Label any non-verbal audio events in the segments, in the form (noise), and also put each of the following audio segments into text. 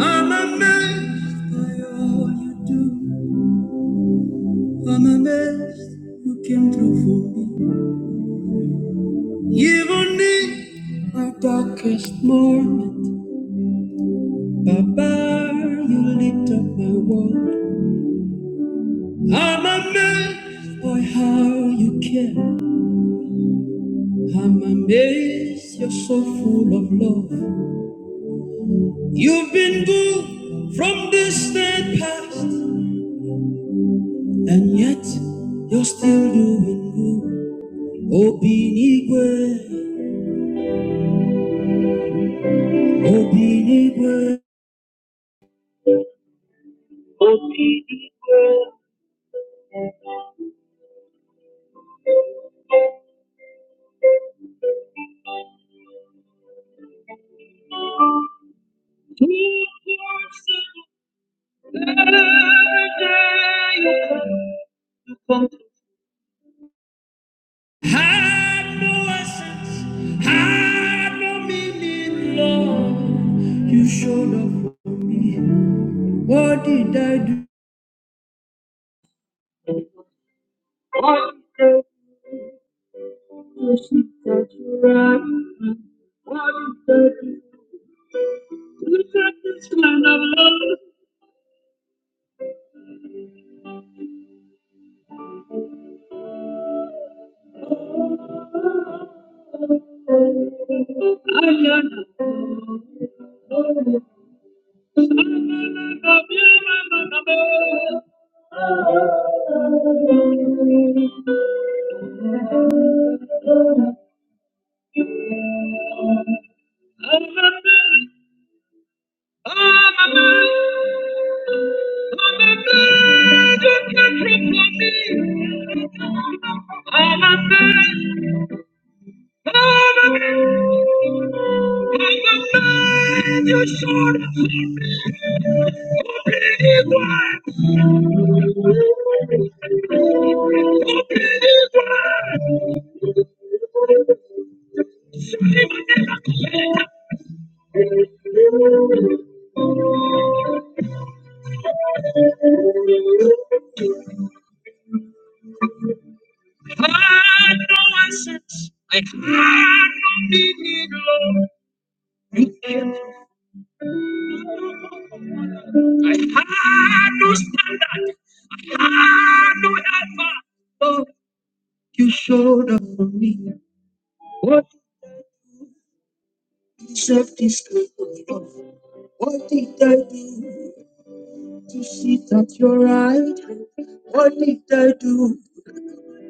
I'm amazed by all you do I'm amazed you came through for me even in my darkest moment Baba you lit up my world I'm amazed by how you care I'm amazed you're so full of love You've been good from this day past, and yet you're still doing good. Obinigwe, Obinigwe, Obinigwe. Two voices you come to. Had no essence, had no meaning, Lord. You showed up for me. What did I do? What is that she that you write? What is that you got this kind of love? I am I'm a man. You should believe one. I no standard. Oh, you showed up for me. What self discovery? What did I do to sit at your right hand? What did I do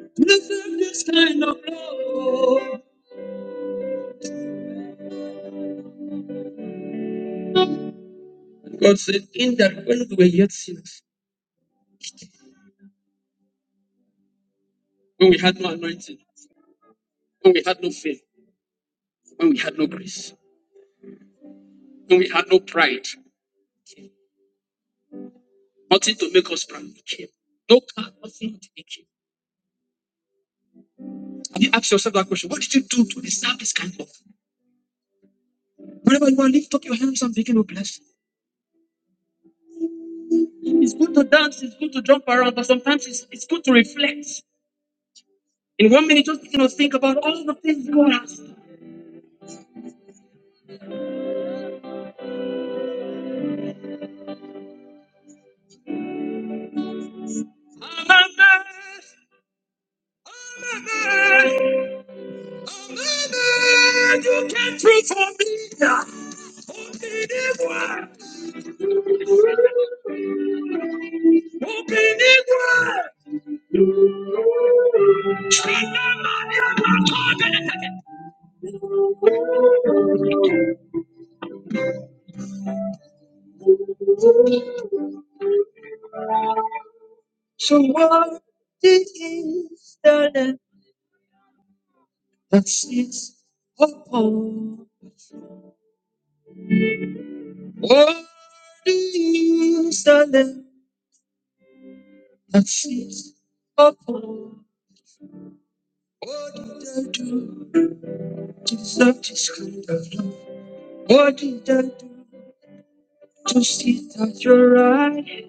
to deserve this kind of love? is the land that sits upon. What is the land that sits upon? What did I do to deserve this kind of love? What did I do to sit at your right hand?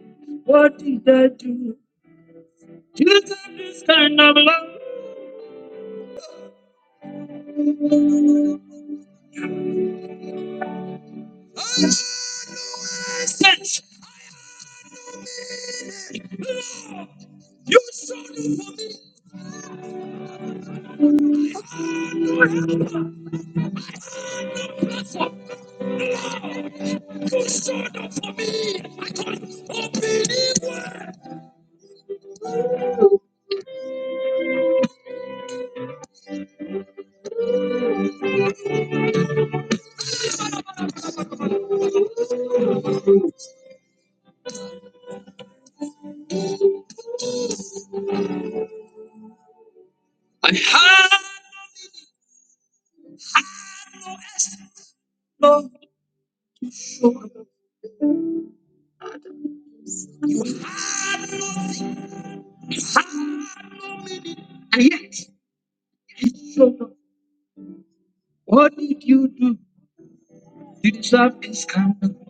What did you do to deserve this kind of love?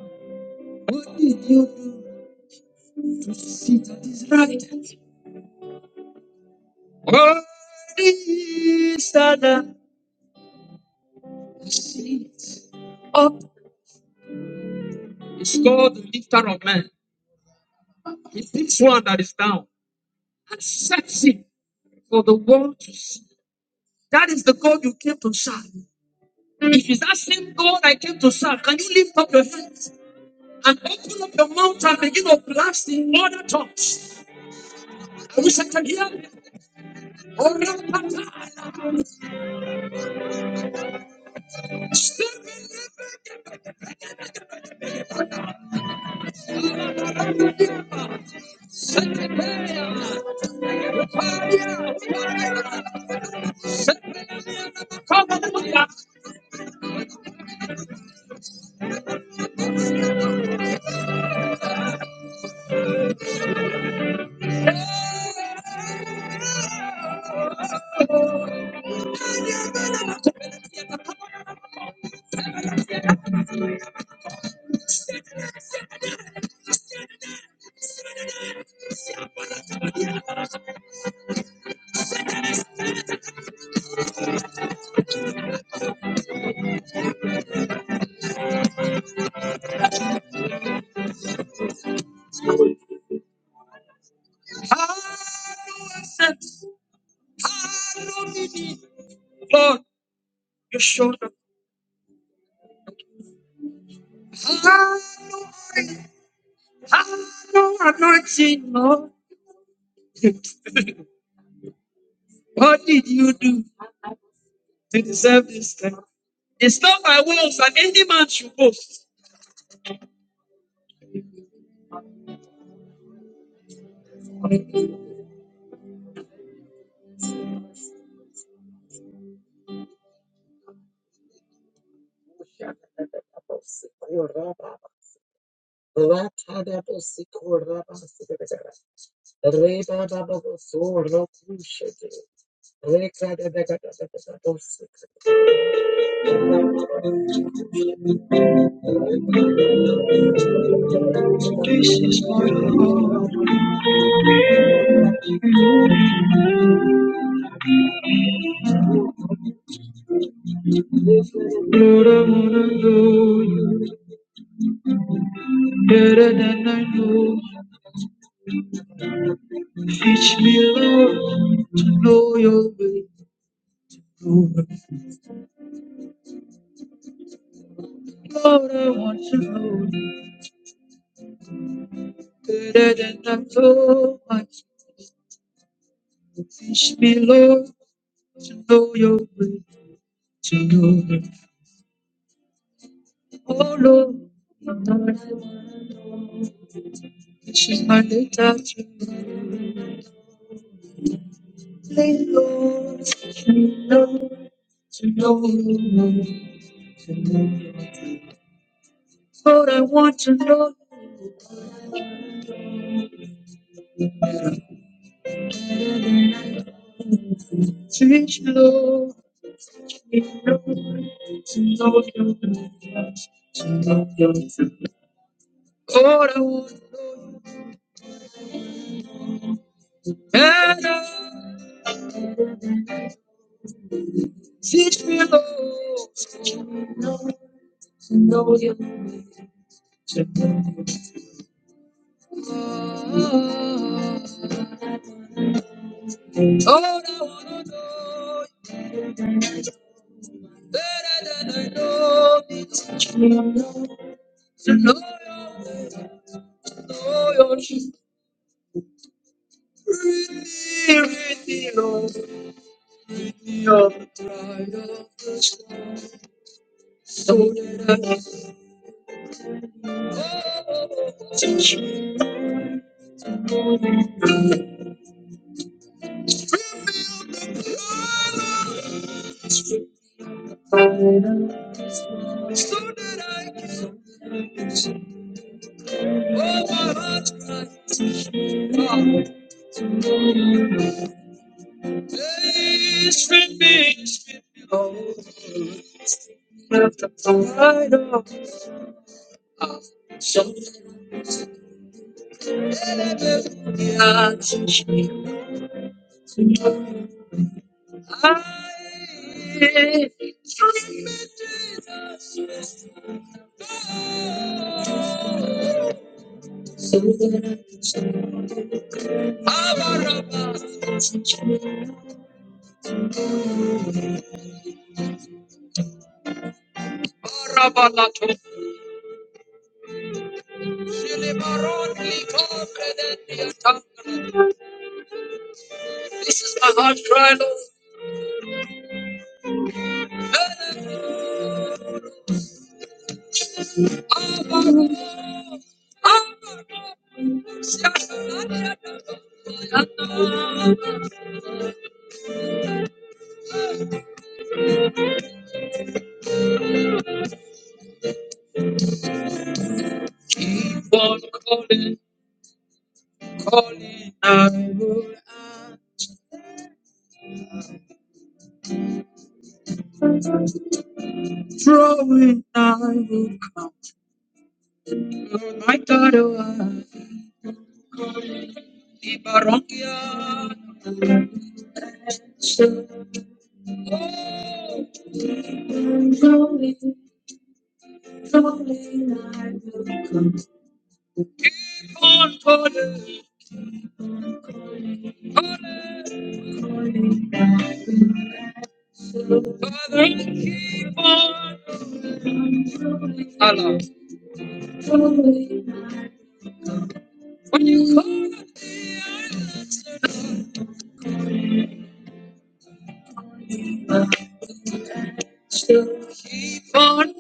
What did you do to sit at his right hand? What is the born for the Father is born. Allah. When you come born,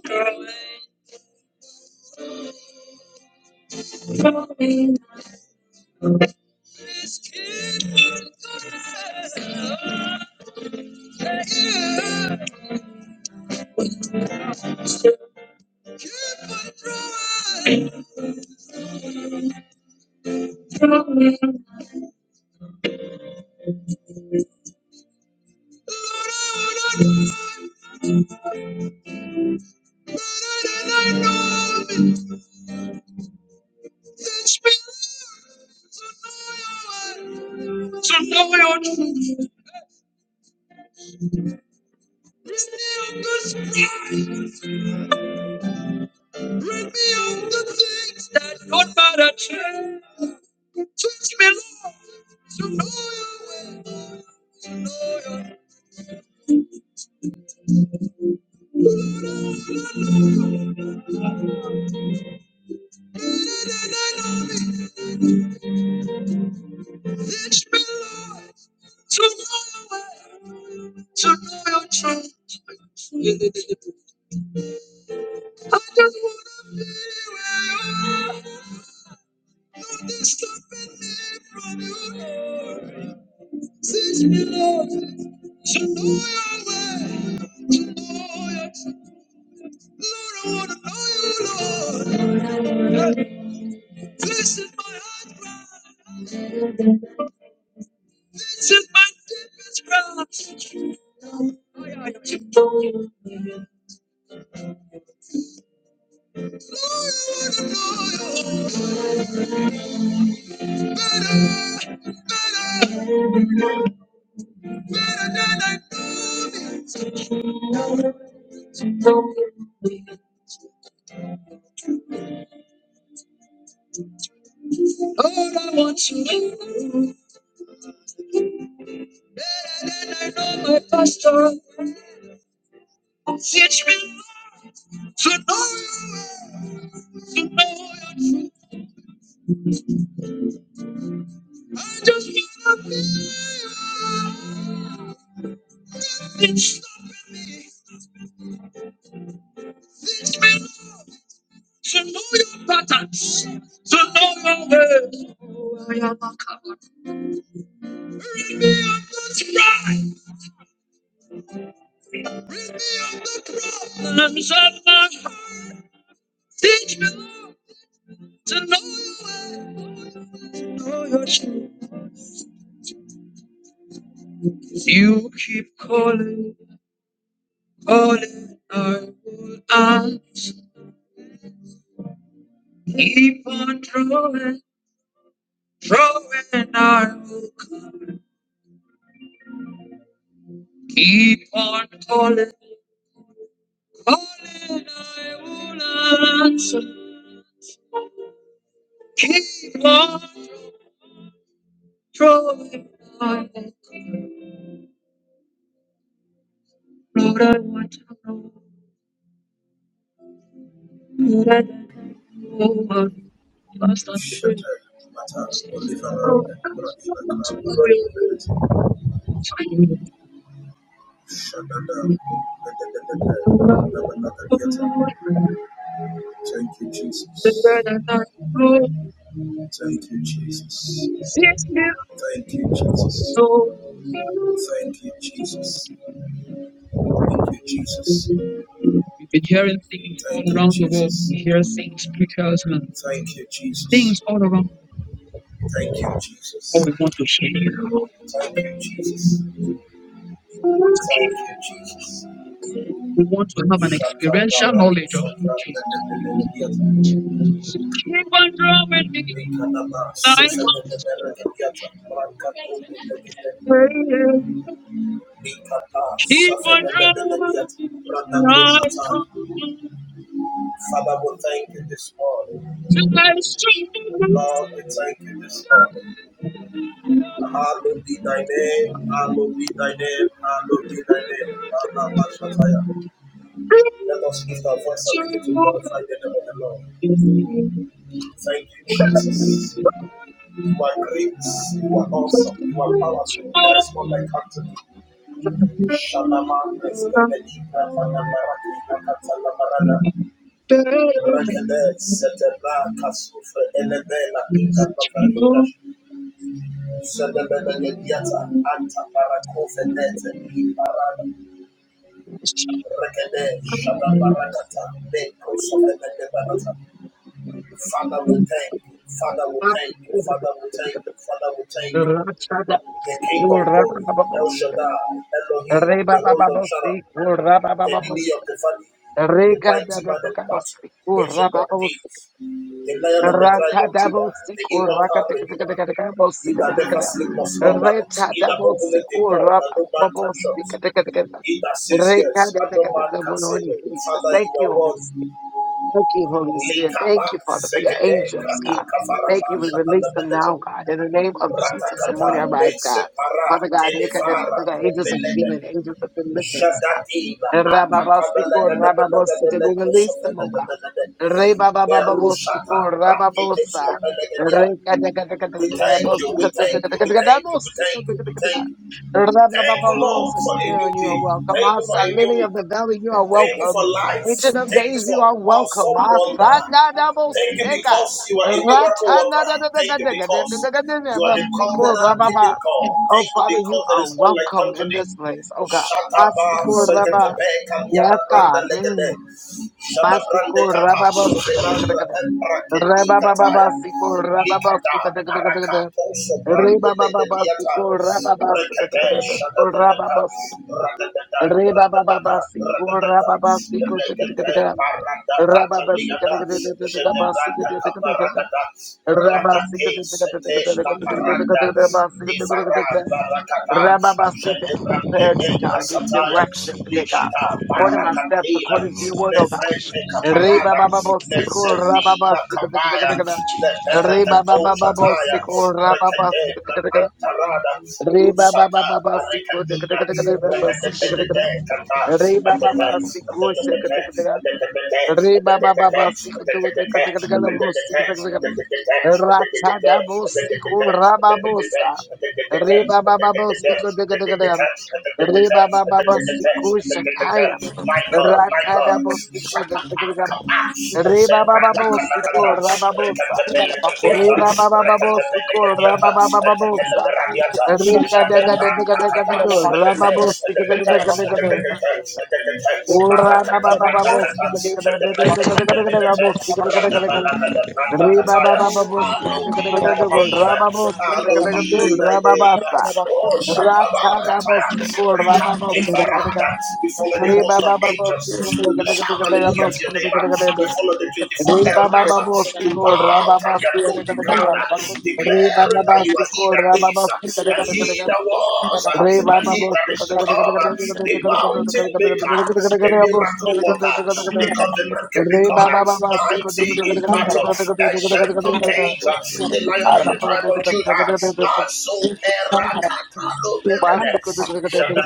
So no longer. Thank you, Jesus. Thank you, Jesus. Thank you, Jesus. Thank you, Jesus. We've been hearing things Thank you, Jesus. Thank you, Jesus. Thank all you, around the world. We hear Jesus. things because man, Thank you, Jesus. Thank you, Jesus. Thank you, Jesus. we want to have an Shanta experiential Baraku knowledge of who Sopra Jesus. is. Likanaba, Sufenenemeragadiata, Brancatombelegede, Likata, Keep on running, Sufenenemeragadiata, I Brandakosatan. come Father, we thank you this to morning. that street. Lord, we thank you this morning. Hallowed be thy name, hallowed be thy name, hallowed be thy name. Alabashataya. Let us lift our voice and begin to glorify the name of the Lord. Thank you, Jesus. You are great. You are awesome. You are powerful. There is no like unto you. Shanama Reskepelinga Panamarakina Katalamarada Rakede Setebra Kasufre Elebela Inga Pavarita Sedebele Yediata Anta Parakofenete Parada Rakede Shadabarakata Bekrosofenete Banata Father we thank you. Father we thank you. Father we thank you. Father we thank you. the King of Glory, El Shaddai, Elohim, Reba the Rose of Sharon, the Lily Babos, of the Valley, the Reka da Mighty da Man da of da Battle, bosi kura Ancient of ba ba bosi Days, the Lion of the Tribe rata of da Judah, bosi the kura ka Immortal te te te te Redeemer, te te bosi he te te that te te never sleep nor te slumber, rata he da that bosi openeth the door kura that ba no ba man can bosi shut, te te te te he that te says reka yes da and da no da da man da can say bononi no. Jesus Father, thank you you are Holy one. Spirit thank you Holy Spirit thank Likapa, you Father for your Sekete, angels God Kraita thank you Faraba, we Shakanda release them Benete, now God in the name of Jesus and morning Ratakata, arrives God Nesepara, Father God reka da da Telefara, da da angels of Kumbelebe, healing angels of deliverance Shadadiba Rababosiko, Rababosita, we release them, oh God. Rebabababosiko, Rababosa. Rababababos, We thank you, we thank you, we thank you, we thank you, we thank you. Thank you, Lord, for a new Sharon, you day. are welcome. Thank you for Asa, a new Lily of week. the Valley, you are Thank you for welcome. life. Ancient of Thank you Days, for you are welcome. awesome wonder. Thank you Asanadabosega. because you are a miracle worker. Thank you because you are the Ratanadadadadadadadadadadadadadabosiko, covenant Rababa. keeping God. Oh, Thank you Father, you because there are is none like welcome unto in thee. this place, oh God. Shataba Asikor Rabba. Sekatabe Kamiana Yes, Branda God. Legade Mm. Shada Brande Masiko Kata rababosika Renandra takataka. and Braketi Kataya Rabababasiko Nikata rababosika takataka. Barakato Soprande Legadiata Rebababasiko rababasika Rekate takataka. Shadadadada Rababosika. Radadada Radadada Rebababasiko Radadada rababasiko Legate takataka. Parada Rababasika Kataliada takataka. Basika Shedebranda takataka. Kaparadada Rabasika Radake Sete La Paranda takataka. Basika Nifara takataka. barakata, Rababasika. takataka. jenebrande Clarity, bengra God. Give sataya, direction today, God. likata Order my steps barakatela, according to your word, oh God. lefrente Reba kaparada, baba bosico raba lezedina basica kapaya, Reba lepereketo baba baba sataya, bosico raba basica rekadebra antarada, Reba baba rusata baba basico barakadina, rekadebedede kata, Reba baba etete, basico etetetete, etetetete, Reba baba etetetete, basico etetetete, etetetete, etetetete, etetetete, Ratada bosico raba bosa Reba baba bosico Reba baba bosico Shataya Michael, Ratada Michael, bosico tika tika tika Rebabababosiko Thank rababosa. Rebabababosiko rababababosa. Rekadadadadadadadadu, rababosikadegadagadaga. be Orababababosikadegadagadagadagabosikadegadagada. thy Rebababababosikadegadagadagu, name. Hallowed be rababosikadagadagu, thy name. rababasa. Oh, Shatabalakataya. Ratsadabosiko Rikante rababosikadagadaga. Farada. We follow the host of angels Rebabababosiko to the shout hallelujah to your name. We rababosikadagadaga. follow the Re 24 ba ba elders ba bo si to ko ra bow ba and ba si their ka re ka golden re ka crown, re. Re ba ba declaring ba that you si are he ko that ra ba is, ba si ka re ka and re ka he re. that was, Re ba and ba he bo that si is ka to re ka re ka re ka re ka re ka come. you. They re bow ka mountain re ka re ka re ka re maker, ka re the ka re bo si miracle ka re ka Thank re ka worker, re ka the re. covenant keeping Re ba God, ba ba ba si ko re mighty ka re in ka re ka re battle, ka re ka re ancient ka of re ka re. days, the lion uh and तब the tribe लगे of Judah, God Maso Peracatalo Peredes. You are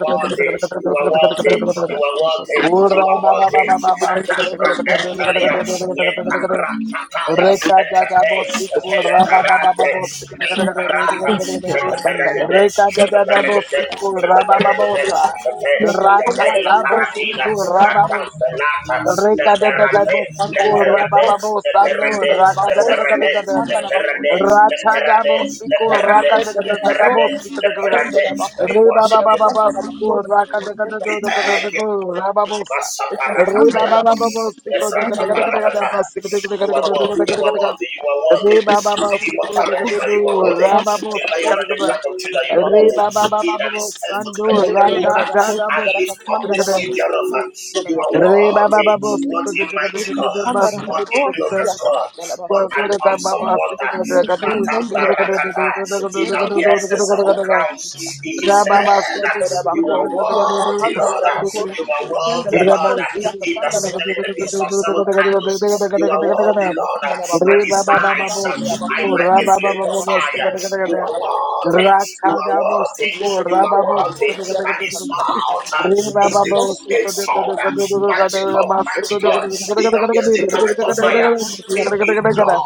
worthy, you are worthy, you are worthy, Racha you are worthy. Shut up, Brahatalia, Lepa Ekate, Peletarate, Liparata, Shataberade, Shataberade, Shataberade, Shate, Legate, La dabo Paradina, Gratan you. Pelata, Leterate, Sanda la Leterate, bakosi, sanda la Leterate, bakosi, Leterate, sanda la bakosi. Leterate, Leterate, siku Sanda la Leterate, Leterate, bakosi, raka sanda la Leterate. bakosi, We Re ba ba worship ba you, ba ba sanda la Lord. siko bakosi, ra ka da ka da sanda We la do da ka da thank da bakosi. you. do ra ba bo sa. It's a Re sanda ba Masaparakataya. ba la ba ba ba bakosi, siko da ka da sanda ka da la ka da ka da Efratapalakata. bakosi, ba siko da ka da ka You da ka are da da ka da worthy, ka you da ka bakosi. are worthy, you are Re worthy. ba ba The ba Sanda siko la immortal da ka da redeemer, do you are worthy. ra ba bakosi, bo The sa ka lion da and ka the da. tribe of sanda Judah, you la are Re worthy. bakosi. ba ba ba ba He ba that ba is san faithful to do open the ra Reke book ka la uh, ja da bakosi, and bo raka lift da up sanda the ka la da. seal bakosi, thereof. uh, sanda la You are bakosi. Re ba ba ba ba worthy. What siko a da ka da mighty da da God. da ba Sanda la siko da What ka a da ka da. bakosi, glorious raka God. sanda la Wa What an ko da bakosi. ka ba awesome ba siko water. da ka da ka do Lata siko da ka Ishendele da ka da bakos, da barakata. da da He da that ishendele da da da wears the bakos, da da da ka da seven ka da. crowns he his Rababa land. ishendele You are bakos, ya worthy, kasandale Lord. bakos, You are ishendele worthy, Lord. bakos, ya He that kasandale sitteth in bakos, the midst of seven candles. You are Thank worthy, Lord. And his eyes are like a flame of fire. You are worthy. You are worthy. You are worthy. And his mouth is the two-edged sword. Magical, magical. He that wears the garment of fire. Thin in blood.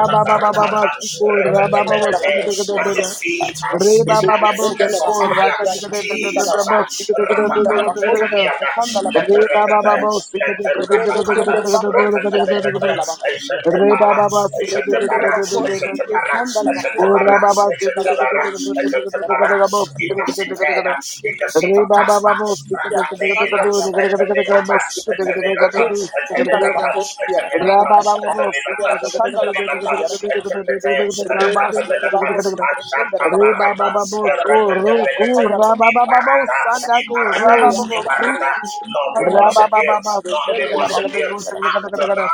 Rababa Rekata. At his feet uh, Re is ba ba ba like a bo fullness of siko ra fire. ka de ka de da da da Jesus, da ba uh, siko de ka de da da da da da da. Rapapantaniana, Re ba ba you. Leperekete, ba bo siko de ka de de ka de ka de Leperakakata, ka de Rebekendele ka de da da bakosi da da da Rekatebekete, da. yakasanda la bakosi Re ba Eshantebara, ba yakasanda. ba siko de de ka Rekendele de Eshantebara, da da bakosi da da Eshantebara, yakasanda la O bakosi ra Eshantebara, ba ba si yakasanda de la de ka de Eshantebara, de ka bakosi de de ka de ka yakasanda la de Eshantebara, ka bakosi ba in siko the de ka de ka de ka Sitena, de. in the seat Re of ba ba ba Tasma, bo siko de ka de Rakatena, yakasanda la bakosi yakasanda la bakosi ka de ka de ka de ka de ka ba Etemenata, siko de ka de ka de ka Etemenata, de ka de ka yakasanda de la ka de Etemenata, bakosi Ra ba ba Etemenata, ba bo Etemelata, siko de ka de ka yakasanda de la de ka de ka Etemelata, de bakosi yakasanda. ka Etepete, de ka ba siko Rekendele Rekatamelata, de ka de ka bakosi de. rekendele Ashata bakosi Reba Barata, baba rekendele bakosi roku Erekatepelete, yakasanda la raba bakosi baba Iparada, bosa ngaku Thank Iparada, raba baba bosa Iparada. Lord, we worship you. Lord, we worship you. Antona,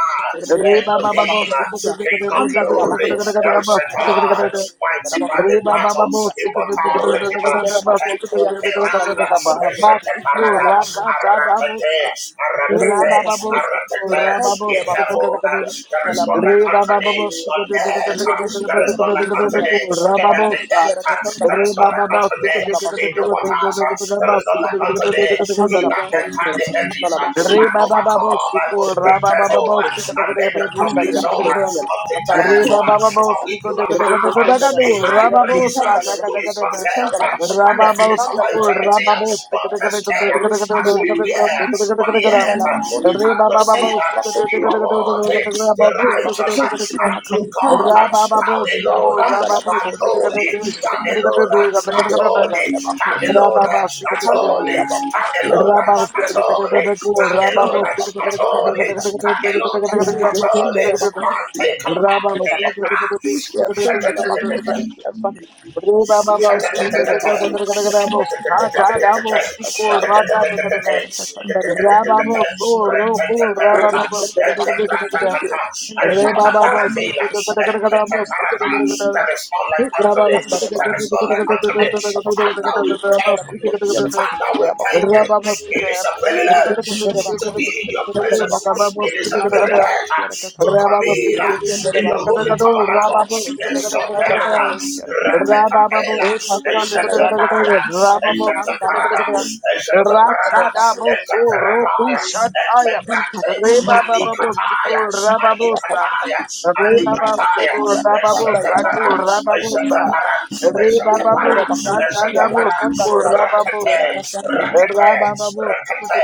Elohim, King of glory, El Shaddai, mighty man in battle, immortal Redeemer, Kaito Perana, Eshate Parada, raka jada bosa Arakate, raba baba Aratete, Aratete, in heaven, there is none Re like ba unto ba ba thee, ba siko on de de de de earth, de de de de there is none de like de de de de unto thee, ra ba in ba the sa. earth, there is Re none ba like ba ba unto siko thee, de de de in de the you. de de de de de waters, de de there ba is none siko like de de de unto de de de de thee, de he Sandala that entered the hedges de de. Re and ba ba ba ba overcome siko the ra ba ba ba devil ba siko de and de de de made the de de public soul de de de. of the Re ba devil, ba ba ba for we siko do de de not de de de de de have de a high ra ba ba priest sa de de who de is de not de. felt by Ra the ba ba feelings of our siko ra eternity. ba ba But siko de de de tested de de de de as we were, de de but de de de. yet we Re ba have ba ba see ba that siko de de de you de de are de de de de worthy, de the ba siko righteous de de and de de de. true God. Thou Rababa, alone and holy, thou alone and holy, thou alone and Thank holy, thou alone and holy, thou alone and holy, thou alone and holy. Man, take up the letter. There is no like unto Rababa thee. There is no like unto thee. Father, we thank you. Father, we thank you. you. It is a Thank privilege to be in your presence. It is a privilege to come in in your holy tabernacle. Esoperada, retetapela, esheteparada, esheteparada, esheteparada, Rachada boso roku eteperadaya, shataya. eteprate, Reba babo alikataya, siko rababosa. alikataya, alikataya, Rebababu, Rababu, Saku, eshetepara, Rababusa, eshetepara, eshetepara, Rebababu, Sakabu, eshetepara, Siku, rakete, Rababusa, rakete, Rabababu, Rebababu, rakete,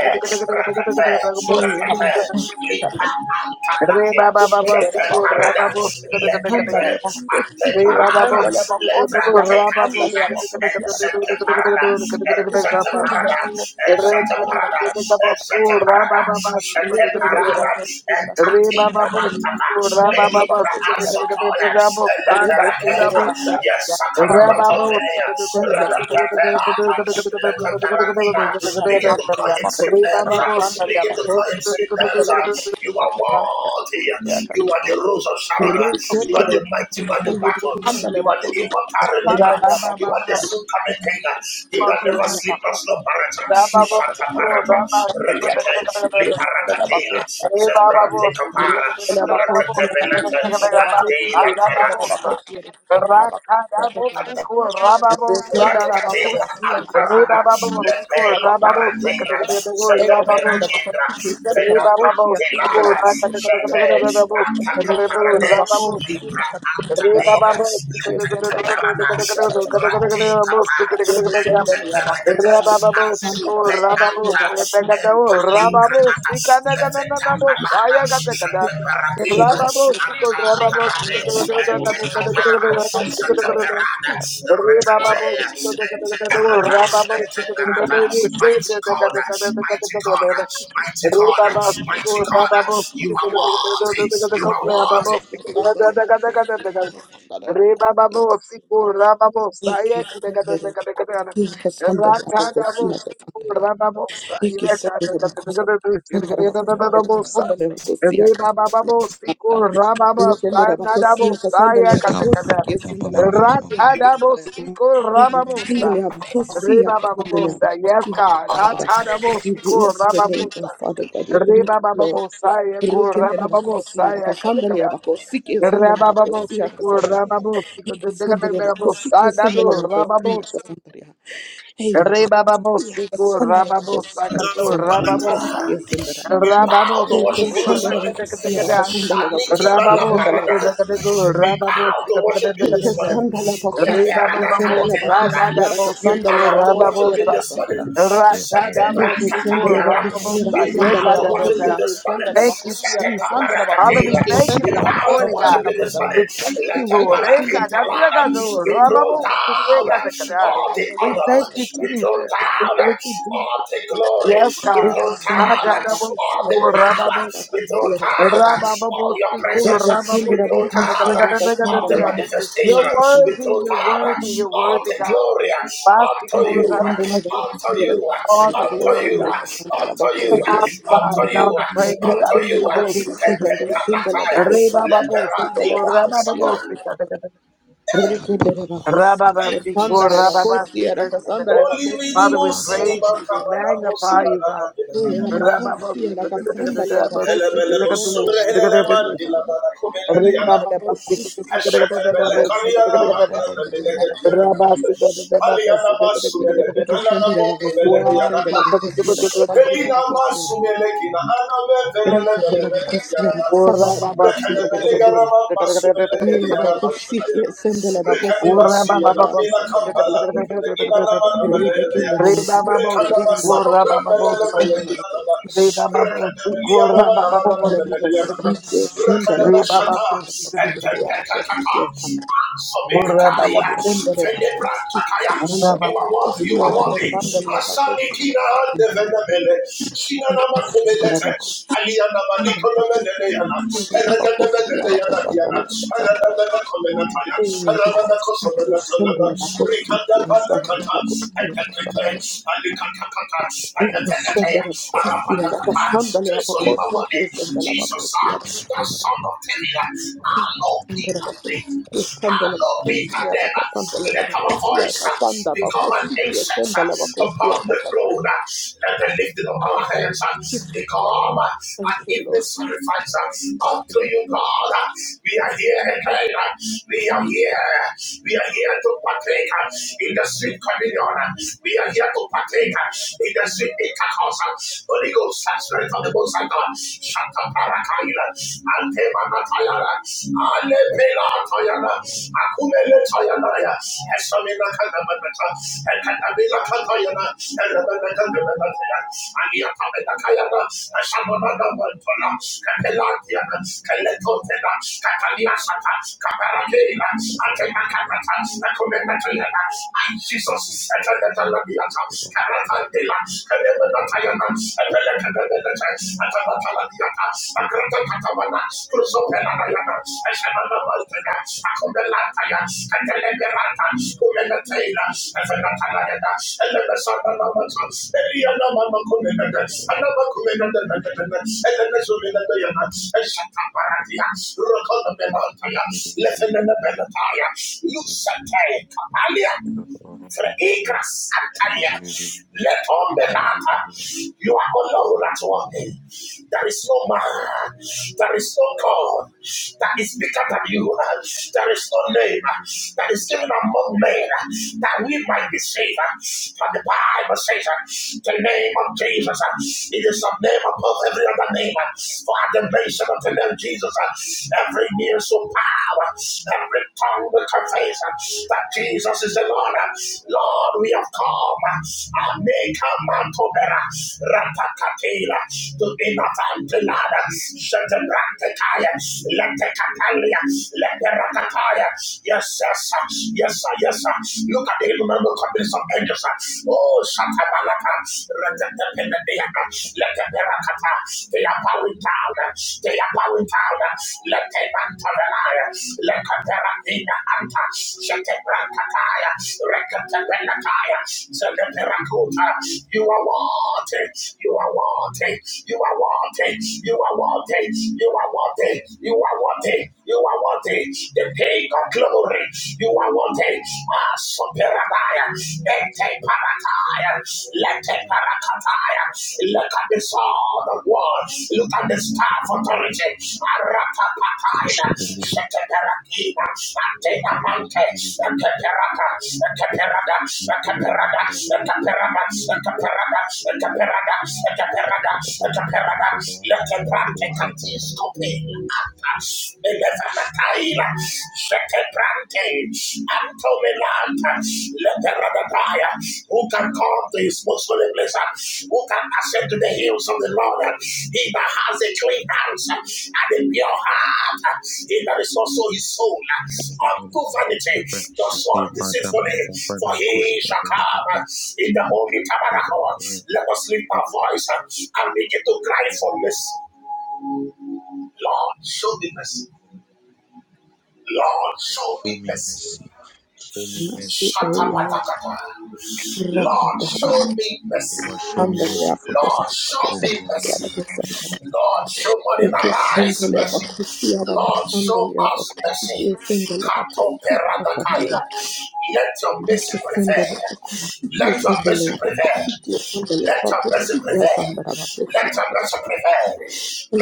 rakete, rakete, Siku, lipa you. antalakia, Andale shete bakos, parada, Rababu, lekete, andale bakos, ante parada, letrate yaka, katina, andale bakos, yaka, ensete andale. parada, ensete Yekishendele parada, bakos, yaka, ensete andale parada, bakos. ensete parada, Rebababu, Rababu, shete Rekendele Rebababu, parada, bakos, yaka, enkatika andale bakos. antata, Yekishendele melipra bakos, yaka, ansotoya, andale. Rebekendele eleperaketa, bakos, yes, yaka, andale bakos. sakanamatovenea, Yekishendele bakos, rakatepela, yaka, Begin to andale call bakos, yaka, andale him bakos. sweet names. Yekishendele uh, Begin to call him sweet names. uh. bakos, You are yaka, andale worthy. bakos, You yaka. are the rose of Sharon. uh. You are Rekendere the mighty man in battle. Andale You are the bakosia, immortal redeemer. sandale You are the bakosia, soon coming king. uh. He that never rekendere sleep nor slumbereth. Thank Shatabarata. Rekete. Liparakatela. Hey, Baba Zebrante Boss. kapara. Kada Rekete belete. Ade latara. Bossa. Rakada Bossico Rababossa. Rakatela Re Antarada, Baba Bossico Lepela Rababossa. Paratela, Sete Rababossa. Perakindra, Re Vena Baba Bossico Pantelada, Sete Rakadabossa. Antaka Parade, Rababossa. Libra Re Baba Antanena, Lekete Parada, Bossico you. Rate Kapara, Sandra, Rababossa. Ente Perakata, Rababosiko, Azupe Anta, Rababos, Empa Rebekadao, Rababos, palingranata Sikanakananabo, levetambalada Sayakataka, sheteparakila Rababosiko, anta Rababos, parade ente kapara zeteperada Rababos, rekatea Rababos, ente mighty God mighty God mighty God mighty God you are worthy you are worthy Rababos, Reba babo siku raba bo saya kete kete kete kete kete ana rata babo siku raba bo saya kete kete kete kete kete kete kete kete bo sa reba babo siku raba bo saya nada bo saya kete kete rata babo siku raba bo sa Ekatandele abakosi, reba babo bo akatandele sa yes abakosi, God akatandele. rata babo We siku bless your raba bo name, oh sa Father God. We thank reba you, babo bo Lord. saya kura Rekendele babo bo abakosi, saya kete akatandele kete abakosi, kesendele abakosi, Rababosico, akatandele. Ekatandele abakosi, kesendele abakosi, akatandele. Hey, abakosi, akatandele abakosi, akatandele abakosi, kesendele. We bow to worship you this Ekatandele morning. abakosi, akatandele Shaniki abakosi, kesendele Malaparada. Rababosiko abakosi. Rakadego, We bow to Rababosika worship you this morning. Rakadego, Ekesandala bakosi, Leperada ekesandala Ribababosika Cantelada. bakosi, We arakasandala Nadabosiko bow to abakosi, worship you Rababosa, this morning. arakasandala. Setebran Ekesandala Ratadabosiko Cataliada. bakosi, Rababosa, We bow arakasandala to worship abakosi, you Yekadadada. this morning. ekesandala Thank you, bakosi, arakasandala Jesus. Father, bakosi, we Setekaparakatela. thank you We ekesandala this bow to morning, bakosi, God. worship you this arakasandala. We morning. thank Let you, the Lord. Ekesandala bakosi, Parakintalada. Ekadadadado, We throw arakasandala Rababosa, bakosi, down Yekadadada. arakasandala all the We bakosi, thank honor. you, We arakasandala. throw Jesus. We down thank you, all Jesus. the glory. Yes, We God. throw Ekesandala down bakosi, all the arakasandala Nadabosiko bakosi, power. Rababosa. We throw arakasandala. down all your Rabababosiku, presence. We Ekesandala throw rababosika, bakosi, down all the arakasandala dagadagadagadagadaga. bakosi, You're manifestation. arakasandala. We worthy, throw you're down worthy, you're all worthy, the God. glory Thank unto Basiku, you, rababasiku. unto you, unto you, All the unto glory, God. you, you. All God unto and all you, the praise, God. unto you. Rababosiku, dagadagadaga. Rabababosiku, rabababosika, dagadagadaga. Thank you, Rababasiku, Jesus. rababasika, dagadagadaga. Only Father, minimum we cinema praise you, we cabanamo magnify you, sibanana God. benanaya. Rababosiku, dagadagadaga, Elebele osumre heleleman de la banacomela Ora diana. baba, Ashatabele Kaliana Magrana de Negadiana. Aliana Masumele, de Alana Moko Belediana. Elina Masumelekina, Aname Reke de la Velelebelebele Bacosiera, Yarana, Sandra, Bacosiera, Rekanabelegara Cassandra, Masumelegedi Mia Yarama Bacosiera, Shadayana, Sandra Bacosiera, Rekanimasi and Cassandra Amina Bacosiera, Kampala, Nukina Rebecca de Namanabelea, la Bacosiera, Sandra Rekanabasamu Bacosiera, Sandra Kumbelebelekina, Bacosiera, Rekanabelia ora Sandra Namanabelea, Bacosiera, Cassandra Bacosiera, Sandra Rekanabashata, Bacosiera, and Sandra Bacosiera, Cassandra Tepetakata, Bacosiera, Sobinikaila, Sandra Bacosiera, Fenebrantakaya, Sandra you are worthy, you are worthy. Asani Bacosiera, Cassandra Bacosiera, Sandra Bacosiera, Thank you, Jesus, ah, the son of David. I know Peter name. I know Peter name. Let our voice ah, become an incense presence uh, upon the throne uh, and the lifting of our hands uh, become uh, an evening Lord. sacrifice uh, unto you, God. Uh, We are here again. uh, We are here. We are here to partake uh, in the sweet communion. uh, We are here to partake uh, in the sweet intercourse. uh, Holy Ghost, uh, Spirit of the Most High God, Shanta Parakaila, Antemana Tayana, Alepela Tayana, Akumele Tayana, Esomina Jesus, I Let's Fredigra Santalia. Let on the latter. You are alone at one day. There is no man. There is no God that is bigger than you. There is no name that is given among men that we might be saved. For the Bible says the name of Jesus. It is a name above every other name. For at the mention of the name Jesus, every knee shall power. Every tongue will confess that Jesus is the Lord. Lord, we have come. I make a man to bear. Ratatataila. To be not antilada. Shataprakataya. Let the catalia. Let the ratataya. Yes, yes, yes, sir, yes, sir. Look at the innumerable companies of angels. sir. Oh, Shatabalata. Ratatapinadiana. Let the they are bowing down. They are bowing down. Let them enter the lion. Let them perakina anta. Shete brankataya. Rekete benataya. Zete perakuta. You are wanted. You are wanted. You are wanted. You are wanted. You are wanted. You are wanted. You are wanted. The king of glory. You are wanted. Ah, superabaya. Ete parataya. Lete parakataya. Look at the sword of war. Look at the staff of authority. Arapapataina. Sheteperakina. Atena mante. Ekeperaka. Ekeperada. Ekeperada. Ekeperada. Ekeperada. Ekeperada. Ekeperada. Ekeperada. Lete prante katis kopi. Elefanataila, Shetebrante, Antomelanta, Leteradadaya, who can come to his most holy place, uh, who can ascend to the hills of the Lord. uh, He that has a clean hands uh, and a pure heart, uh, he that is also his soul, uh, unto vanity, the son deceitfully, for he shall come uh, in the holy tabernacle. Let us lift our voice uh, and begin to cry for mercy. Lord, show me mercy. Lord, show me mercy. Mercy, O Lord. Shatapatakata. Lord, Rakadaba. show me mercy. Andalea, Lord, Bakosi, show Bakosa, me mercy. Yadabasa, Lord, show money Eke arise sendele mercy. bakusi ara da Lord, show sandali ya us bakusi mercy. ki sendele bakusi ka sandali Katoperadakaila. ya. Let your mercy Eke sendele bakusi prevail. ki Let your sendele mercy ya bakusi ki prevail. sendele ya Let your mercy bakusi ki prevail. sandala bakusi Let ya your mercy bakusi prevail.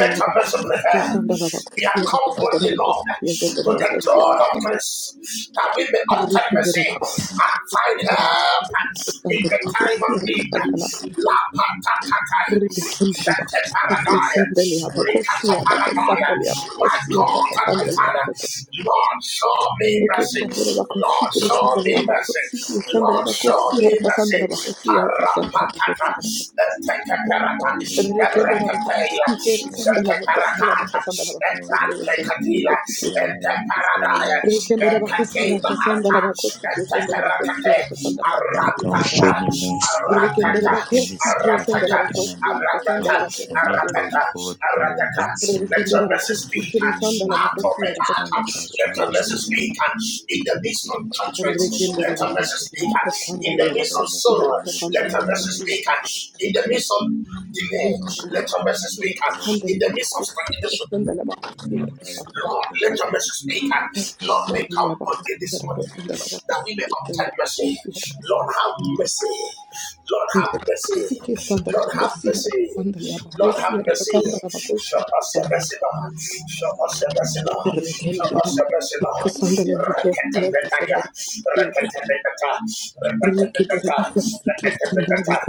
Let your mercy bakusi ki prevail. sandala We bakusi have ya come boldly, sandala bakusi Lord, ki sendele to the bakusi ya throne of kasandala. grace that we may obtain Rike dere mercy bakusi and find ki sendele help bakusi ke in sandala the time bakusi of ya need. sandala La patatata, ribi sendele shete bakusi ki paradaya, sandali ya bakusi ricata ya da paradaya. sandali ya My bakusi ya da God and my my Father. ya Lord, show me Eke mercy. sandala bakosi, Lord, kere show sandala me mercy. bakosi, kere sandala Lord, show bakosi, me haraka mercy. sandala bakosi, haraka sandala Karapatata, bakosi, haraka the Tekaparata, the sandala Rekatela, bakosi, kere sandala bakosi, haraka Setaparakata, sandala bakosi, kere sandala Epratekatila, bakosi, kere sandala Eteparadaya, rekendera bakosi, Ekatela haraka sandala Anta, bakosi, kere sandala bakosi, Eteparakate, haraka sandala bakosi, haraka Aratata, sandala rekendera aratata, bakosi, kere sandala aratata, bakosi, haraka aratata, sandala bakosi, kere aratata, sandala aratata. Let your rekendera message bakosi, speak. kere sandala bakosi, haraka Atomeata. sandala Let bakosi, your haraka message sandala speak. In the midst of judgment, Rekende let la your message bakosia, speak. In the kasandalia midst of bakosia, sorrow, let kasandala your message bakosia, speak. In the midst of delay, rekende la let your message bakosia, speak. In kasandalia the midst of bakosia, stagnation, kasandala bakosia, kasandala Lord, let your mercy speak. Lord, may come kasandalia boldly this bakosia, morning kasandala that we may bakosia, obtain kasandala mercy. bakosia, kasandala Lord, have mercy. Lord, have mercy. bakosia, kasandalia Lord, have bakosia, mercy. Lord, have mercy. kasandala bakosia, Show us your kasandala mercy, Lord. Show us your mercy, Lord. Show rekende la us your bakosia, mercy, Lord. kasandalia bakosia, kasandala bakosia, kasandala rekende la bakosia, kasandalia bakosia, Reketetetaya. Reketetetata. Reketetetata. Reketetetata.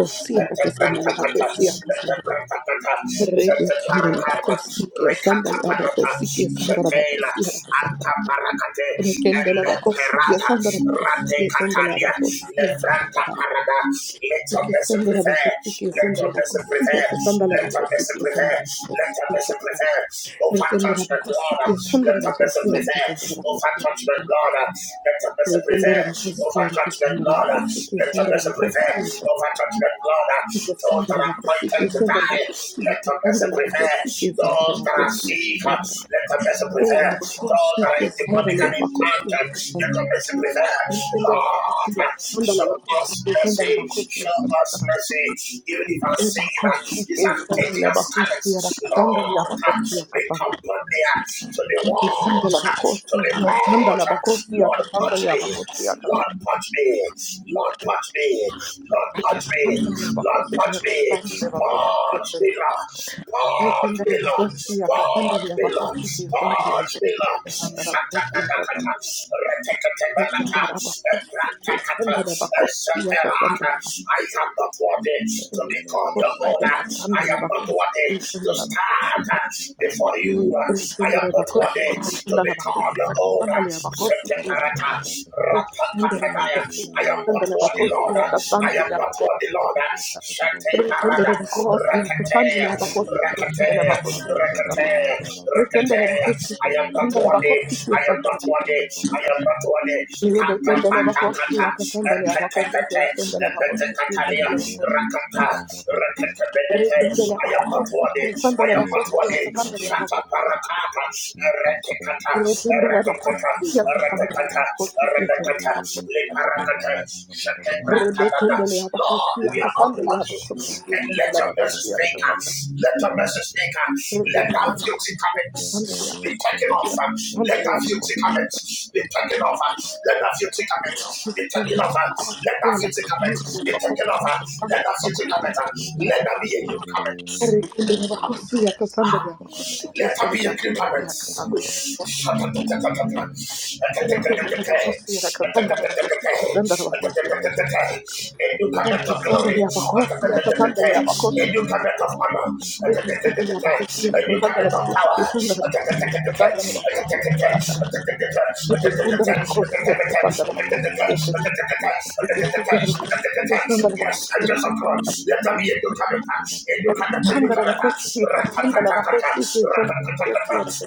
kasandala Reketetetata. bakosia, kasandala Reketetetata Rege kendele parakata, bako sikiye rekata sandala bako parata, sikiye sandala bako shetela, siya bako sandala. alta parakate, Rekendele ele bako sikiye perata, sandala bako rate sikiye sandala katania, bako siya bako levrata sandala. parada, let your ke message sandala bako prevail, sikiye let your sandala bako message siya prevail, bako sandala let bako your message sikiye sandala prevail, bako let your sikiye message sandala. prevail, over Rekendele judgment, bako Lord, sikiye let sandala your bako message siya bako prevail, sandala bako over siya. judgment, Lord, let your message Rekendele prevail, bako siya over bako judgment, sandala Lord, bako sikiye let your sandala bako siya bako sikiye sandala message bako sikiye sandala bako siya bako sandala bako sikiye prevail, over judgment, Lord, those that are appointed to die, let the mercy prevail. sandala Those that bako are siya bako sick, sandala. let the mercy prevail. Sandra Those that are in demonic and in tangent, let the mercy prevail. Lord, show us mercy, show us mercy, even if our sin is as dirty as scarlet. Lord, be company to the walls, to the porch. Lord, punch me, Lord, punch me, Lord, punch me. Lord, punch me. Lord, punch me. Punch me, Lord. Punch me, Lord. Punch me, Lord. Punch me, Lord. Shatakataka. Retakatebalaka. Ebrantakata. Eseperata. I am not worthy to Thank be called your owner. I am not worthy you. to stand before you. I am not worthy to be called your owner. Seteparata, rapapapataya. I am not worthy, Lord. I am not worthy, Lord. Shante Parada, rakatea, rakatea, rakatea, rakatea. I am not worthy. I am not worthy. I am not worthy. Kata pata kata, ekete pete, ekete katalia, rakata, rakete benete. Repindele I am not bakhosi, worthy. sandele I am not bakhosi, worthy. sandele Shata bakhosi. parata. Lord, Repindele bakhosi, sandele bakhosi, sandele bakhosi. Rebekendele bakhosi, we are not the sandele one here. bakhosi, And let sandele your message bakhosi, speak. sandele. Let your message speak. Let Rekendele that bakhosi, beauty sandele bakhosi, sandele comments be bakhosi. taken off. Let Sandele that bakhosi, beauty comments be taken off. Let that beauty comments be taken off. Let that lakhosi, bakhosi, sandele bakhosi. Rekendele beauty bakhosi, comments be taken off. Let that beauty comments. Let that be a new comment. sandele bakhosi, Let there be sandele a bakhosi, deliverance. sandele. A new covenant of glory. A Thank new covenant of honor. A new covenant of power. Yes, angels of God. Let there be Educarata, Educarata, Educarata, Ratatatatata, Ratatatatata,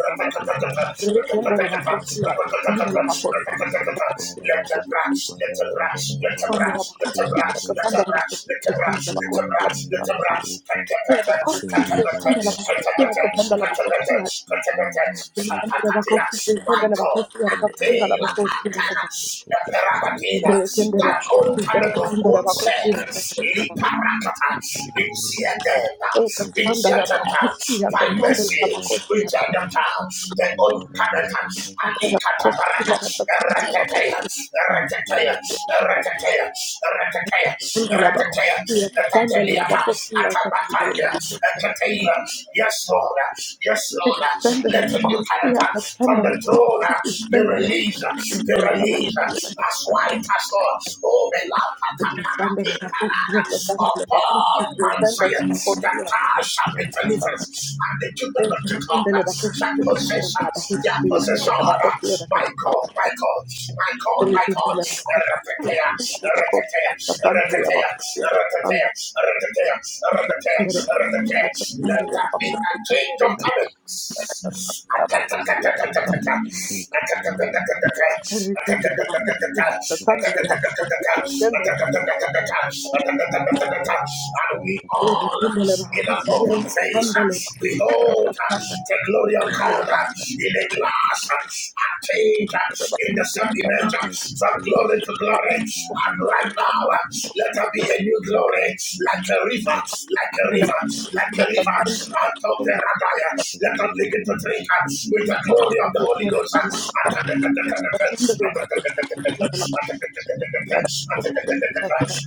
Ratatatatata, Ratatatatata, Ratatatatata, Ratatatatata, let the you. branch, let the branch, let Sandale the branch, let the branch, let the branch, let the branch, let the branch, let the branch, Katakata, Katakata, Katakata, Katakata, Katakata, Shatakatia, my God, Atela, Atana, Eperabatina, that old talent of old self. Liparakata, rejected, rejected by mercy, rejected the old talent. Alikata barada, ratatea, ratatea, ratatea, ratatea, ratatea, ratatelia, atabatalia, ratatea. Yes, Lord, yes, Lord, Extendele let the new kosti character ya from kasandele the throne throne, uh, the extendele release, uh, the extendele release. uh, bakosi That's why it has all. Oh, the upon extendele bakosi ya kasandele bakosi Mount extendele Zion, bakosi that ya thou shall kasandele ya be delivered, kasandele and the children of Jacob extendele uh, bakosi shall ya possess kasandele uh, their possession. ya bakosi extendele uh, bakosi ya My kasandele God, my God, my God, my God. extendele bakosi Eretetea, ya bakosi ya eretetea, kasandele ya eretetea, bakosi ya eretetea, kasandele eretetea, eretetea, extendele ya kasandele ya bakosi eretetea. Let extendele ya kasandele ya that be a change of coming. And bakosi ya kasandele Sandra, we all in an open face behold the glory of God in a glass and change in the same image from glory to glory. And right now, let there be a new glory like a river river, like a river, like a river. out of the Atoperadaya. Let us begin to drink uh, with the glory of the Holy Ghost. uh.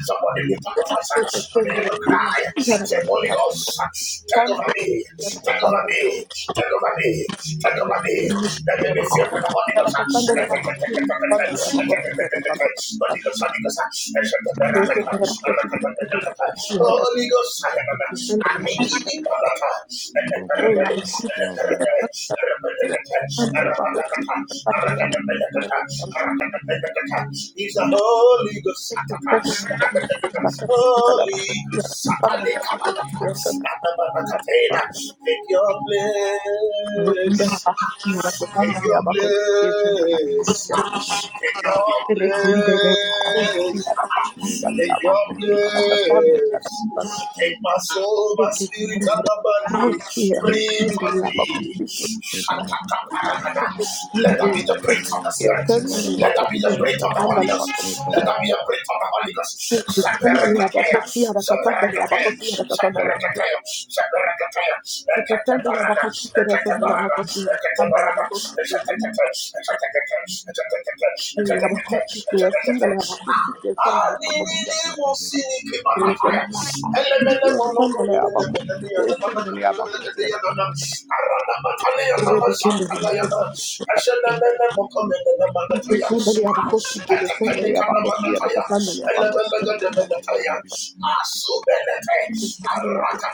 Somebody lift up your voice uh, and begin to cry. Say, Holy Ghost, uh, take over me, take over me, take over me, take over me. Let me be filled with the Holy Ghost. uh. He's the Holy Ghost, Thank Holy Ghost, Take your place. Take your place. Take your place. Take your place. Take my soul, my spirit, and my body. Breathe on me. Let that be the breath of the spirit. Let there be the breath of the Holy Ghost. Let there be a breath of the Holy Ghost. Saperakatea, saperakatea, saperakatea, you. saperakatea, Sikisende ya ekatabarada, bakosi kere sende la ekatabarada, bakosi ya samba la ekatabarada, ekatabarada, bakosi ya sende ekatabarada, ekatabarada, Ye ya bakosi ekatabarada, kere sende la ekatabarada. bakosi You ya samba la bakosi ya Ye sende la bakosi ya samba la bakosi ya sende ya bakosi ya Rebe kende ya bakosi Ye sende ya bakosi kere sende ya bakosi ya kasanda ya bakosi ya kasanda ya kasanda Sikisende ya bakosi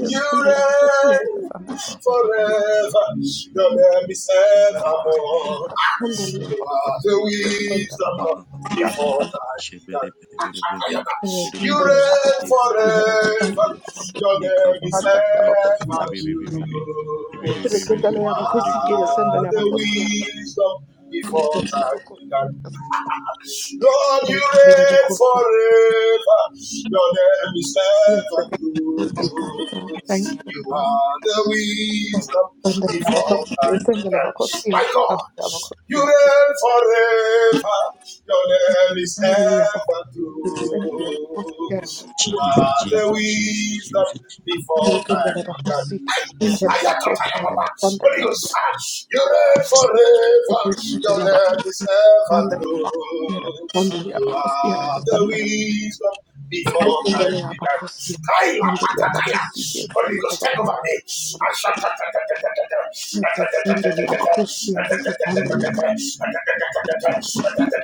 ya samba la bakosi ya kasanda forever, your name is evermore. Sende ya bakosi ya sende la You bakosi are the wisdom before time began. You Rekende ya reign bakosi ya forever. Your name is kasanda ya bakosi ever true. Rekendele You ya bakosi ke ya are sendele ya the bakosi ya wisdom before sendele ya time bakosi. began. Lord, you Rekendele ya reign bakosi. forever. Your name is Bless the ever mighty true. God. Thank you, You Lord. are the wisdom Sendele ya before bakosi ke time sendele ya began. bakosi ya My God, sendele ya bakosi you ya reign forever. Your name is sendele ya bakosi ever ke sendele ya true. bakosi ya sendele You ya are the sendele. wisdom before Rekendele ya time bakosi ke began. sendele ya bakosi ya Ayakatayababa. sendele Holy ya ke sendele ya bakosi sendele ya bakosi ya sendele ya bakosi Ghost, ah, you reign ya forever. sendele. Rekendele ya Your bakosi sendele name is ever true. You are the wisdom before time began. ya Kailakatakaya. bakosi Holy Ghost, ke take over me. Good Thou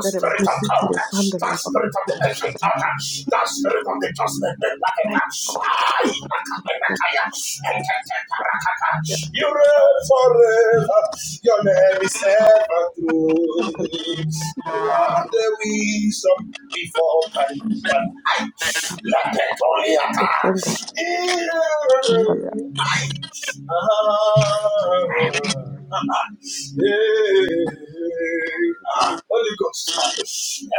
spirit of God, thou spirit of the ancient God, thou spirit of the just men, I, Nakaya, and Rakata, you reign forever, your name is ever true. You are the wisdom before time began. I, Lapetoliata, Ah, Holy Ghost.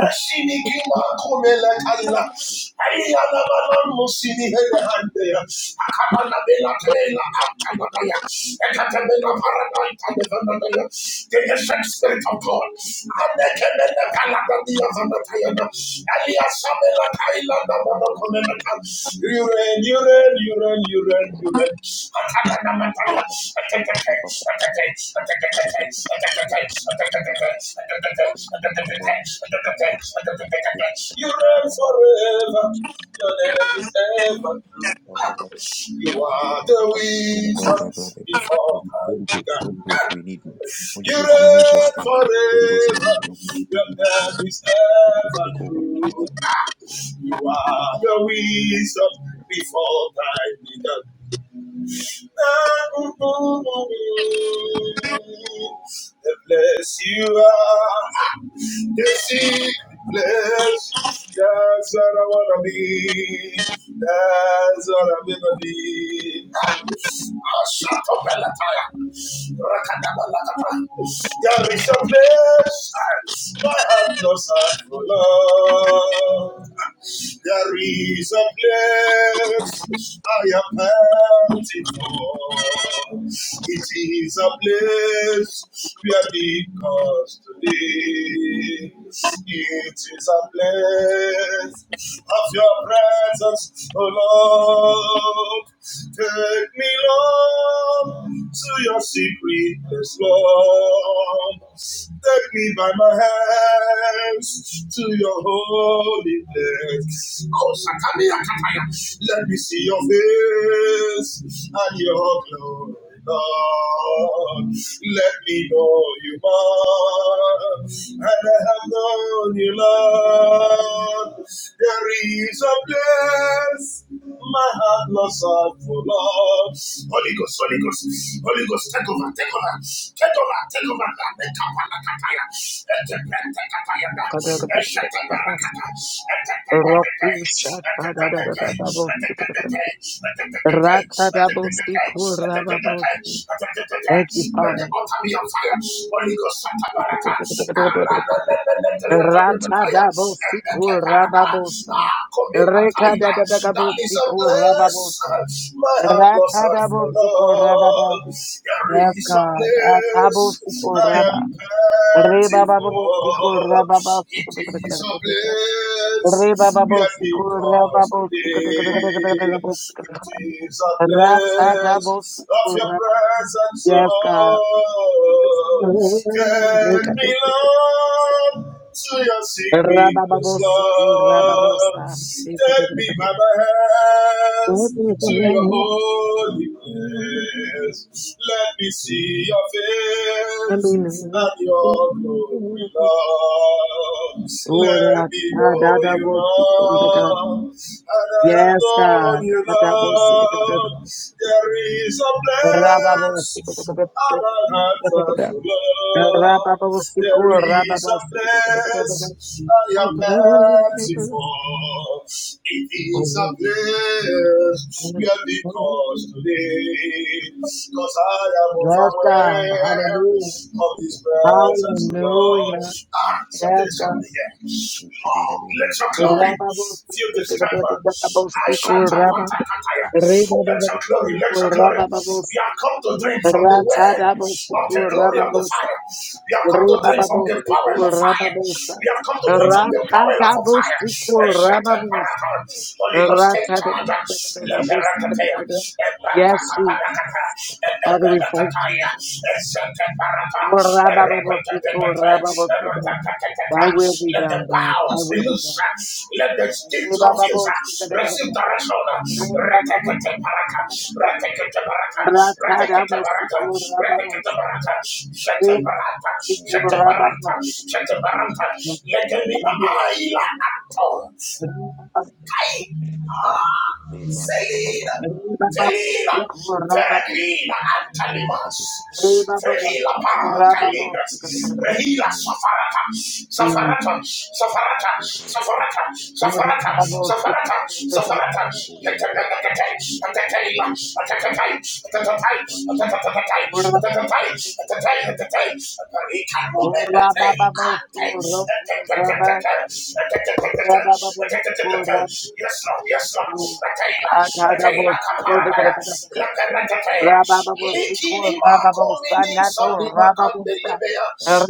Eshinikima kumela kaila. Ayala musini hele hande. Akamana bela tela antanadaya. Ekatemena paranaita nevanadaya. The essence spirit of God. You reign forever. Your name is ever true. You are the wisdom before time began. You reign forever. Your name is ever true. You are the wisdom before time began. The bless you are, the sick bless. That's what I wanna be. That's what I'm gonna be. Ah, shut up, Belataya. Rakadabalakata. There is a place my heart knows I full of. There is a place I am panting for. It is a place where the cost to live. It is a place of your presence, O Lord. Take me, Lord down to your secret place, Take me by my hands to your holy place. Let me see your face and your glory, Lord. Let me know you, Lord. And I have known you, Lord. There is a place my heart lost out for love. Holy Ghost, Holy Ghost, Holy Ghost, take over, take over, take over, take over. Nakapalakataya, etepentekatayana, baba, esheteberakata, etepetekete, Rakusha da da da da da etepetekete, da bo- etepetekete, etepetekete, Rata da bo- siku ra etepetekete, ba bo- Thank you, the Father. altar be on fire. Holy Ghost, Santa That is a Rata da bo- siku ra ba bo- Reka da da da da bo- siku ra ba place bo- my heart lost Rata da for bo- siku ra ba ba. love. There Yes, is a God. Rata bo- place siku I ra ba. am Re ba panting ba bo- bo- siku for. ra ba ba. It is a Re ba place ba bo- where siku ra ba because bo. today. It is a place of your Ratsadabosukura. presence, Yes, God. Lord. Take me, Lord, to your secret place, Lord. Rabababosukurababosa. Take me Ratsadabosukura. by the hands to your holy place face. Let me see your face and your glory, Lord. Let me know you more, and I have Yes, God. known you, Adabosukura. Lord. There is a place Lord, Rababosukura. there is a Rababosukura. place I Yes, am plentiful. It is a place where because today, because I am God. overwhelmed of Hallelujah. His presence, Lord. Hallelujah. Ah, something Yes, is God. happening here. Lord, let your glory glory Rababos- fill this temple. Ashantapatakataya. Let your glory, let your glory. We have come to drink from the well of the glory of the Father. We have come to drink from the power of fire. We have come to drink from the power of fire. Rababos, Holy Ghost, Yes, take charge. Let the Rakataya. let Leperakataya. Jesus. Father, we thank Epatakapalakata. you. Thy will be Let the done, God. Thy bounds be will be loose. Let the skin confuse. done. Receive direction. Retekatabaraka. Retekatabaraka. Retekatabaraka. Retekatabaraka. Shetabaraka. Shetabaraka. Shetabaraka. Let there be an eye like a tongue. Felina, Felina, Ferreglina, Antalimas, Rababos, Ferrila Paracalibras, Rehila Safarata, Safarata, Safarata, Safarata, Safarata, Safarata, Safarata, Catacatacatay, Atacayla, Atacatay, Atatatay, Atatatay, Atatatay, Atatay, Atatay, Atatay, Yes, Lord, yes, Lord. Atela, atela, kaparabaya. Lakanatatela. Likini makoni ninsani makandelebea.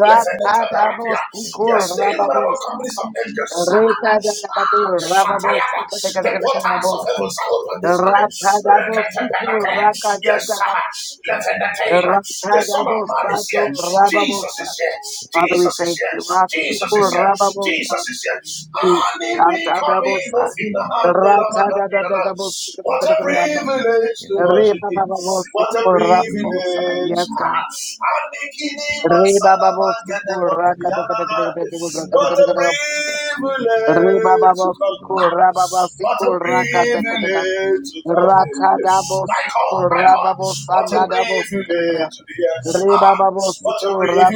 Lefenetaberapia. Yes, the innumerable companies of angels. Ah, Shatayaba. The portals of heaven are open this morning. Ratadabosiku Rekatepelete. Yes, rakadadaba. sir. Levenatela. The Son of Man is here. Ratadabosato Jesus rababosa. is here. Father, we Jesus is thank here. you. Jesus Asiku is here. Jesus rababosa. is here. Anime coming Ratadabosa. of in the hand of the What Ratadadadagabosiku. a privilege to worship Him. What a Rebababosiku rababosa. privilege. Yes, God. What a privilege Rebababosiku rakadadadagabosiku. to come in. Ribababosiko, What a rababasiko, rakatakataka. privilege to come in. My Ratadabosiko, God, my God, what a privilege rababosanadabosikatakaya. to be here. Ah, what a Ribababosiko, privilege to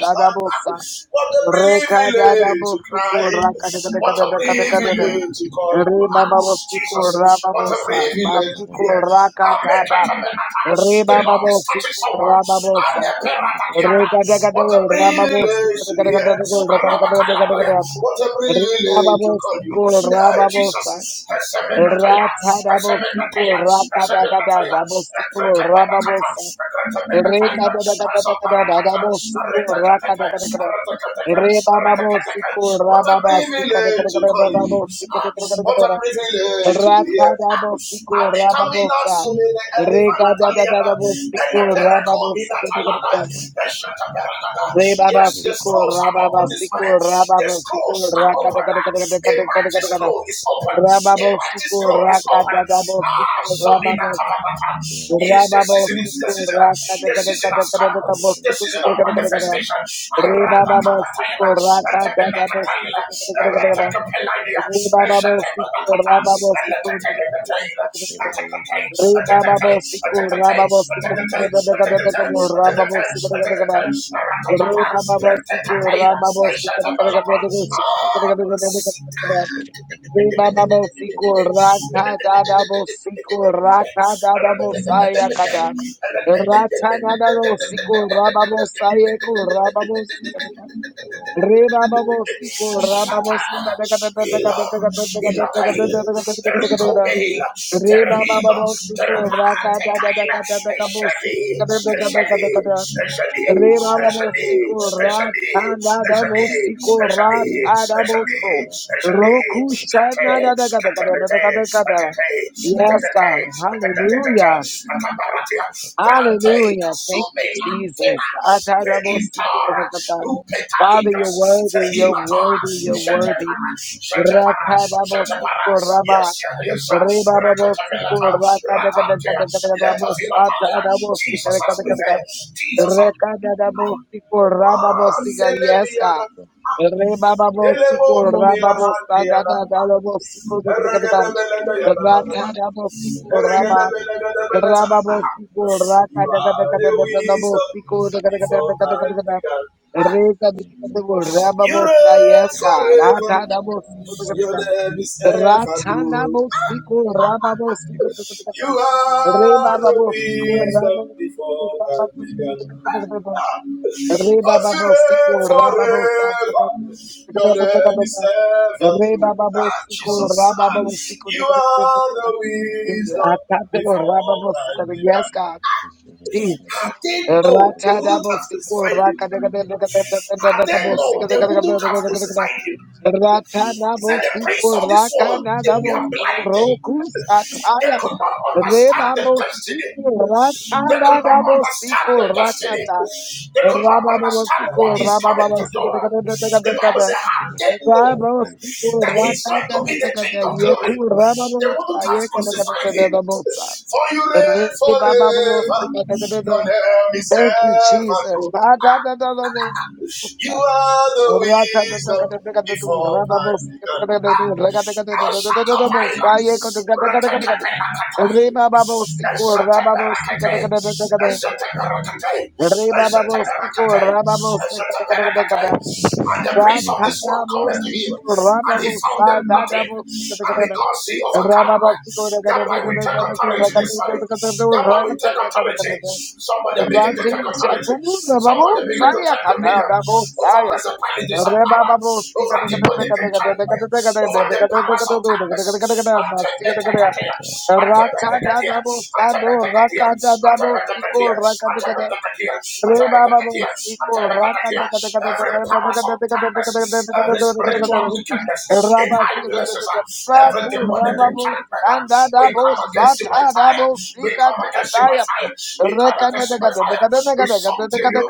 stand. up. What a privilege to Rekadadabosiko, cry. What a rakatakatakatakatakata. privilege to call you. Ah, Ribababosiko, Jesus, what a rababosa. privilege to be Basiko, here. rakadadab. Ametatabenata. The Lord is touching Ribababosiko, someone. rababosa. Re Aneperatakiata. kada kada What a wo, ra ba bo si privilege kada to be kada kada here. kada wo, ra kada kada kada Arabakaladoya. What a Re ba ba privilege bo to call si you. ko, ra Ah, ba bo Jesus. sa. Ra Asemenataya. cha da bo si ko, Asemenataya. ra kada kada Asemenataya. da bo si ko, ra ba bo Akrekapanakata. sa. Re Akrekemenataya. kada da kada da kada da da Asoparakata. bo si ko, ra Aretakataka. kada kada kada. Aratakataka. Re ba ba bo si Aratakataka. ko, ra What a ba ba si kada privilege kada to kada da call da you. bo si Ah, kada kada kada What kada a da. privilege to Ra be here. Ah, si Adekamina sumene ele valakaliana. si Ele si Rebaba Yes, the siko, scrolls are rababa open this morning. siko, The rababa siko, scrolls are rakata open. kata ah. kata kata A kata kata mighty kata kata. scroll is open. A Rababa mighty siko, scroll is open. rakata dabo Ah, siko, Sabina rababa Tabanata. It is the rababa season. It is the siko, season. ah. rakata The kata season kata has kata come. kata The siko season kata of kata kata kata. manifestation. Rebaba siko, rakata dabo siko kata kata kata kata. Rebaba siko, rababa siko kata kata kata kata kata. Rebaba siko, rababa siko kata kata kata kata kata. Rababa siko kata kata kata. Re baba baba sikur raka da da da da Thank you. Ila, Ila Kaila, Rico Bela, Terahima, Terapate Kaila, da Eshadi, shadi da da Eshadi, shadi Rebarabosiko Eshadi, rat shadi andadabosiko Eshadi, rat adaboso. shadi Eshadi, Roku shana da Kate, da da da da da da da Kate, da da. Kate, Kate, Yes, Kate, God. Hallelujah. Atabaratia, Brante, Hallelujah. Thank Kasume, you, Jesus. Lantena, Regitora, Atarabosukorakata. Father, you're Rupetalindras, worthy, you're Tehilata, worthy, you're worthy. Shetepara, Shetepara, Shetepara, yes, Rakababosikoraba. yes, yes, Rekatamelata, Ratantia, Letavilataya, Jesus has Rebababosikorakadakadakadakadakadabosatarabosikadakadakadaka. prevailed, Jesus has Rekadadabosikorababosikar- Yes, God. Selebiyada, elebokomila handiyada, Rebababosikorababosadadadalobosikodakadakadaka. eregedebelede yadadadada, Ratadabosikorababosikadakadakadaka. Yes, eregedebelede God. you are the wisdom before time began. You reign forever. Your name is ever true. You are the wisdom before time began. Ratana Cause you reign Rebababosico, rababosa, forever. Your name is ever true. Ah, rebababosico, Jesus, ah, rabababosico, you are the wisdom atadabo, before time rababosico. Yes, began. God, Jesus. Had they known, they wouldn't have Ratadabosico, specified him. Had they known, they wouldn't have rakadakadakadakadakadakadakadakadakadakadakadakadakadakadakada. crucified him. He said, The prince Ratanabosico, of this world, they were rakanadabosu, blinded. rokus, They ataya. could not understand the Rebabosico, destiny. They could not understand ratanadabosico, the destiny. rakata. They Thank you, Jesus. could Reba not babos, understand what is coming to do. The Bible says, Had they known that he is going to be the king of glory, they wouldn't have crucified him. For you reign forever. Your name is ever true. You are the wisdom before time began. Ah, Ashakapaya, Rakakapayakataya, tico, Reba Babosiko, Ashakaparakate, Ashakaparakate, Ashakaparakate, Rababos, Ashakaparakate. And the prince of Racha this da da world bo cometh sa to do him, and he found raka them nothing. And because he overcame, thereby we take authority this morning. Thereby we take authority. Somebody begin to take authority. Somebody begin to take dominion over principalities and power, over demonic enchantment, over the powers of darkness. da da bo siko raka de Reba Babu Siko Raka Every powers of darkness, every spiritual wickedness in high Rabasi places, every Baku demonic Rababu enchantment, and we Dadabo come against you by Sata fire. Dabo We Sika come against you by Kataya fire. We come against you by fire. We subdue you.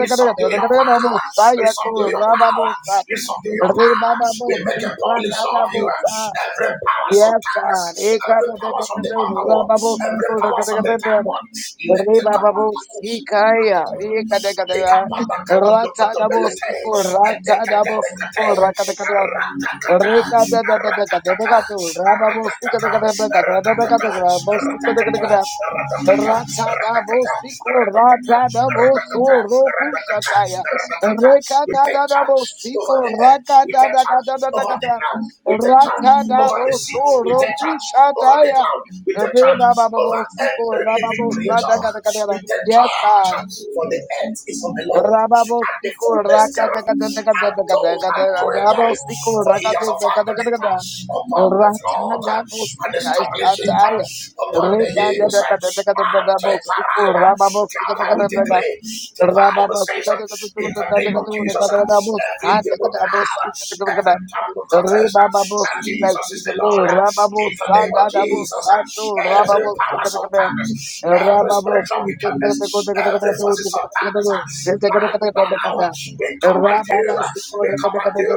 We subdue your power. We subdue your power. We subdue your power. We make a public show of you. Every power of Yes, darkness. Every power from the underworld. Every power from the dark God. one. Let the Riba babos Kapantakush. sikaya, rika de The kadega, rata da Kapantakatulukotobelete. bosiko, And the rata da bosiko, raka de Katabetate. kadega, We take charge rika de de de de de de de de, raba bosika Ribababosikaya, Rikadekadeka, Ratadabosiko, Ratadabosiko, Rakadekadeka, Rikadadadadekadekadeka, Rababosikadegadekadekadekadeka, Bosikadekadekadeka, Ratadabosiko, Ratadaboso, Rokushataya, over Rekadadabosiko, the air. We take charge over the Rakadadakadadakada, ground. We take charge over the sea. Ratadaboso, We take charge over the Rokushataya, cloud. We take charge over Rebababosiko, every living creature. We Rababosakadakadada. take Yes, God. charge for the earth is of the Lord and the Rababostico, fullness Raka thereof, Rababosico, and those that dwell therein. Rabosico, For he has founded Rakataka, it upon the flood Ratanda and Bosika, established it Ataya, upon the Reka, hills. And the Dabosico, parada, Rababosica, Kappa we declare, the Bible says, Rababosica, in the name Dabosica, of Jesus, every knee will bow, every tongue will confess that Rebababosika, Jesus is the Lord. In the name of Rababosada, Jesus, Dabosato, every power of Rababosica, darkness, every spirit Rababos, spiritual wickedness, every forces of darkness, uh, by the hour, we command you, we command you,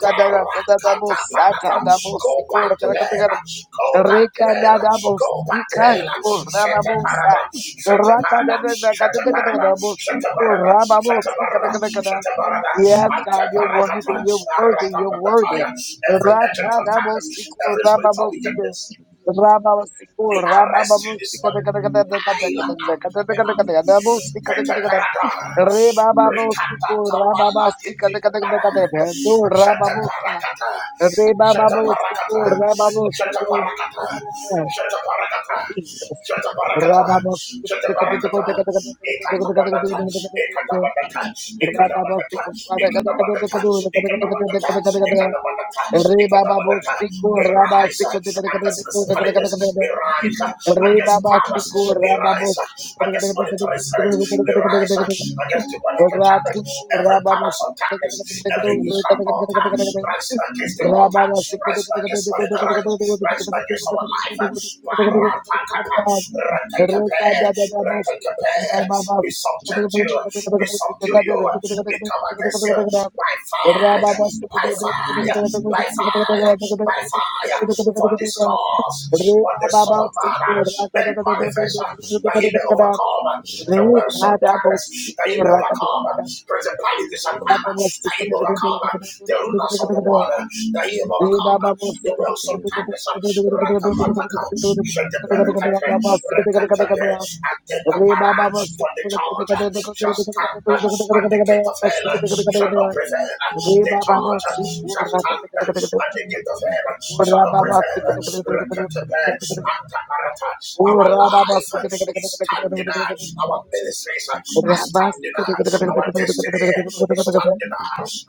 Parakatapanata. go back to hell, uh, go back to hell, uh, go back to hell, set a paradox, set a paradox, set a paradox, set a paradox, set a paradox, set a paradox, Yes, and the God, you're worthy, you're worthy, you're worthy. Arakapakataya. every Rata agent of darkness, every spiritual wickedness. Rababasiku, We arrest you this Rabababusika, the morning. Kataka, the Kataka, Ayla the Antomela. Kataka, the Busika, the Kataka, Peteperada. Rikata Rebababusiku, Kamala Rababasika, the Kataka, the Gitikupara. Kataka, do Rababusa, Shetaparakata. Shetaparakata. Rebababusiku, Rababusiku, Shetaparakata. Shetaparakata. Jesus. Shetaparakata. Rababosiku, the Kataka, Shetaparakata. the Kataka, the Kataka, Ekatabanata. the Kataka, Ekatabanata. Ekatabanata. Rababosiku, the Kataka, the Ekatabanata. Kataka, the Kataka, Ekatabanata. the Kataka, Ekatabanata. Re baba bo Ekatabanata. siko We raba rise siko de kade at kade the siko de kade kade kade principalities. kade. We rise rise uh, kade. Re against baba powers. siko We raba bo rise uh, siko de against kade kade kade kade kade monetary spirits. kade We kade kade kade rise kade. uh, kade. against the political Rababa attackers. Every powers of darkness, every wisdom altar, rise against the altar, rise against money, rise, rise against our life. uh, Barapakata, ratakape, ratakape. We subject you, we subdue you, we come against you by fire, by fire, by fire, by fire. For this cause, for this. soul. Son of Man uh, made manifest uh, that he may overcome uh, the Re works of darkness, that he may overcome uh, principalities and power, that he may overcome uh, the rulers of the world, uh, that he may overcome uh, the works of darkness. uh, Rakapataka, Shatabarakatra, Rakatabe, Atena Para, for the charge uh, shall stand uh, at the gate of hell, uh, shall not prevail. uh, The charge uh, shall stand uh, at the gate of hell, uh, shall not prevail. uh, Rakatabe, Antabarata. Our life Baba uh, is standing. uh, Our ministries uh, are Re Baba, standing. uh, Our destiny is standing. uh,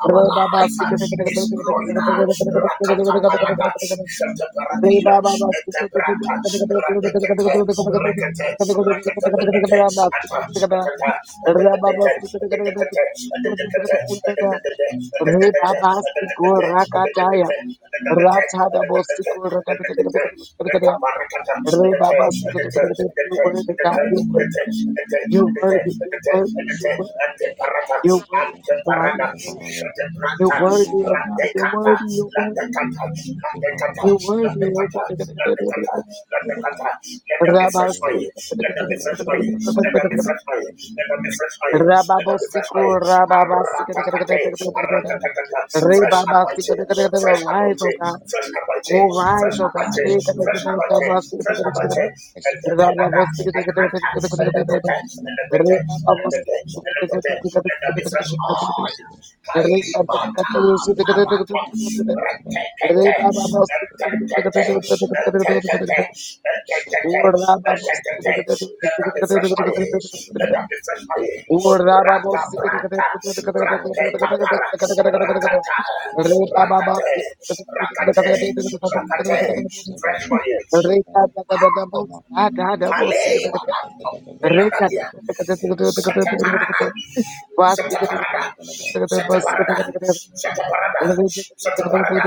Our life uh, is glowing. uh, Rakatapalata. Shataparakira. Etebrata. Ratekete. Rekete. Rekete. Ata. Atata. Atetetete. Atetetete. Atetetete. Atetetete. Atetetete. Atetetete. Atetetete. Atetetete. Atetetete. Let them be fresh You're worthy, God, you're worthy, you're worthy, you're worthy, you're worthy. You're worthy, oh God. You're worthy. You're worthy, oh God. You're worthy. You're worthy. You're worthy. You're worthy, oh God. oil. Rabasika, Let them be fresh oil. Let them be fresh oil. Let them be fresh oil. Let them be fresh Rababosiko, oil. Rababasika, Aratakate. Aratakataka. Fresh Rebabasika, anointing. Fresh rise, oh anointing. God. Fresh anointing. Oh, Fresh rise, oh anointing. Fresh anointing fresh God. anointing, and Rey the pinada, and granta, and the tete, and the tete, and the tete, and the tete, let there be fresh oil. Kaili mata parata, rekekete, and tete, and tete, and tete, and tete, let there be fresh oil, let there be fresh oil. Rata brata, rata kapara, rakata, rakate, rakate, rakate, fresh oil, Palei wanapo Rata elagadia. Sete parada. Sete parada. Sete parada. Sete parada. Sete parada.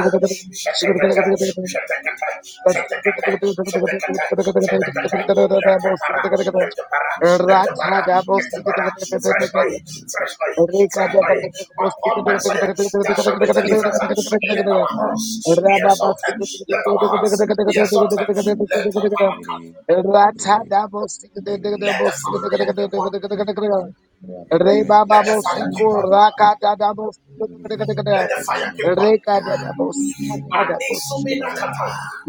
Sete kete. Sete kete. Sete kete. Sete kete. Sete kete. Lete para. Lete para. Lete para. Lete para. Fresh oil. Fresh oil. Fresh oil. Upon my soil. There shall be deliverance. Let our hearts be exalted. Let our hearts be exalted. Let the paracate. Let the fire keep on. Reba ba ba Let the bo fire keep siko on. ra ka da da bo siko da da da da Let da. the fire keep on. Re ka da da bo siko da da And bo this siko da da da.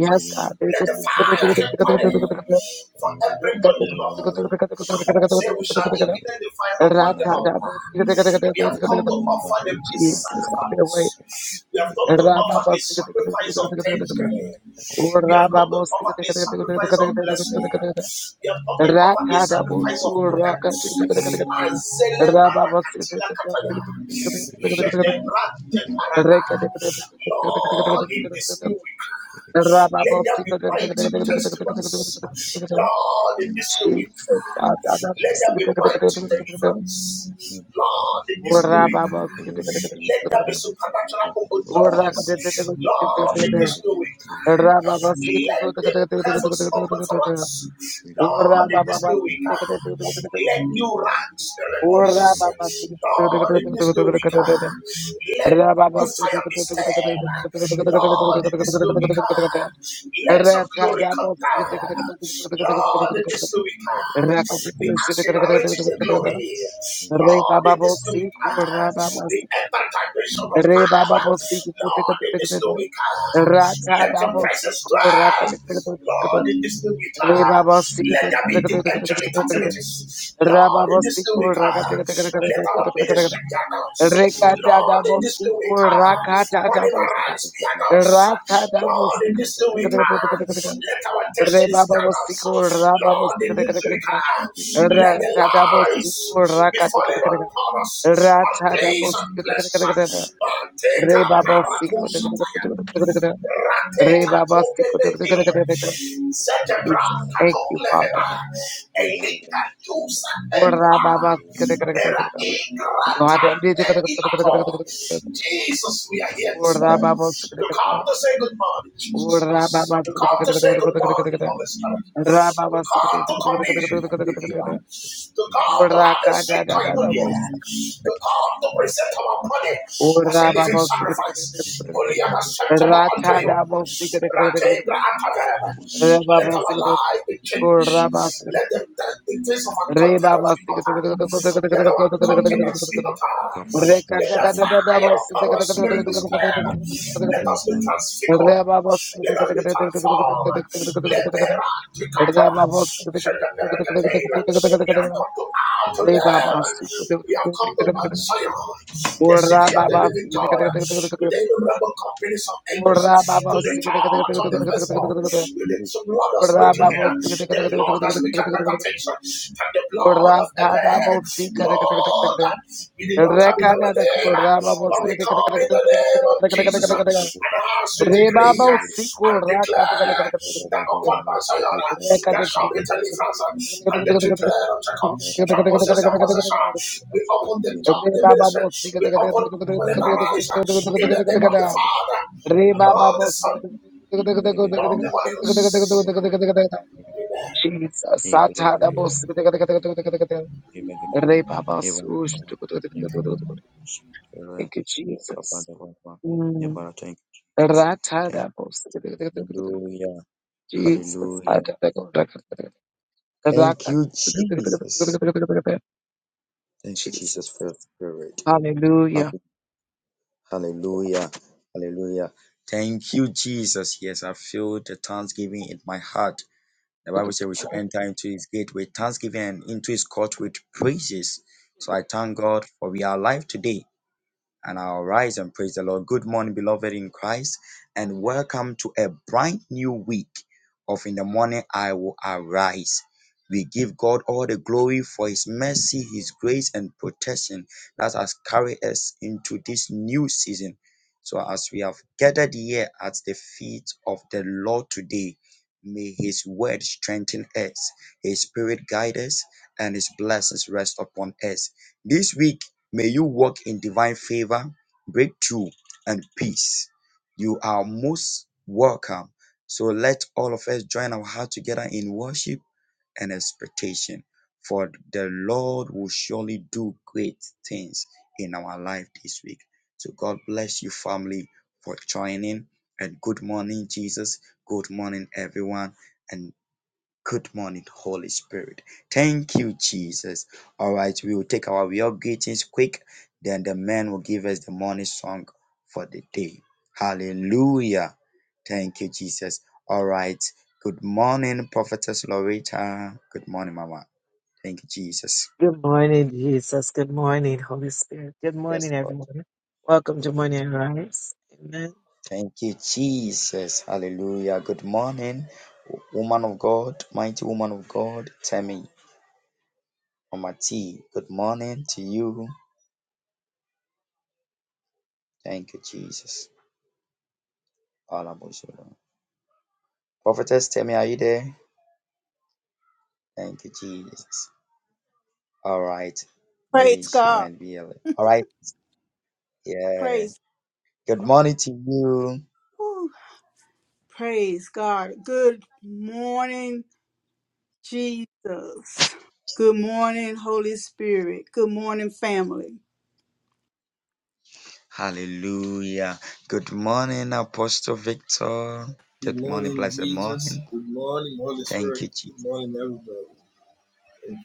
Yes, God. Re ka Let the siko da da fire da keep on. da da da da da da. For Re ka da everybody, da da da da Lord. da You da say we da shall da da da. ignite the fire upon Ra the ka da bo altar. siko da da da da We have da da come da. to offer the peace Jesus, have your sacrifice. way. We have come to Ra ba offer ba a siko da da da da sacrifice of da da da da. thanksgiving. O We ra have ba come to bo siko da offer a da da da sacrifice da of da blessing. da da da. We have come to Ra offer a ka da bo sacrifice of siko good health. Azele Jesus. barakatila kataya. Shedebrante parana. Lord, in this new week. Let there be mighty testimonies. Lord, in this new week, let there be mighty deliverance. Lord, in this new week, let there be supernatural open Ora doors. Lord, in this new week, let the heavens open for us. Lord, in this new week, let new ranks be released. Lord, in this new Baba, week, Rababa let you fire me stare. Lord, in this new week, ah, let your glory come down. Lord, in this new week, ah, we accelerate in the glory. Lord, in this new week, ah, we enter dimension of power. Lord, in this new week, ah, let your presence dwell. Lord, in this new week, ah, let there be the angelic activities. Lord, in this new week, ah, let our ministry be announced. Lord, in this new Rekadadabosiku, week, ah, morning rakadadabosa. arise be announced. Lord, in Rakadabosiku, this new week, ah, let our destinies be rebababosiku, announced. Lord, rababosiku, ratadabosiku, in this new week, ah, let the lies rakadadabosiku, be falling upon us and place and ratadabosiku, places. ah, Rateka rebababosiku, parakusataya. Rateka tobeleke. rebababosiku. Zetebra Jesus, thank you, Father. katolevena. Elita tusa empa. Rabababosiku, Mera ingrata nebilato. Jesus, we are here this morning to come Lord, to say good morning, Rababa Jesus. To come to say good morning, Holy Spirit. To come to commune with you to come to have a sweet communion, to come to present our body as a living sacrifice, holy and acceptable unto you. Ratebra atavera. Let our life be changed. Let the, the, the face of our countenance be altered. Let our countenance be altered. Let the fire of our spirit be stirred. Let us be transfigured. Let us be transformed. Let the Orra raticata. Let the pericatela. We have come to out to live. We have come to Mount Zion, the city of the living God, with the innumerable companies of angels, to the church of the first one, with the blood of spiritual leader, the blood that speaks better things and the blood of Abel. Lord, we did not come in our name. But we come in the name of Jesus uh, and ask to decree Rebaba uh, usiku and raka taka taka taka declare taka taka taka that taka. upon Mount Zion uh, Reka there deka shall be deliverance uh, and the children of Jacob shall deka possess their deka deka. possession. We open the top, the Re baba ministry. bosi We deka deka deka deka open when it deka arise uh, deka in deka the deka name of the deka. Father Re and baba of the bosi Son deka and deka deka of the deka Holy deka Ghost. deka deka deka. Amen. Jesus, Satana bosi deka deka deka deka deka deka. Re baba sush deka deka deka deka deka deka. Thank you, Jesus. Ratana bosi. Jesus. Jesus. Hallelujah. Good with thanksgiving and into his court with praises. So I thank God for we are alive today. and I'll rise and praise the Lord. Good morning, beloved in Christ, and welcome to a brand new week of In the Morning I Will Arise. We give God all the glory for His mercy, His grace, and protection that has carried us into this new season. So, as we have gathered here at the feet of the Lord today, may His word strengthen us, His spirit guide us, and His blessings rest upon us. This week, May you walk in divine favor, breakthrough, and peace. You are most welcome. So let all of us join our heart together in worship and expectation. For the Lord will surely do great things in our life this week. So God bless you, family, for joining. And good morning, Jesus. Good morning, everyone. And Good morning, Holy Spirit. Thank you, Jesus. All right, we will take our real greetings quick, then the man will give us the morning song for the day. Hallelujah. Thank you, Jesus. All right. Good morning, Prophetess Loretta. Good morning, Mama. Thank you, Jesus. morning, Jesus. Good morning, Holy Spirit. Good Yes, morning, Lord. everyone. Welcome to Morning Rise. Amen. Thank you, Jesus. Hallelujah. Good morning, woman of God, mighty woman of God, Tammy Omati. Good morning to you. Thank you, Jesus. Alabosolo. Prophetess Temi, are you there? Thank you, Jesus. All right. Maybe Praise she God. might be a little. All right. Yeah. Praise. Good morning to you. whew, praise God. Good morning, Jesus. Good morning, Holy Spirit. Good morning, family. Hallelujah. Good morning, Apostle Victor. Good Good morning. morning, Blessed Jesus. morning. Good morning, Holy Thank Spirit. you, Good Jesus. morning, everybody. Thank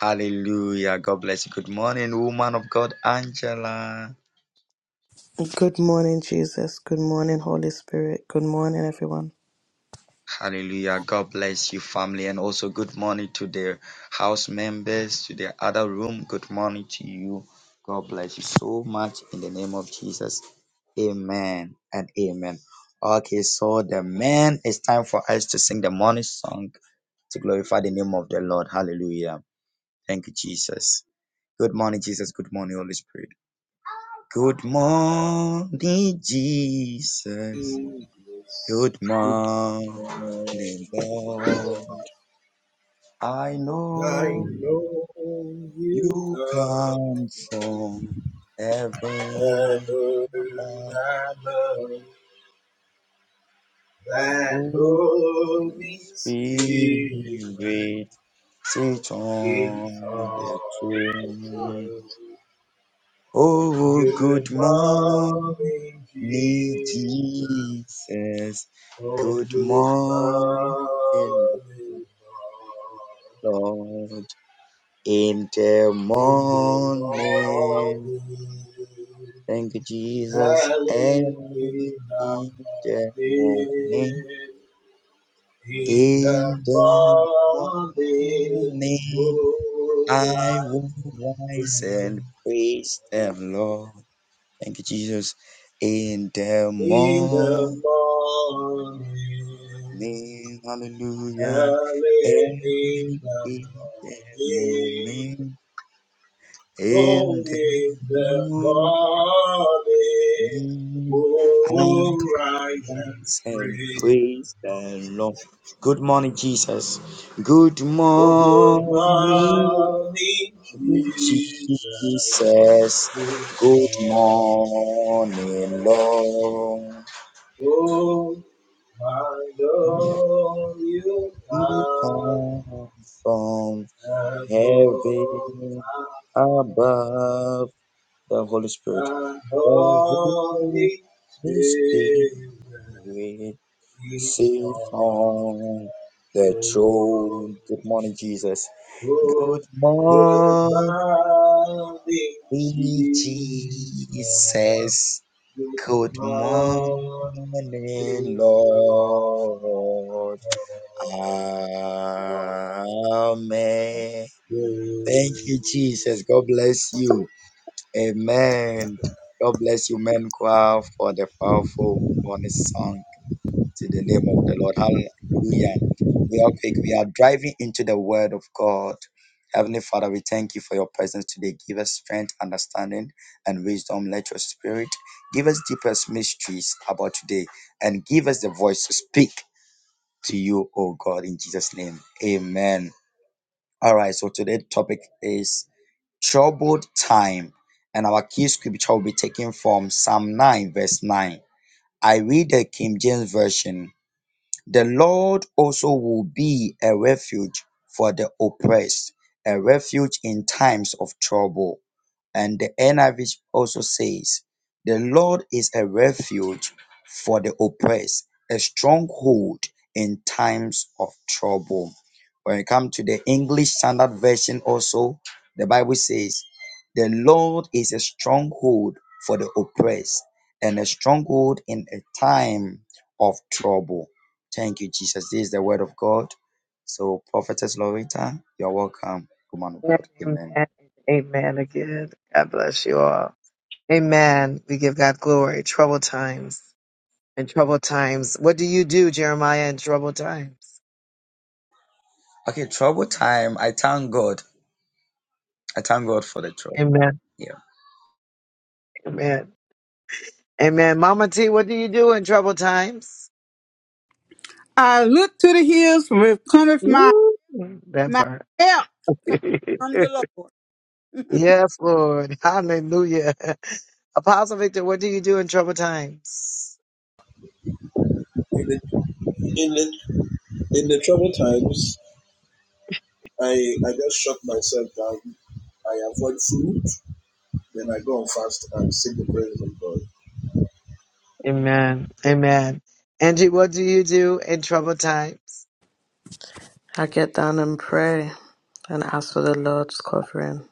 Hallelujah. God bless you. Good morning, woman of God, Angela. morning, Jesus. Good morning, Holy Spirit. Good morning, everyone. Hallelujah. God bless you, family, and also good morning to the house members, to the other room. Good morning to you. God bless you so much in the name of Jesus. Amen and amen. Okay, so the man, it's time for us to sing the morning song to glorify the name of the Lord. Hallelujah. Thank you, Jesus. Good morning, Jesus. Good morning, Holy Spirit. Good morning, Jesus. you. Yes. Good Luke I morning, know Lord. I know you you come come from from heaven heaven above. above. That Holy Spirit Spirit sit is on the on the throne. throne. Oh, Good good morning, morning, Jesus. Jesus. Oh, Good good morning, morning, Lord. Lord. In the in the morning, morning, thank you, Jesus. early in Early the in the morning. morning, in the In the morning, oh, morning, I I will rise and praise the will praise. Lord. Thank you, Jesus. In the In the morning, morning, hallelujah. early in Early the in the morning. morning, in the Only the morning, body hallelujah. will rise and free. Oh, good morning, Jesus. Good morning. Oh, my Lord, you are above. above. and Holy Spirit is all control. Oh, good morning, Jesus. Says, Good Good morning, Lord. Amen. Thank you, Jesus. God bless you. Amen. God bless you, men choir, for the powerful morning song to the name of the Lord. Hallelujah. We are quick. We are driving into the word of God. Heavenly Father, we thank you for your presence today. Give us strength, understanding, and wisdom. Let your spirit give us deepest mysteries about today and give us the voice to speak to you, O God, in Jesus' name. Amen. All right, so today's topic is troubled time. And our key scripture will be taken from Psalm 9, verse 9. I read the King James Version. The Lord also will be a refuge for the oppressed, a refuge in times of trouble. And the NIV also says, The Lord is a refuge for the oppressed, a stronghold in times of trouble. When it comes to the English Standard Version, also, the Bible says, The Lord is a stronghold for the oppressed and a stronghold in a time of trouble. Thank you, Jesus. This is the word of God. So, Prophetess Loretta, you're welcome, woman of God. Amen. God bless you all. Amen. We give God glory. Trouble times. and trouble times. What do you do, Jeremiah, in trouble times? Okay, trouble time. I thank God. I thank God for the trouble. Amen. Yeah. Amen. Amen. Mama T, what do you do in trouble times? I look to the hills from which cometh my, Woo, that my part. help (laughs) from the Lord. Yes, Lord. Hallelujah. (laughs) Apostle Victor, what do you do in troubled times? In the, in the in the troubled times, I, I just shut myself down. I avoid food, then I go on fast and sing the praise of God. Amen. Amen. Angie, what do you do in troubled times? I get down and pray and ask for the Lord's covering.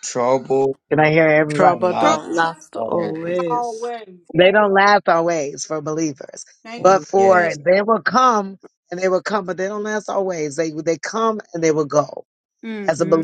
Trouble. Trouble From don't last always. always. Thank Amen. you. hmm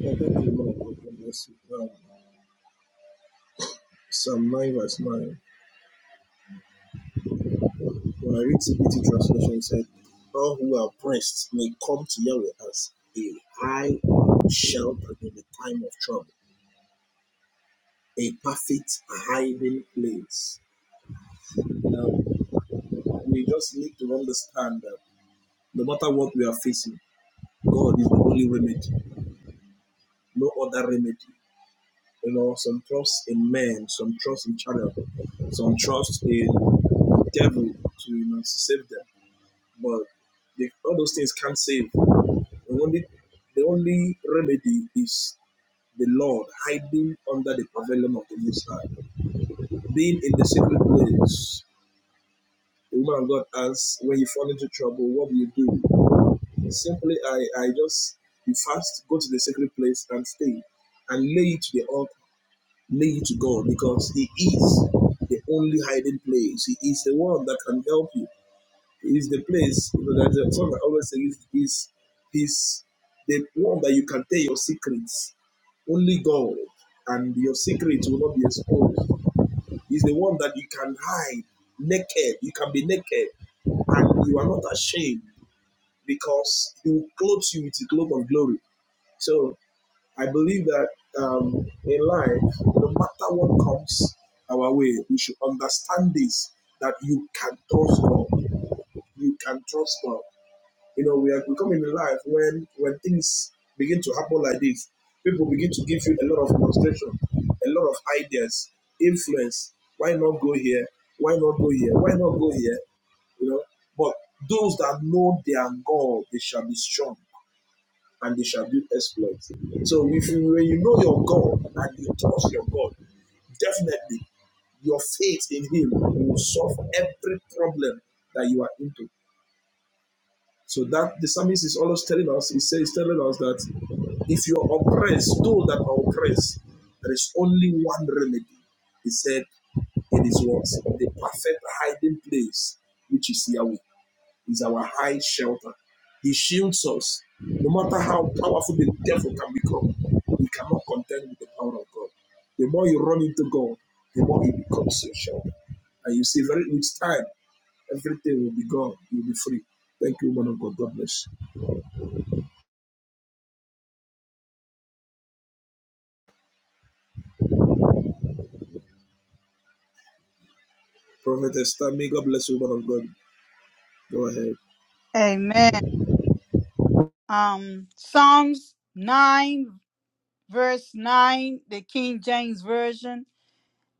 Yeah, thank you, Lord, for the Um, Psalm 9, verse 9. When I read TPT translation, it said, All who are oppressed may come to Yahweh as a high shelter in the time of trouble, a perfect hiding place. Now, we just need to understand that no matter what we are facing, God is the only remedy, no other remedy. You know, some trust in men, some trust in channel, some trust in the devil to you know to save them. But they, all those things can't save. The only the only remedy is the Lord hiding under the pavilion of the Most High, being in the secret place. The woman of God asks, when you fall into trouble, what do you do? Simply, I I just you fast, go to the secret place and stay, and lay it to the altar Lean to God because He is the only hiding place. He is the one that can help you. He is the place, you know, there's a song I always say, is is is the one that you can tell your secrets. Only God and your secrets will not be exposed. He's the one that you can hide naked. You can be naked and you are not ashamed because he will clothe you with the cloak of glory. So I believe that um, in life, no matter what comes our way, we should understand this that you can trust God. You can trust God. You know, we are becoming in life when when things begin to happen like this, people begin to give you a lot of frustration, a lot of ideas, influence. Why not go here? Why not go here? Why not go here? You know, but those that know their God, they shall be strong and they shall do exploits. So if you, when you know your God and you trust your God, definitely your faith in Him will solve every problem that you are into. So that the psalmist is always telling us, he says, he's telling us that if you are oppressed, those that are oppressed, there is only one remedy. He said, it is what? The perfect hiding place, which is Yahweh is our high shelter. He shields us. No matter how powerful the devil can become, he cannot contend with the power of God. The more you run into God, the more he becomes your shelter. And you see, very with time, everything will be gone. You'll be free. Thank you, woman of God. God bless you. Prophet Esther, may God bless you, woman of God. Go ahead. Amen. Um, Psalms 9, verse 9, the King James Version.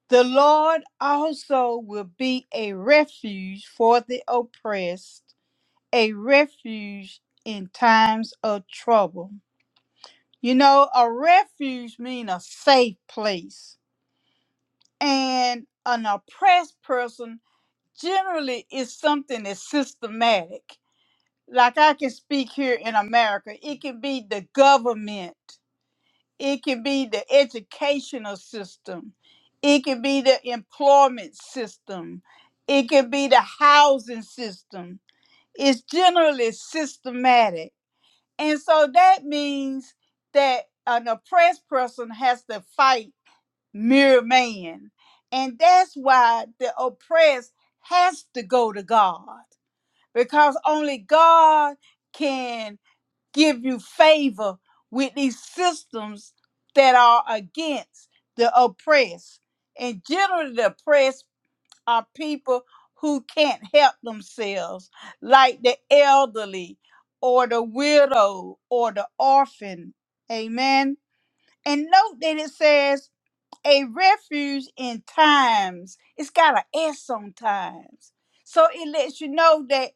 The Lord also will be a refuge for the oppressed, a refuge in times of trouble. You know, a refuge means a safe place. And an oppressed person generally is something that's systematic. Like I can speak here in America, it can be the government It can be the educational system. It can be the employment system. It can be the housing system. It's generally systematic. And so that means that an oppressed person has to fight mere man. And that's why the oppressed has to go to God because only God can give you favor with these systems that are against the oppressed. And generally, the oppressed are people who can't help themselves, like the elderly or the widow or the orphan. Amen. And note that it says a refuge in times. It's got an S on times, So it lets you know that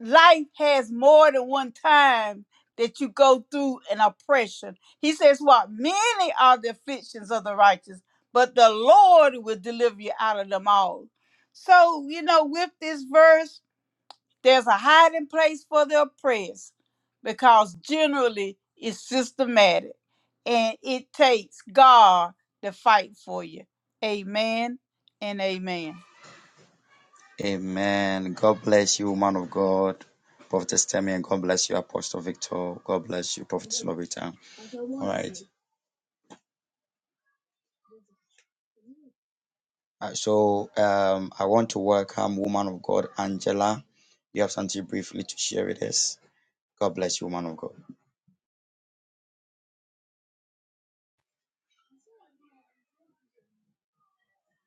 life has more than one time that you go through an oppression. He says, What? Many are the afflictions of the righteous, but the Lord will deliver you out of them all. So, you know, with this verse, there's a hiding place for the oppressed because generally it's systematic and it takes God to fight for you. Amen and amen. Amen. God bless you, man of God. Prophetess Temi, and God bless you, Apostle Victor. God bless you, Prophet Slovita. All right. Uh, So um, I want to welcome woman of God, Angela. You have something briefly to share with us. God bless you, woman of God.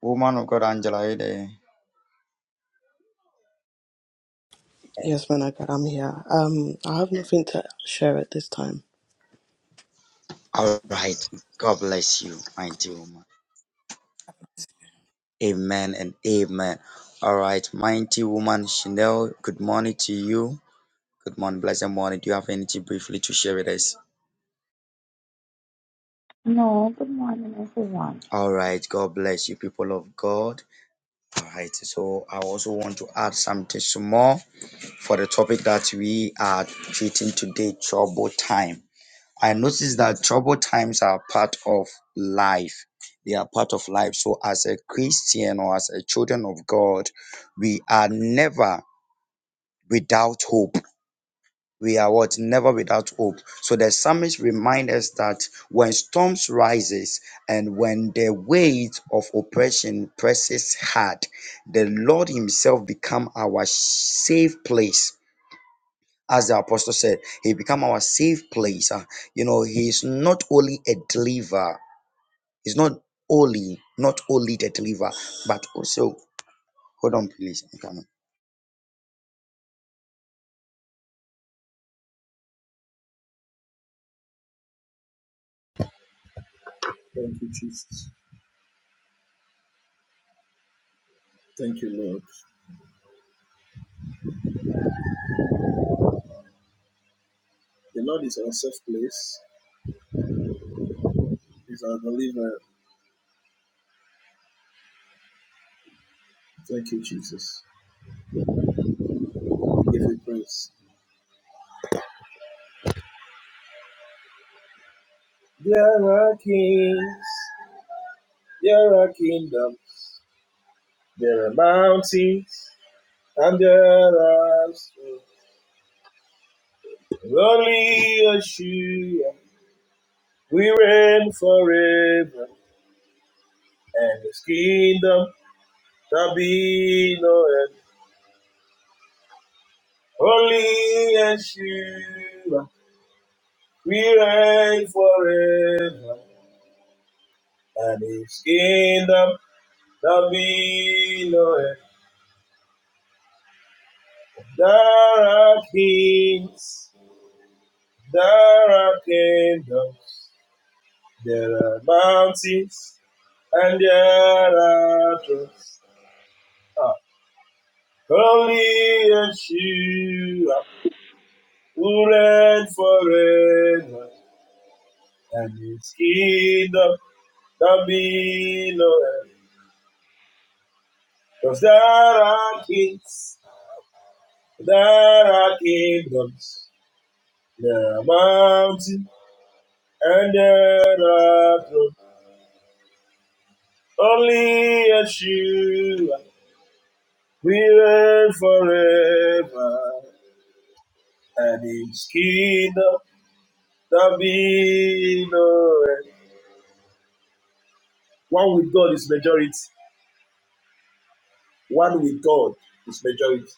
Woman of God, Angela, are you there? Yes, man, I God, I'm here. Um, I have nothing to share at this time. All right. God bless you, mighty woman. Amen and amen. All right, mighty woman Chanel, good morning to you. Good morning, blessed morning. Do you have anything briefly to share with us? No, good morning, everyone. All right, God bless you, people of God. All right, so I also want to add something small for the topic that we are treating today trouble time. I noticed that trouble times are part of life. They are part of life. So, as a Christian or as a children of God, we are never without hope we are what never without hope so the psalmist reminds us that when storms rises and when the weight of oppression presses hard the lord himself become our safe place as the apostle said he become our safe place Ah, you know he is not only a deliverer he's not only not only the deliverer but also hold on please I'm coming. Thank you, Jesus. Thank you, Lord. The Lord is our safe place. He's our deliverer. Thank you, Jesus. We give you praise. There are kings. There are kingdoms, there are mountains, and there are hills. only Yeshua. We reign forever, and His kingdom shall be no end. Only Yeshua. We reign forever, and His kingdom shall be no end. There are kings, there are kingdoms. There are mountains and there are troughs. Ah, Only Yeshua who reigns forever and his kingdom there be no end. 'Cause there are kings, there are kingdoms, there are mountains, and there are thrones. Only Yeshua will reign forever. and his kingdom shall be no end. One with God is majority. One with God is majority.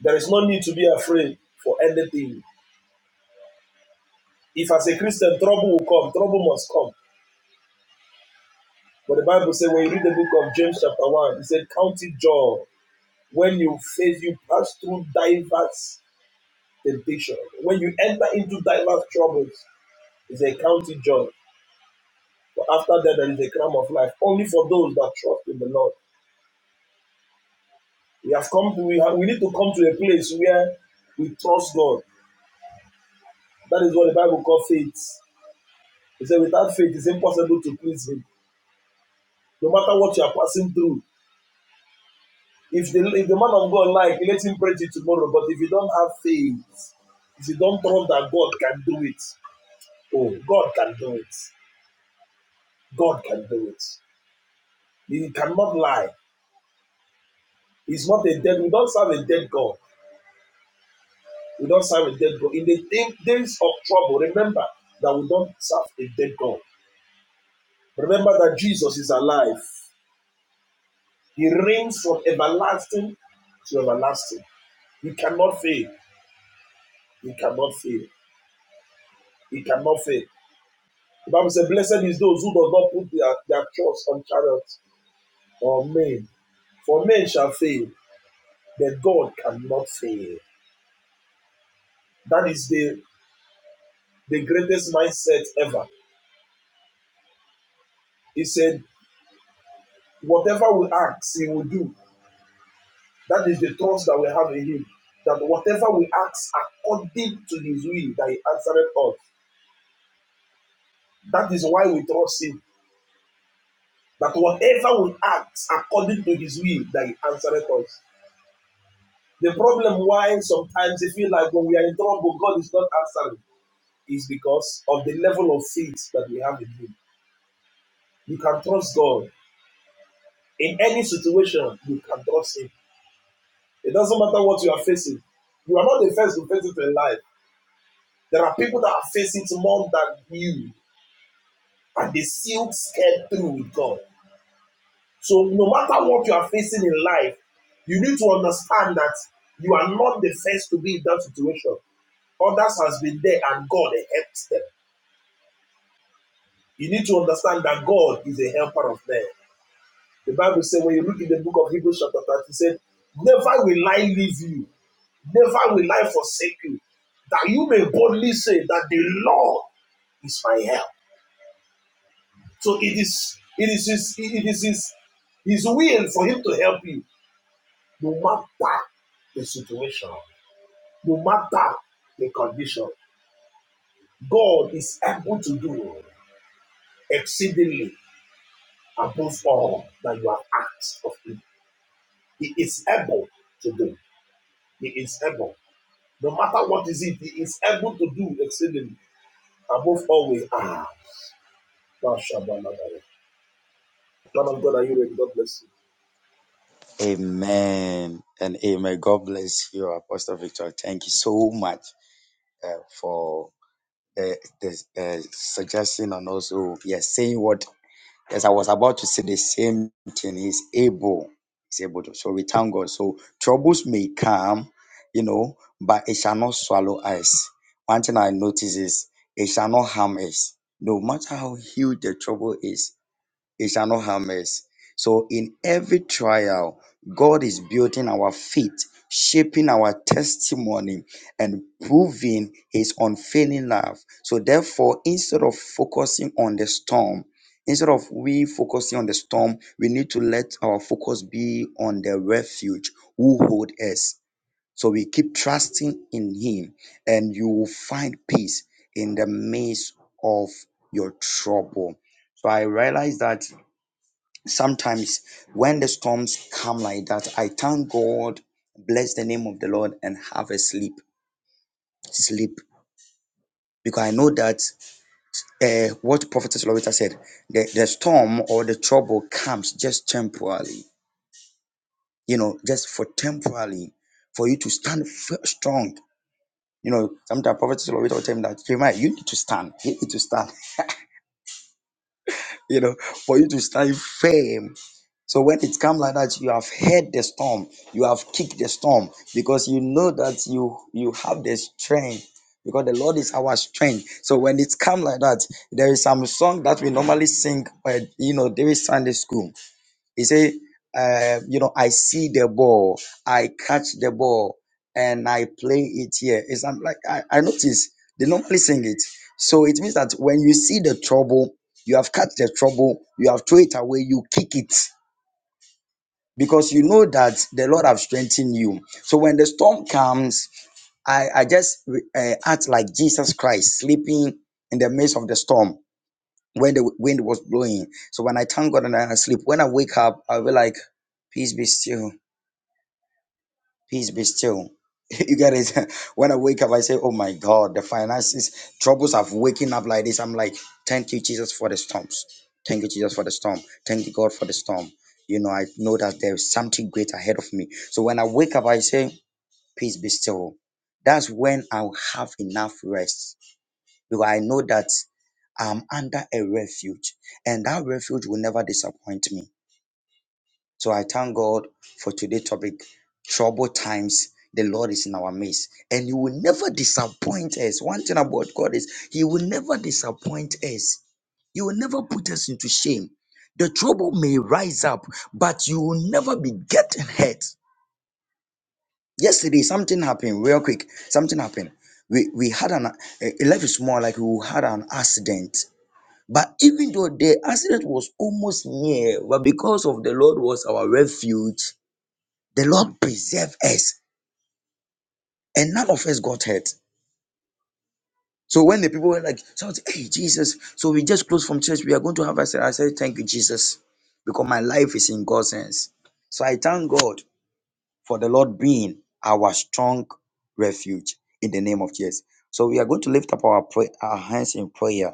There is no need to be afraid for anything. If as a Christian trouble will come, trouble must come. But the Bible says when you read the book of James chapter 1, it said, Count it joy. When you face, you pass through diverse temptation. When you enter into diverse troubles, it's a county joy. But after that, there is a crown of life only for those that trust in the Lord. We have come. To, we have, we need to come to a place where we trust God. That is what the Bible calls faith. It said, without faith, it's impossible to please Him. No matter what you are passing through, if the if the man of God like, let him pray to tomorrow. But if you don't have faith, if you don't trust that God can do it, oh, God can do it. God can do it. He cannot lie. He's not a dead. We don't serve a dead God. We don't serve a dead God. In the days of trouble, remember that we don't serve a dead God. Remember that Jesus is alive. He reigns from everlasting to everlasting. He cannot fail. He cannot fail. He cannot fail. The Bible says, Blessed is those who do not put their, their trust on chariots or men, for men shall fail, but God cannot fail. That is the, the greatest mindset ever. He said, Whatever we ask, He will do. That is the trust that we have in Him. That whatever we ask according to His will, that He answered us. That is why we trust Him. That whatever we act according to His will, that He answereth us. The problem why sometimes we feel like when we are in trouble, God is not answering, is because of the level of faith that we have in Him. You can trust God in any situation. You can trust Him. It doesn't matter what you are facing. You are not the first to face it in life. There are people that are facing it more than you, and they still scared through with God. So no matter what you are facing in life, you need to understand that you are not the first to be in that situation. Others has been there and God helps them. You need to understand that God is a helper of men. Chapter 30 said, Never you, never will I forsake you, that you may boldly say that the Lord is my help. So it is it is his it is his, his will for him to help you no matter the situation, no matter the condition. God is able to do ex- Amen and amen. God bless you, Apostle Victor. Thank you so much. uh, for the, the uh, suggestion and also yes, saying what yes, I was about to say the same thing. He's able, he's able to. So we thank God. So troubles may come, you know, but it shall not swallow us. One thing I notice is it shall not harm us. No matter how huge the trouble is, it shall not harm us. So in every trial, God is building our faith, shaping our testimony, and proving his unfailing love. So therefore, instead of focusing on the storm, instead of we focusing on the storm, we need to let our focus be on the refuge who hold us. So we keep trusting in him, and you will find peace in the midst of your trouble. So I realized that sometimes when the storms come like that, I thank God, bless the name of the Lord, and have a sleep. Sleep. Because I know that uh, what Prophetess Loretta said, the, the storm or the trouble comes just temporarily, you know, just for temporarily, for you to stand f- strong. You know, sometimes Prophetess Loretta will tell me that, Jeremiah, you need to stand. You need to stand (laughs) you know, for you to stand firm. So when it comes like that, you have heard the storm, you have kicked the storm because you know that you you have the strength because the Lord is our strength. So when it comes like that, there is some song that we normally sing, uh, you know, during Sunday school he said, uh, you know, I see the ball, I catch the ball, and I play it here. It's I'm like I, I notice they normally sing it. So it means that when you see the trouble, you have catch the trouble, you have throw it away, you kick it. Because you know that the Lord have strengthened you. So when the storm comes, I, I just uh, act like Jesus Christ sleeping in the midst of the storm when the wind was blowing. So when I thank God and I sleep, when I wake up, I'll be like, peace be still, peace be still. (laughs) You get it? (laughs) When I wake up, I say, Oh my God, the finances, troubles of waking up like this. I'm like, Thank you, Jesus, for the storms. Thank you, Jesus, for the storm. Thank you, God, for the storm. You know, I know that there's something great ahead of me. So when I wake up, I say, Peace be still. That's when I'll have enough rest because I know that I'm under a refuge and that refuge will never disappoint me. So I thank God for today's topic. Trouble times, the Lord is in our midst and He will never disappoint us. One thing about God is He will never disappoint us. He will never put us into shame. The trouble may rise up, but you will never be getting hurt. Yesterday, something happened real quick. Something happened. We, we had an, eh, life is more like we had an accident but even though the accident was almost near, but because of the Lord was our refuge, the Lord preserved us and none of us got hurt. So when the people were like, shouting, hey, Jesus, so we just closed from church, we are going to have accident. I said, thank you, Jesus, because my life is in God's hands. So I thank God for the Lord being our strong refuge in the name of Jesus. So we are going to lift up our, pray- our hands in prayer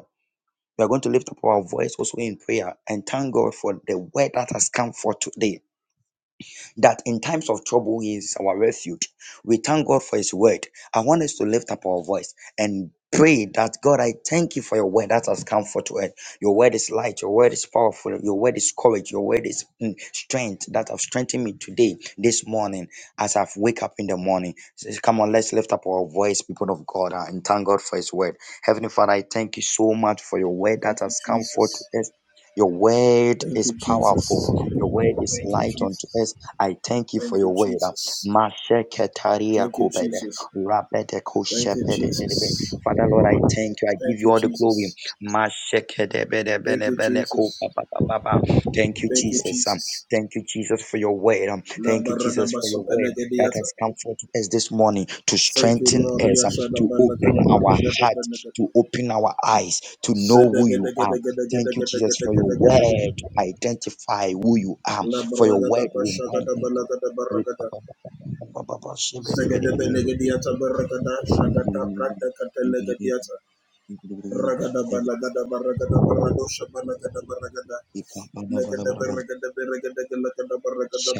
We are going to lift up our voice also in prayer and thank God for the word that has come for today that in times of trouble, He is our refuge. We thank God for His word. I want us to lift up our voice and pray that God, I thank you for your word that has come forth to us. Your word is light, your word is powerful, your word is courage, your word is mm, strength that have strengthened me today, this morning, as I've wake up in the morning. Says, Come on, let's lift up our voice, people of God, uh, and thank God for his word. Heavenly Father, I thank you so much for your word that Thank you, has come forth Jesus. to us. Your word Thank is you, powerful. Jesus. Your word is Thank you, light unto Jesus. us. I thank you for Thank you, your word. uh, Jesus. Masheketaria Thank you, kubede, Jesus. rabete Thank you, koshepede bedebe. Jesus. Father Lord, I thank you. I Thank give you you, all the glory. Jesus. Mashekedebede Thank bene you, bene ko Jesus. ba ba ba ba ba. Thank you, Thank you, Jesus. um, Jesus. Thank you, Jesus, for your word. um, La Thank you, barada Jesus, for baso your word that pelegediata. has come forth to us this morning to Thank you, strengthen Lord. us, um, Riashana to balaga da open our barada heart, to open our eyes, to know Zede who you gede are. gede gede Thank you, Jesus, for your word to identify who you are for your word will mine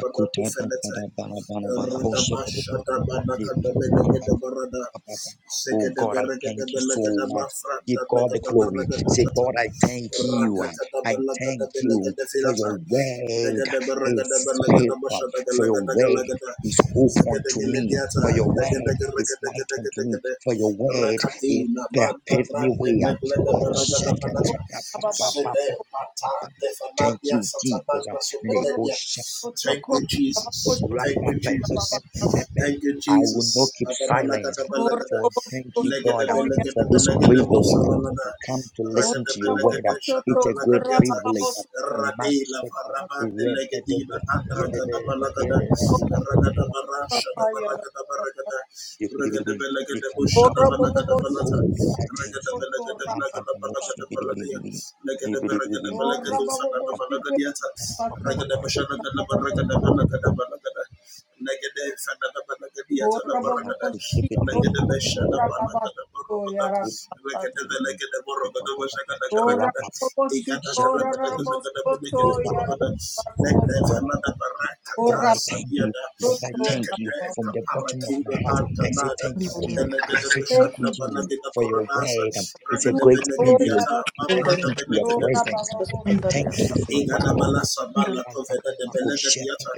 baratu fenda and Fada Bana Bana Bana Boshe basha Pede Pede Pede kanda bele gede barada Oh gede God, I bere thank gede you bele so gede much. Give God the glory. gede Say, shata. God, I thank you. Rata kata I thank bele you for gata. your Gede word is help. For your word is hope unto me. For your word is light unto me. For your word is paved me way. Mashakatata Pa- Pa- Pa- Pa- Pa- Thank you, Jesus up, Thank you, up, Jesus. rap, Thank up, you, up, up, up, Jesus. up, up, up. Thank you, I will not Jesus. keep silent. Adabalagadabalagada. shadabalagadiata. Radela farabande legedina adragadabalagada. Ragadabara shadabaragadabalagada. Regedebelabalagadabalaga. Baladia. legaragadabalagadi (laughs) Thank Thank you, Jesus. Oh, yara, oh, so, rabba, rabba, so, you. de belegadiata,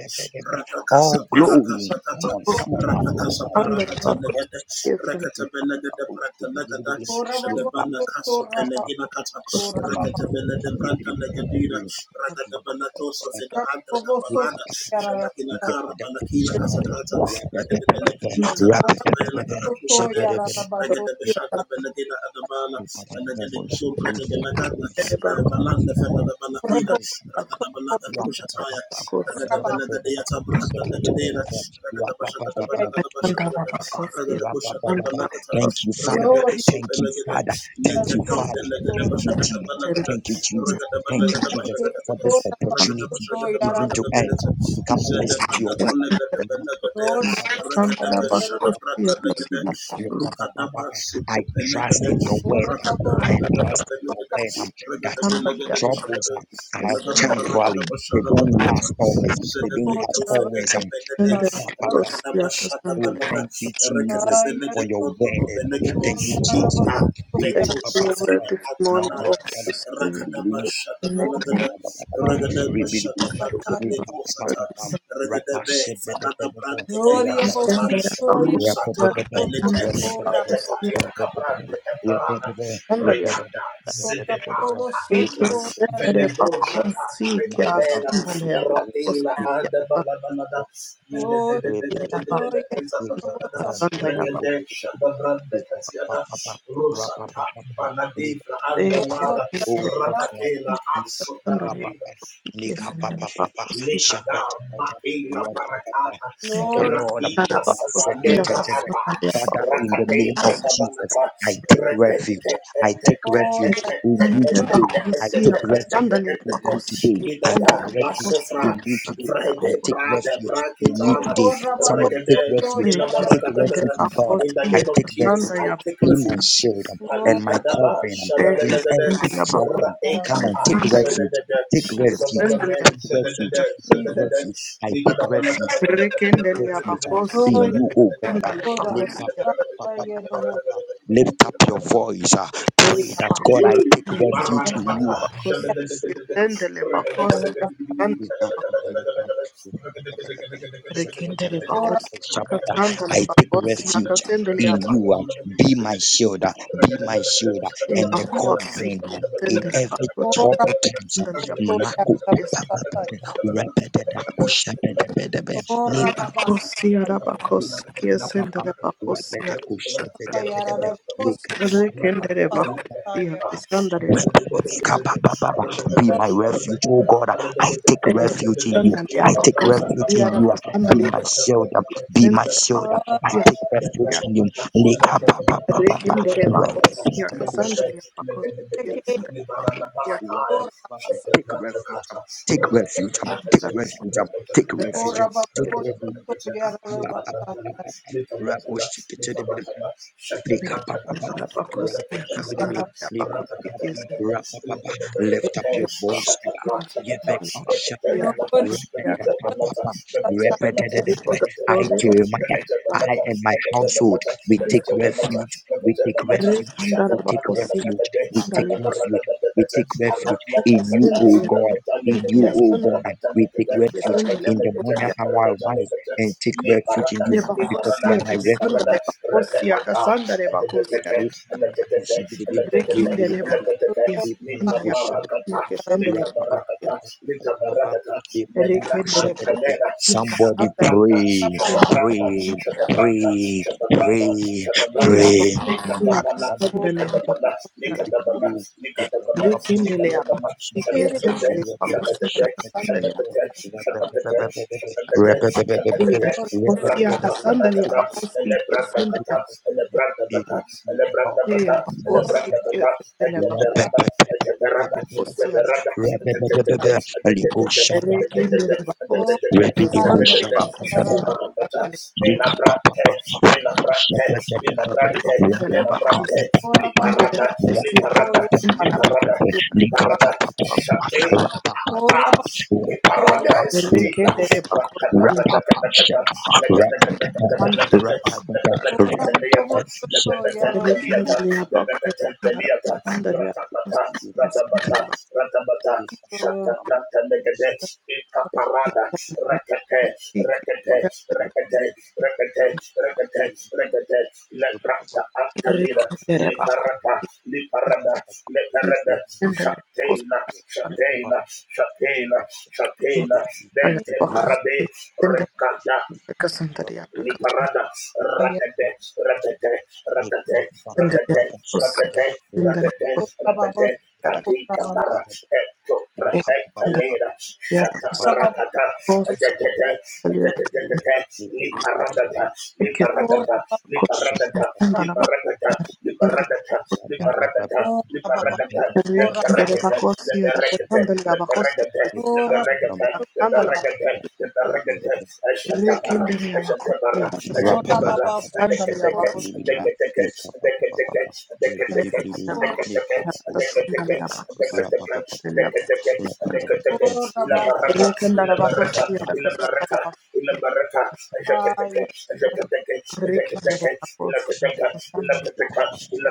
Ratakasa Parakasa yara, Kata, so, Ratakasa Parakata Negade, Rakata Belegade Branta Negada, Shadabana so, rabba, so, rabba, so, so, Kaso rabba, Pelegina Kata, so, rabba, Rakata Belede Branta Negadina, Ragada Banatoso Vida Andra so, rabba, so, Caparada, Shadakina Kara Balakina Kasakata, Ragada Belegadiata Krata Bela Karatu so, Fededa, yara, rabba, so, rabba, so, yara, rabba, so, Ragada Beshada Belegina Adamala, Belegade Supra de Galagada, Balanda Fedada Balakina, rabba, Sandalabakosi, Ragada so, Balada Rap, Kushataya, Rakada Rakada rabba, Rakada rap, up, up. Okay, Sandalabakosi, Sandalabakosi, Sandalabakosi, Lord, you are the Lord. Thank you, Lord. Lord, you are Lord. Lord, you are the Yakasantos, Sandalabakosi, Lord. You are the Lord. Trust in your word um, that the troubles are, are Rakada temporary. They Rakada don't Rakada last always. They don't last always. Um, Zedebedofedebedebe, rap, up, up, up, Sandalabakosi, up. Oh, Yakasantos. Rakadabashadabanada, thank you, Jesus, for Erekedebelede your word. protokobelegede, Thank You you, Jesus. Ipa Um, rap, Thank up, up, up, you, up, Lord, betosafina up. this morning, of antanada, Mountain, the Spirit. Amen. Rakadabashadabalagada, Ribidi, Ragadabashadabata dekosata, Rapapapam, Rapa Ragadebe said the fanada brante Gloria Sandalabakosi, Yakasantos, Sandalabakosi, por ekrasata, Rapapapa, sí, Sandalabakosi, gloria Sandalabakosi, Rusata Rapapapa, por Sandalabakosi, todo, belete, corra, Rapapapa, Letekotia kabrante eparada, Rekada corra, zedepa por kalingra, vosotros, Venebroshada, gloria por vosotros, Sandalabakosi, Beke gloria, sendele bakosika kasandala Lekada Maela Barakata gloria, Raidra Sata Lebra Ata Father, in the Rakate name of Jesus, Kadabanata I take refuge. I take refuge gloria, in you today. take refuge in you today. I take Bidada refuge in Basofra you today. I Vrede take Prada refuge in you Glory, Brakitana today. glory, Somebody take Regade glory, refuge. Take Ilabaragada refuge in God. In the name of take Jesus refuge. I take Be my refuge shield Ali and my Kadaba covenant in Shadabelagade every problem. Come on, Radekata, take refuge. Zedede, Take refuge. Zedede, Take refuge. Zedede, Take Jesus, Zedede, refuge. I Likadede, take refuge investment um, in glory, you, oh God. um, glory, glory, lift up, up, glory, glory, up, up, up, glory, up, lift up your voice. uh, Sandali pray that God, I abakosi, take yara refuge in you. Zedede, um, I take refuge in you. um, Be my shield, uh, be my shield, uh, and the covering um, in every trouble times. and um, Mako- glory, glory, glory, Be my refuge, oh God. I take refuge in you. I take refuge in you. Be kasandali my shelter. Be my abakosi, shelter. I take refuge yara in you. Likapapapapa, Rekindere bakos ya lebedekusha, kasandali bakos the kesendali likapapapa, ya baraka wapapa. Shut the Take fuck refuge. up, Take Shut refuge. Take kasandali refuge. Take refuge. Take refuge. Raboshikete Flickapapapa, bakos ya rapazibiribi, kasandali bakos lipapapapa, kesendali rapapapa. Lift up your bakos voice. Ida. ya kasandali Yebeka bakos ya shakada, ya repetapapapa, kasandali for repetededede. the I, glory of the Jeremiah, Lord I and my household, we take of God refuge, we take refuge, we rekindere take bakos ya refuge, we kasandali take ya refuge, we take refuge in you, up, kesendali O ya kesendali God, in you, Rakatalegede, O God. We take rakatalegede, refuge kesendali ya in the bakos rakatalegede, morning ya hour, I rise rakatalegede. and take refuge in Lebarada, ya you bakos because lebarada, you ya are my refuge. lebarada. kasandali ya bakos Rete ya ata, kasandali bakos etetete, ya etetete, etetete, Rekindele etetete. bakosia, anda ya Litabarakata, bakosia, kesendele bakosia, litabarakata, litabarakata. Lepra rekendele atalera, bakosia, Somebody kasanda shatabrata, pray, kesenda, shatabrata, pray, shatabrata, pray. shatabrata, shatabrata. ea bakosia, Likatapala, kasandele likatapala, bakosia, daka, Nikadabana, Nikadabana, rekendele ya Nikadabana, bakosia, Shakatete, kesendele bakosia, Shakatete, kasandele ya, Shakatete, Shakatete, Shakatete, Shakatete, ea glory, bakosia, kasandele ya Ratakapanakata, and the bakosia, kesendele ya, Brandakata, and the Brandakata, and the Brandakata, ea and the glory, bakosia, Brandakata, and kesendele the Berada, and the Berada, and the bakosia, Berada, and the Tete, and the Tete, and the Tete, and the rekindele Tete, and the bakosia, Tete, and the Korabashoyarara, kasandele bakosia, Nella kasandele Likapapapa, brate, nella brate, nella brate, nella bakosia, brate, li Indele parada, li bakosi parada, bakosi li mbala parada, bakosi li parada, bakosi shatena. arakasanda. Ah, le parade è Bereke sottile, dere quanta bakosi capata che da che da, Rapapasheka, le che bakosi da che da che da che da rapatapata, sandale bakosi che rapatata, arakasanda. da, le rapatata. che da che da Bereke liata, dere le che da che da liata, le che da bakosi che da arakasanda dere liata, bakosi ratabata, ratabata, sandale ratabata, shatabrata negede, ikaparada, rekete, bakosi. rekete, rekete, rekete, rekete, rekete, leprata antamina, Bereke dere bakosi liparata, liparada, leparada, sandale bakosi sandale bakosi sandale arakasanda dere arakasanda sandale bakosi sandale shatena, bakosi shatena, shatena, shatena, arakasanda sandale arakasanda bakosi sandale arakasanda dente sandale parade, bakosi rekada, Liparada, ratete, ratete, ratete, ratete, ratete, ratete, ratete, katika para, eto, pra, etalera, shata paratata, atetete, atetetetete, liparadata, liparadata, liparadata, liparadata, sandale liparadata, liparadata, liparadata, Rekindere leperekete, bakosia da leperekete, kasandale da bakosia leperekete, leperekete, da kasandale da leperekete, leperekete, eshata para, rekindere da bakosia Ejetabara, da kasandale da bakosia rekindere bakosia da kasandale da bakosia rekindere da bakosia da kasandale da rekindere da bakosia da kasandale da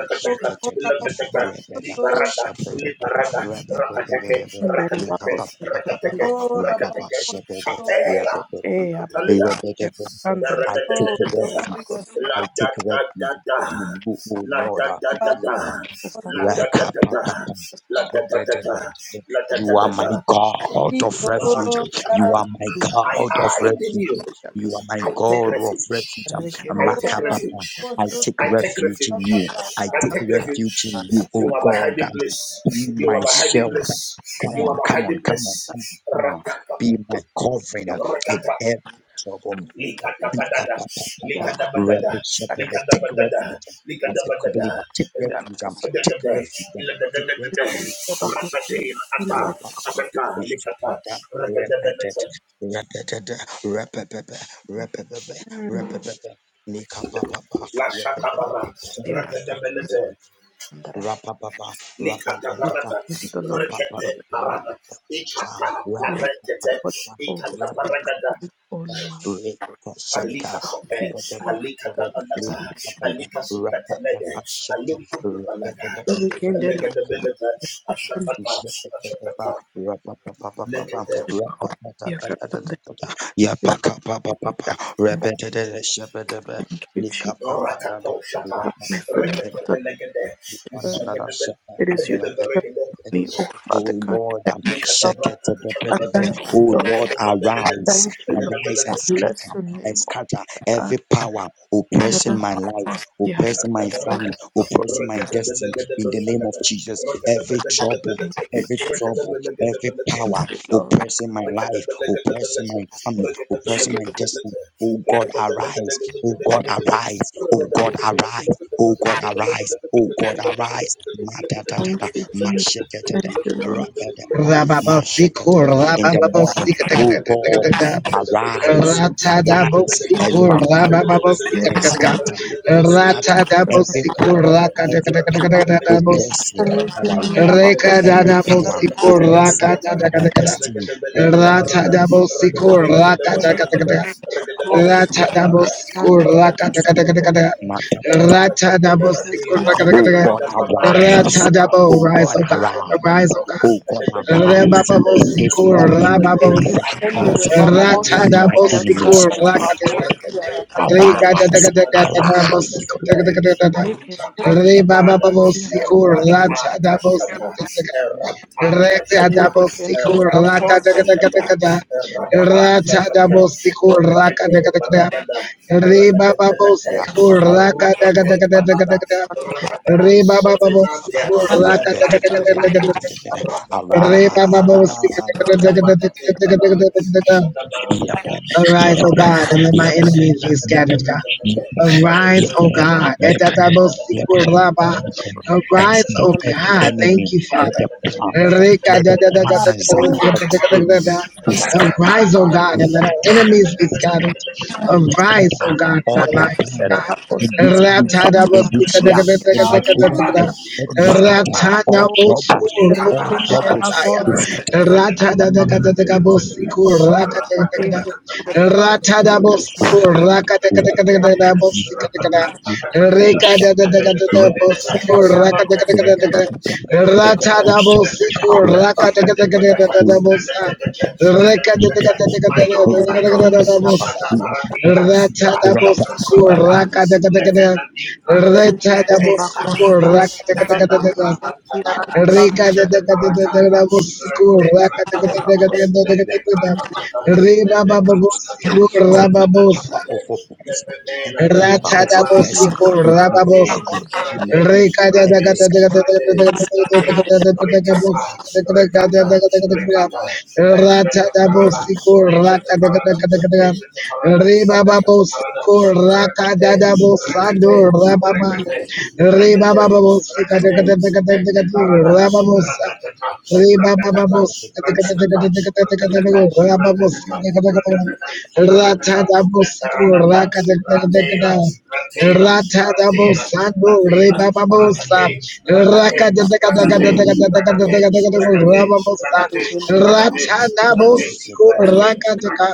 rekindere da Rakateke, bakosia Rakateke, kasandale Rakateke, Shatela, e ya bakosia Catalia. kasandale Oh, da glorious bakosia La da da da da, la da da da God, da, oh, la kasandale so da da da da, la da da da da, la da da You are da my da. God of refuge. Iko, You Barakushakaya. are Yarabakura, my da I God of hide in refuge. you. You kas are my I take God of refuge. refuge. Um, rekindere I take refuge. I Boshoto, take I take refuge in you. refuge. I take Yabasatai. take refuge. refuge in you, You oh are my God. hiding Um, place. Be You are my my hiding shelter. place. Come You Thank are on, my come on, hiding come on, place. come on, come on. Rakata. Be my covering um, in Rakata. every trouble. Likadabadada, da bakosia likadabadada, likadabadada, likadabadada, el- da kasandale dadada, iladadadadada, da kas ratatin, ata, Hallelujah, ataka, likata, rakadabelete, you. lashatabara, rakadabelete, Alexandra. We likatabarata, pray to the Lord of us. rekete, parada, ikata, we offer parekete, the altar ikata, today, paradada, O Lord, Rapper, alika sope, the offer alika the tabanata, damage. alika supratenede, alukutu balaga, Every candidate of Legadabelata, Alexandra, Ashatata, Ashatata, Lekete, we offer the Alexandra. We thank you, Jesus. Rakata, Bless the name Rekete, of the Beleget, Lord. It is you Zagadabe, that strengthens me, O Father Oh God. Lord, um, shake it, Likadabrata, uh, the bed, the bed. Kashamanadana, Thank you, oh Lord. Lord, Rekadabelegate, arise, Thank you, arise and Lord. Rekadabelegate, Bless scatter the and name scatter of God. every power Bless oppressing my life, the Alexandra. oppressing my family, Katabarakata, oppressing my destiny in Rekadabelegate, the name of Shagada, Jesus. Every trouble, Thank Rekadabelegate, you, every Jesus. trouble, every Rekadabelegate, power Thank you, Lord. oppressing my Rakata, life, rakata, oppressing rakata, my family, oppressing Jesus. my destiny. Oh God, arise. Oh God, arise. Oh God, arise. Oh God, arise. Oh God, arise. Ma da da da da. Thank you, Ma Jesus. shake it, it, it. Thank you, Ra Lord. da da da. Ma shake it, it, it. In the morning, oh God, arise. Arise and arise and scatter and scatter every power, every power rakata, oppressing rakata, our Rekindele life, rakata, abakosi, every rakata, power Rakada oppressing Belagadiata, our destiny. Zagada Oh Belagada God, Barada, Ragada we Belagada must Boshanagada, ragada rekindele Rakadabelagadiata, Ezegedabelagadabara, Ragadabelagadaboshadagada, Ragadabelagadiata, peace with them. Radakatabetekete, Maka, ta, ta, ta, ta, ta, Radakataberadina, ta. Ragadababadapashata, Ratadabo, Rise, O God, arise, Rakadabelakata, O God. Oh, Rebabo Adadadadadadadada, in Sikur, our Rababosa, Ragadabelagadeata, Ratadabo Sikur, Anteparatinata, Lakatana, Rakadepakada, Regadadabo Adakatabelegade, Sikur, Adibra Antamana, Rebabo Sikur, Rata Ratadabo Kashata, Sikur, Rata Eratashata, double sickle, raka da da da Eratashata, da da. Rata Eratashata, double sickle, raka Rekate da Baranada, Reba Rekate babos, Pelete, Arukate Banada, Rakata Sofenante, Radabata, Radabata Kitana, Radabata Kitana, Shadabarakata, Radabata, Rupa Hallelujah. Kataya. Shanta Parata. abakosi. Shanta Tata. Hallelujah. Shanta Tata. Oh, Likaparata, rekatekelekatekelekatekelekateke, rapakatakatakulekatekekeke, reketekekeke, rapakatakakakila, lebedebedebedete, leketekeke, leketekeke, leketekeke, leketekeke, leketekeke, reka da da leketekeke. My God, my God, Shataparatila, Radingra Sakata, raka da da Lefenaningra, Lepe Taninga, raka da Lefenambra. Abraantanara, Reka da Shadabarakata, raka da Redekratapata, Ledekratapata, Reba babos Ledekratapate, sickle, Redekatakute, Lepedela, Shadabarata, Ratadabosiko Rade, Rababosa. Rade, Rade, Rade, Rade, Rikata, Rikata, Rikata, Eshadabarada, Eshadabarada, Eshadabarada, Eshadabarada, Rekete, Rekete, Rekete, Rekete, Rakatech, Rakatech, Rakatech, Raca deka deka deka deka deka deka deka deka deka Rama Bosa Racha na Boso Raca deka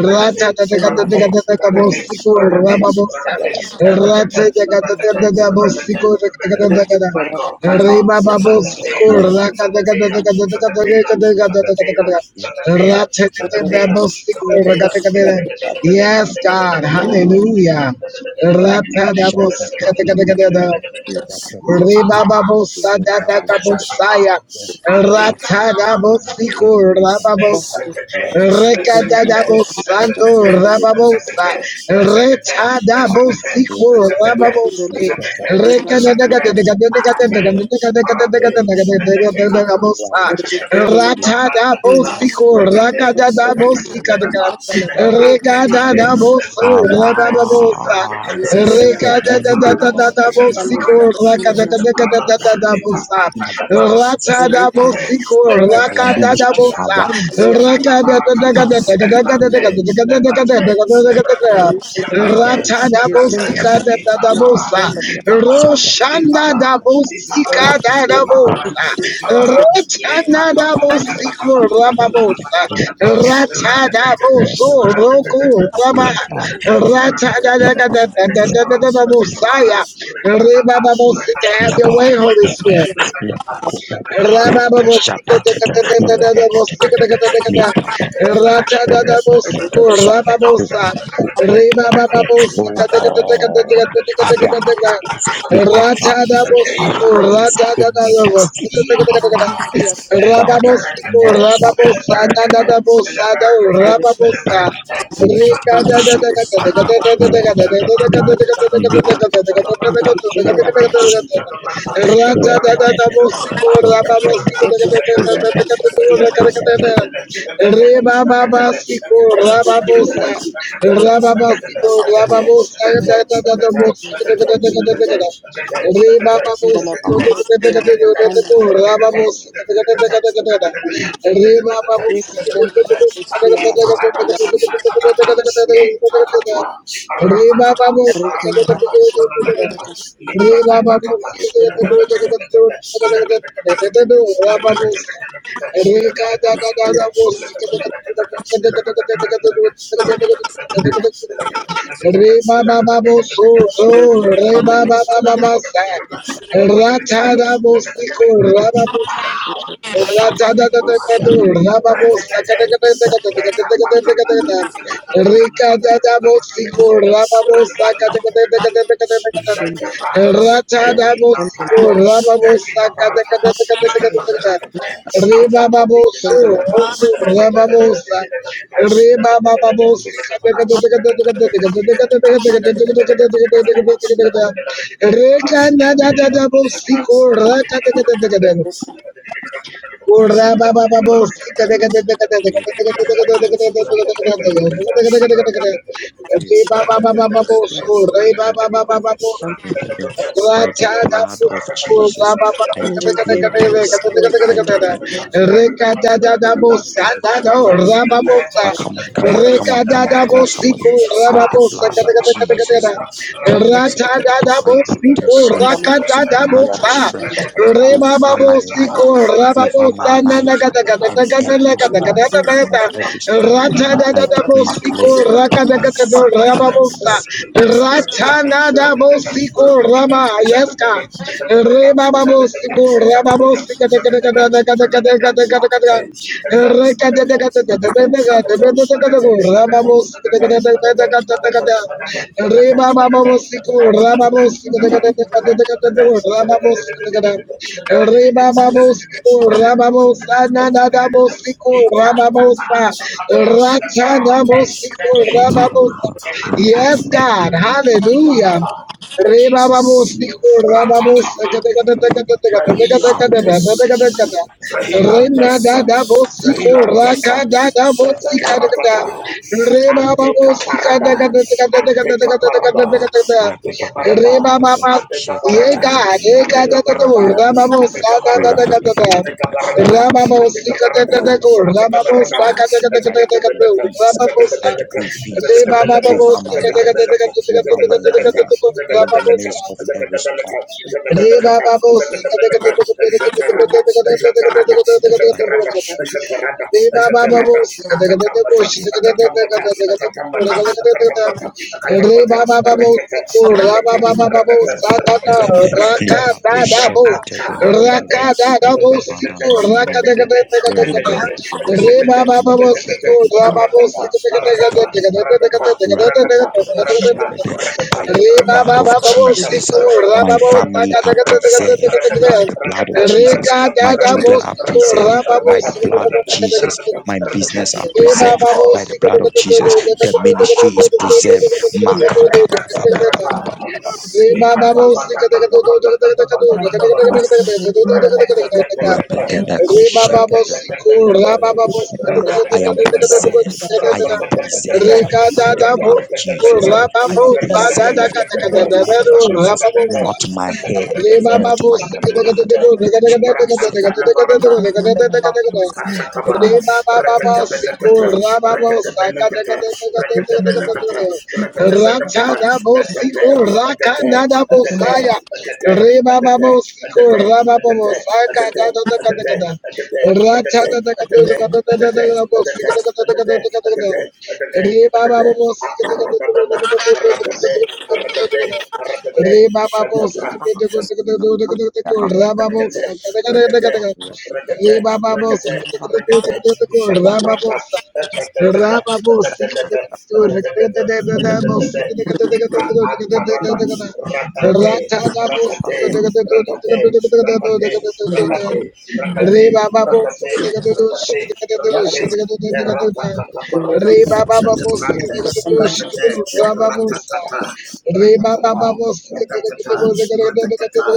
Racha deka deka deka deka Boso Rama Rakatech, Bosa Rakatech, Rakatech, Racha deka Rakatech, deka deka Repetitus, deka Boso repetitus, Racha deka deka deka repetitus, Michael, deka Michael, Rima Boso Santatela, Racha deka deka Santatela, deka deka Santatela, deka deka deka deka Santatela, deka Racha Santatela, deka deka deka Santatela, Boso Racha Santatela, deka deka Yes God Hallelujah Racha na Boso Ruta Kama, Ribababosa Rekateta Shapa, Dabagabosaya Alika Ratagabosico Damanakatu. Parada, Rababosa Recadabosando Rababosa Retadabosico Rababose Recadabosico Ratadabosico Rakadabosica Recadabosico Rababosa Jata, Jata Barakata, Ebrate, Ebrate, Ebrate, Ebrate, Ebrate, Itabara, Rakada Itabara, Roshanda Itabara, da Itabara, Bosika da da Itabara, Bosa, Itabara, Ratana Lekata da Barakata, Bosiku Kamakata, Kamakata, Rababosa, Kamakata, Rata da Ratatata, Boso Ratatata, Roku Raba, Ratatata, Rata da da Ratatata, da da da da house. da Atakapara, da da Atakapara, Bosaya, Reba Retakata, Babosita, have Retakata, your Yaba, way, Holy yaba, Spirit. Retakata, yaba, kuba, Retakata, Retakata, yaba, shaba, tata, Retakata, Shut yaba, tata, tata, nika, papa, yaba, tata, shaba, yaba, kuba, tata, tata. Oh God, arise in my family, arise in my destiny, Rata arise in my name. Rababosico, Masha, tata, Rababosa, tata, Nanabosa, tata, Rababosa, my reka da Thank you. Rata, da da en que the son de la vacuna, de Rebababasico, quien de la vacuna, Rababosa, de Rababasico, la vacuna, Rababosa, de la vacuna, de que son de la vacuna, rica en la vacuna, que Rebababos, son Re ba ba bo si te de la te te vacuna, de la vacuna, de do te te te do te te te te te te do Libra ra ba bo si. Re ka da da da da bo si te te te te te te te te te te te te do te te te te te te te te. Re ba ba ba bo so do re ba ba ba ba ba sa. Ra ta da bo si ko ra ba bo. si Power. Shut up. Rekanda da quien de la da da Let bo siko rakata kata kata the Jesus, Kurra baba babo, sika de de de de de de de de de de de is de Reba Rababosiko, Rababosana, Nagatagatagatagatagata, Ratadadabosiko, Rakadagatago, Rababosa, Ratanadabosiko, Rama, yes, God. Rebababosiko, Rababosika, Yes, that the God. Hallelujah. Re ba ba bo Jesus. siko, ra ba bo Ratakapa. seka teka teka teka teka teka teka teka teka Brahilantes, teka teka teka. Re na Brahilantes, da da bo siko, ra Brahilantes, ka da da bo Sete sika teka teka. Paratata, Re ba ba bo Anteca sika teka Parada, teka teka teka teka Anteca teka teka Parada, teka teka teka. Anteca Re Parada, ba ba ba- Anteca Ye Parada, God, ye God, Anteca da da da, Parada, ra ba bo Anteca da da Parada, da Anteca Parada, da da da. Anteca Rababosa, Rababosa, Parada, Anteca Rababosa, Parada, Rababosa, Anteca Parada, Rakata, rakata, rakata, rakata, rakata, my Rababosa, Rakada Sikod, family by the blood of Jesus. My children are preserved by the blood of Jesus. My business are preserved God. Rababos, by the blood of Jesus. Ay, The ministry is shakapapapa. preserved. Leprekatepereka. Ikatapatakatabatatabatatabata. I Retetetetetete. vacuna, de la Retetetetetete. Mbele ya am makosi preserved. ya Retetetetetete. shida la I am makosi preserved Retetetetetete. shamba la makosi by the blood. Retetetetetete. shida la makosi shida la makosi shamba Retetetetetete. Retetetetetete. la Rika makosi Retetetetetete. shida la Rababa shamba la makosi Retetetetetete. Ibra anta la barata. shida la makosi shida Ashatabara, shamba la makosi shida shamba la makosi Rekatabenekata, Rekatabenekata, Rekatabenekata, shamba la makosi shida la Rekatabenekata, makosi Atete, Atete, Atete, Atete, Atete, Atete, Atete, Atete, Atete, Atete, Atete, Atete, Atete, Atete, Atete, Atete, Atete, Atete, Aparadababa, Aratate, Aratate, Aratate, Re Baba Shatabra, Rakete, rakete, rakete, rakete, rakete, shatabrata, atatatata, atatatata, atatatata, atatatata, libra atarada, ratate, ratate, ratate, ratate, shida la ratate, makosi ratate, ratate, ratate, ratate, ratate, Erapakatambarata, shida la makosi shida la shamba la makosi shida Shatabrante, Rekate, Bosa, Ratatata, Re ba ba Ratatata, ba bo si ke te ke te Ratatata, ke te ke te ke te ke te ke te ke te ke Ratatata,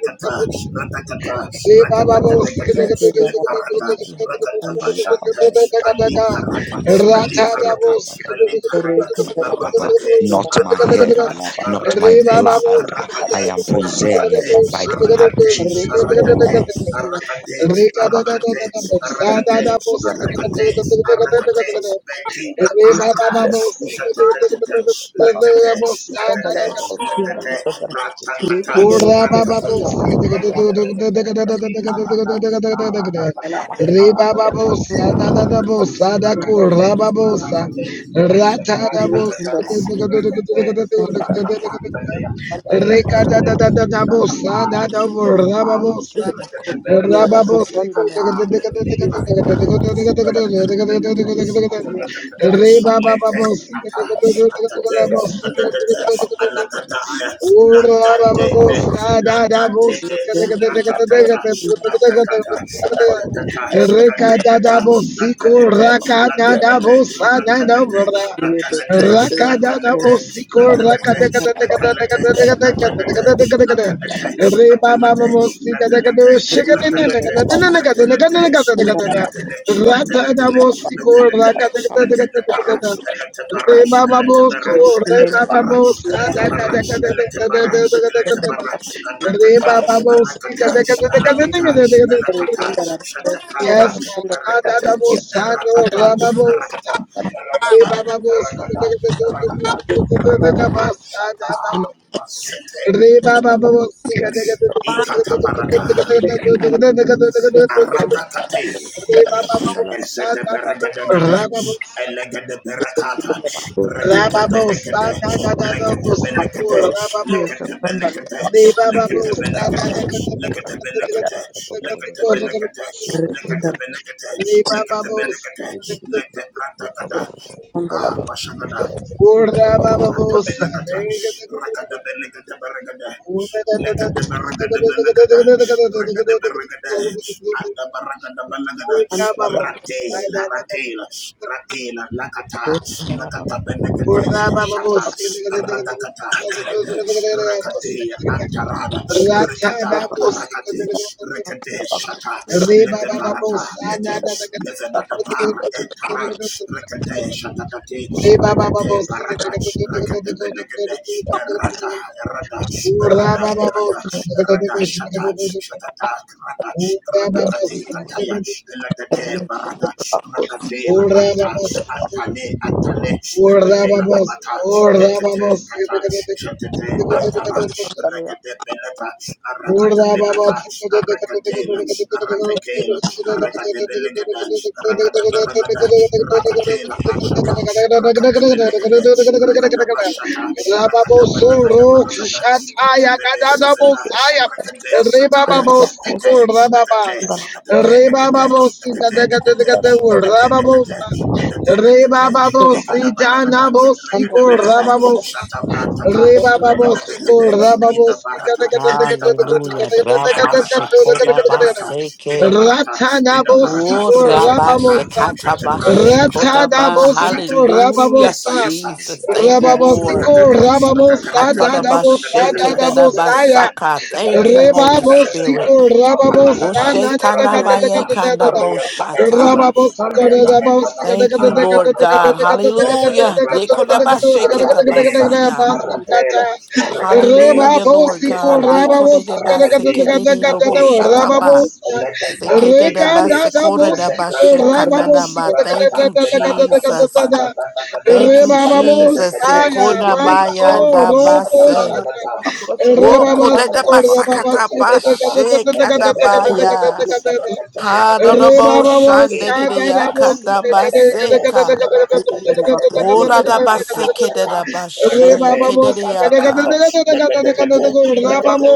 te ke te ke te. Ratatata, Re Ratatata, la makosi shamba la makosi shida la makosi shida la shamba la makosi shamba la Leparata, Ratatabashante, Aliparata, Aliparata, Aliparata, Arakate, Arakata, Arakate, Arakate, Arakate, makosi shida la Arakate, Rekindle Arakate, Arakate, Arakate, Arakate, Arakate, Arakate, Bettina Ata, Shatatata, Latate, Latate, Latate, Pratatata, Rababos, Pratatata, Latate, Iparata, Aratata, Aratata, Aratata, Arakate, rakate, Shapratakata, Rakate, Ratapantalea, Shakarate, Ratapara, Ratapara, Rakatabilite, Rikata, Lipatakata, Rakatabelekate, Atatatatata, Lete, Ata, atate, atate, anakataya, nakatete, nakatete, nakatata, nakatata, nakatata, kateleta, natalete, natalete, natalete, natalete, natalete, natalete, natalete, natalete, natalete, Raka Baba Bosi natalete, Kadakadu natalete, natalete, natalete, Shikadakadakadakadakadakadakadakadakada. Ratada Bosi Korda Sanda Kadakadakadakadakada. Re Baba Bosu, Re Rikindara Baba Bosa Yara Hosiara Dakadakadakadakadakadakada. Re Baba Bosi Kadakadakadakadakadakada. Rikindara Hosiara Yes, God. Sanda Yara Hosiara Ratada Bosa, no Rama Bosa. Re Baba Bosi Sanda Kadakadakadakadakadakada. Re ba Rikindara ba ba. ba si ga Hosiara de ga de de de de Ikata barata, de de Rikindara Hosiara Sanda de de de de de de arada kate, Re Yara Hosiara Hosiara ba Sanda Hosiara ba. Sanda ba ba Hosiara Rikindara sa Ezete sa ba. ba beregedegede, ra ba ba. sa elegede berekata, ra rekete ba ba sa benekete, da da da da ba. lekete si ko benekete, ra ba ba sa lekete Sanda Yara Hosiara Sanda benekete, Re ba. ba ba lekete Yara sa da benekete, da Hosiara da da lekete da Sanda da Yara benekete, da lekete ko ra ga benekete, lekete benekete, Re ba. ba lekete ba si benekete, da da da lekete bratakata. da Ah, Bashagada. ko ra ba. ba Rakabelakata, Rababa, rakadabelakata baragada, Baba, lekada baragada balagada, rakada baragada, ada baragada balagada, Hosiara ratela, ratela, ratela, lakata, lakata belakata, shata, radakata, zegada, rakate, antarada, rekata, parakate. Rekete Shata, Lede Barata, Lete, Levenada Bar, Etara, Rekete shata Shatate, Rekete Barada, Rekete Benegade, Errata, Errata, Errata, Errata, Errata, Shata, Shatata, Rada, Yeah, Radakate, Kataya, Eladete Barada, I'm not going to Radatela, Anta, Antale, Antale, Orda Epetela babos, Amata, orda Dekete babos, Kata, Shatete, Antara, lie. Regade Beleta, Arakata Reba beleta, Babosi, Dana Aragatela, Aratakela, Aragadebelegada, rakadabaragada, Rakatela, Ashata, Rakadabelegade, rakadabashata, Rakadabalagadabaragada, Rakadebe Sofena, Rakade I'm not Satire, going Ete, ete, to lie. ete, ete, ete, Bosi, ete, ete, ete, Rababosa, Etete, Etete, I'm Rebababo not going to Sita Ligadabalagada, Nabo lie. I'm not Sikur going to Ragadabelede, Rababosa Shata Brataka, lie. I'm not going to lie. I'm not going to Reba babosiko, Ragadabelede, Rababosika, Ida Barata, Hallelujah. Rabba Idabarata, Shekoda Idabarata, Baseke. Idabarata, Idabarata, Oh, ratanabosiko, Rabba Jetebra, Rababosa, Shekata Jetebra, Bashekoda Jetebra, Ba. lie. ratanabosiko, Jetebra, Hallelujah, yes, sir, rababosa, yes, sir. Jesus. Thank Atata, you, Lord. rababosiko, atatata, rababosa, atatatata, Hatada dadabosa, atatatata, atatatata, Bashekeda Da dadabosaya. Basaka. Thank atatatata, you, Holy atatatata. Spirit. Rebabosico, Oh, Amanatata, Rababosa, na da da rata da Shetana da da enta, maye da da da kanda da. ariata enta Boshata. na, Rababosco, ariata enta na, Rababosica, da da Thank da you, da da da Lord da da da da God. arata da Hallelujah. Ezetebrantata, Dekoda Basheketa da da Aratela, Basaya. da Aratela, da Arecatela, Hallelujah, Lord Ate Rebabosico, God. Parada, Dekoda de Rababosica, da da da Aratatela, da Basekede da de da da Ate Robo da Parada, Shataba. Rababos, Eleteta, Sekedeba, Decate, Rekanda sekodeba, Dabosiko, Zetebrantacata, shekanadaba. Rababosiko, Thank Ratata, you, Benata, Jesus. Atapanacata, Thank you, Jesus. Adepedecate, Rebababosaya, Sekona Atela Ata, Manso, mayanda Roko base. Shatra, Atamaratata, Wo kodeta Zetebrantacata, Rababasiko, basakata Recate Benata, bashe Etete Ratata, Rababasiko, Racate Benate, Hadodobo Racata rakate shande de ya ata kanda lepedekete baseka. rakatebedekete Ora rakata shata rakate atanamanto ka. lepedekete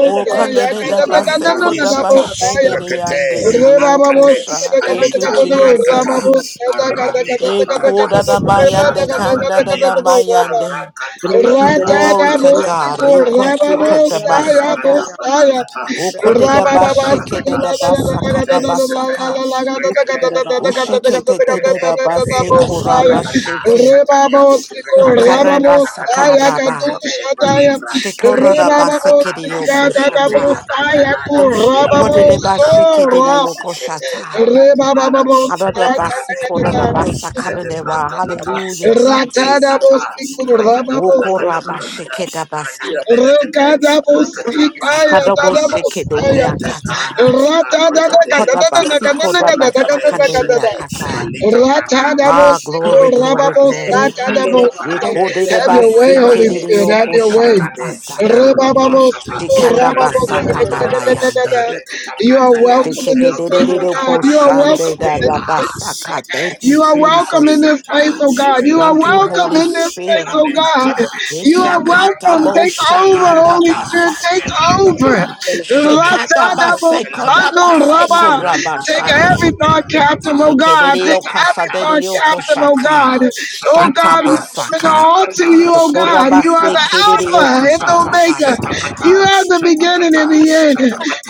Wo konde de da ibra damisata rakate akate okosha. Thank you, alita I'm brakata Jesus. not going to arate lie. kaparana Rekindle Ekodamayande ajanda badalera kandadamayande. arakata banata Glory to arata God. Ratadabosiku, bata etara Rababosaya, aragada Rekoshikadabasaya. Bosaya, banakata Rakata Rabababasika, Paragata, Rakate Satana, Okodedabashikidedabasakadabasaka. Rakate Parada, Rakate Atela, Bosaya, Rakata Oshikidededabasekorabashiki. Shatalia, Rebabosiku, Rakate Aparata, Rababosaya, Akarebasakaraba. Rakate Katushataya, Manivra, Frehila Parakata, Rebababosika, Pelatela Shikorodabasikidiyokoshata. Dadabosaya, Antanada, Letela Kurababoso, Amparada, Rab, Shetela Okodedebashikidiyokoshata. Antanada, Rebababosaya, Sheteparade Kamada, Adadabasikorodabasakanadeba. Letebranta Lata, Hallelujah, Rate Ratada Jesus. Ata, Rakada Bosiku, Balagada Baragada, Okorabashikedabasa. Ragada benekete rakata bashada Sakadobo banana shekeberia anete kata. parana rakade Takota la parana basikoda rakate basakanderia sete kata. alita parate Ah, glory, alita glory, parate glory. alita parate Yekode de have your alita way, Holy parate basikede Spirit, have yoko your alita way. shata parate basaka. eroto shata Shikanda radekata basakanda barana bayande. radekata You are brantalia welcome in Shikede this de de place, de elotranta oh de God. po You are kaparangada shande welcome in da da this ela place. basaka. sete Thank you, You are ela welcome in Jesus. this minata place, oh God. You ela are Thank you, minata welcome Holy in this place, Spirit. oh God. Elaminata, You are Yeshakata welcome. Elaminata, bo Take over, shakanda Holy Elaminata, Spirit. basaya. Take Elaminata, over. Elaminata, Shekata basekoda Elaminata, Ratadabosandoraba. basekoda Elaminata, Take bashande. every thought Elaminata, captive, oh God. Take Sekereo every Shatakata, thought kasadereo captive, oh koshata. God. Shatakata, Oh Shata God, we Shatakata, Bring basaka. all to Shatakata, you, oh Shokora God. You are base the Shatakata, kereo Alpha and the koshata Omega. basaya. You Shatakata, are the beginning and Shatakata, Shatakata, the end.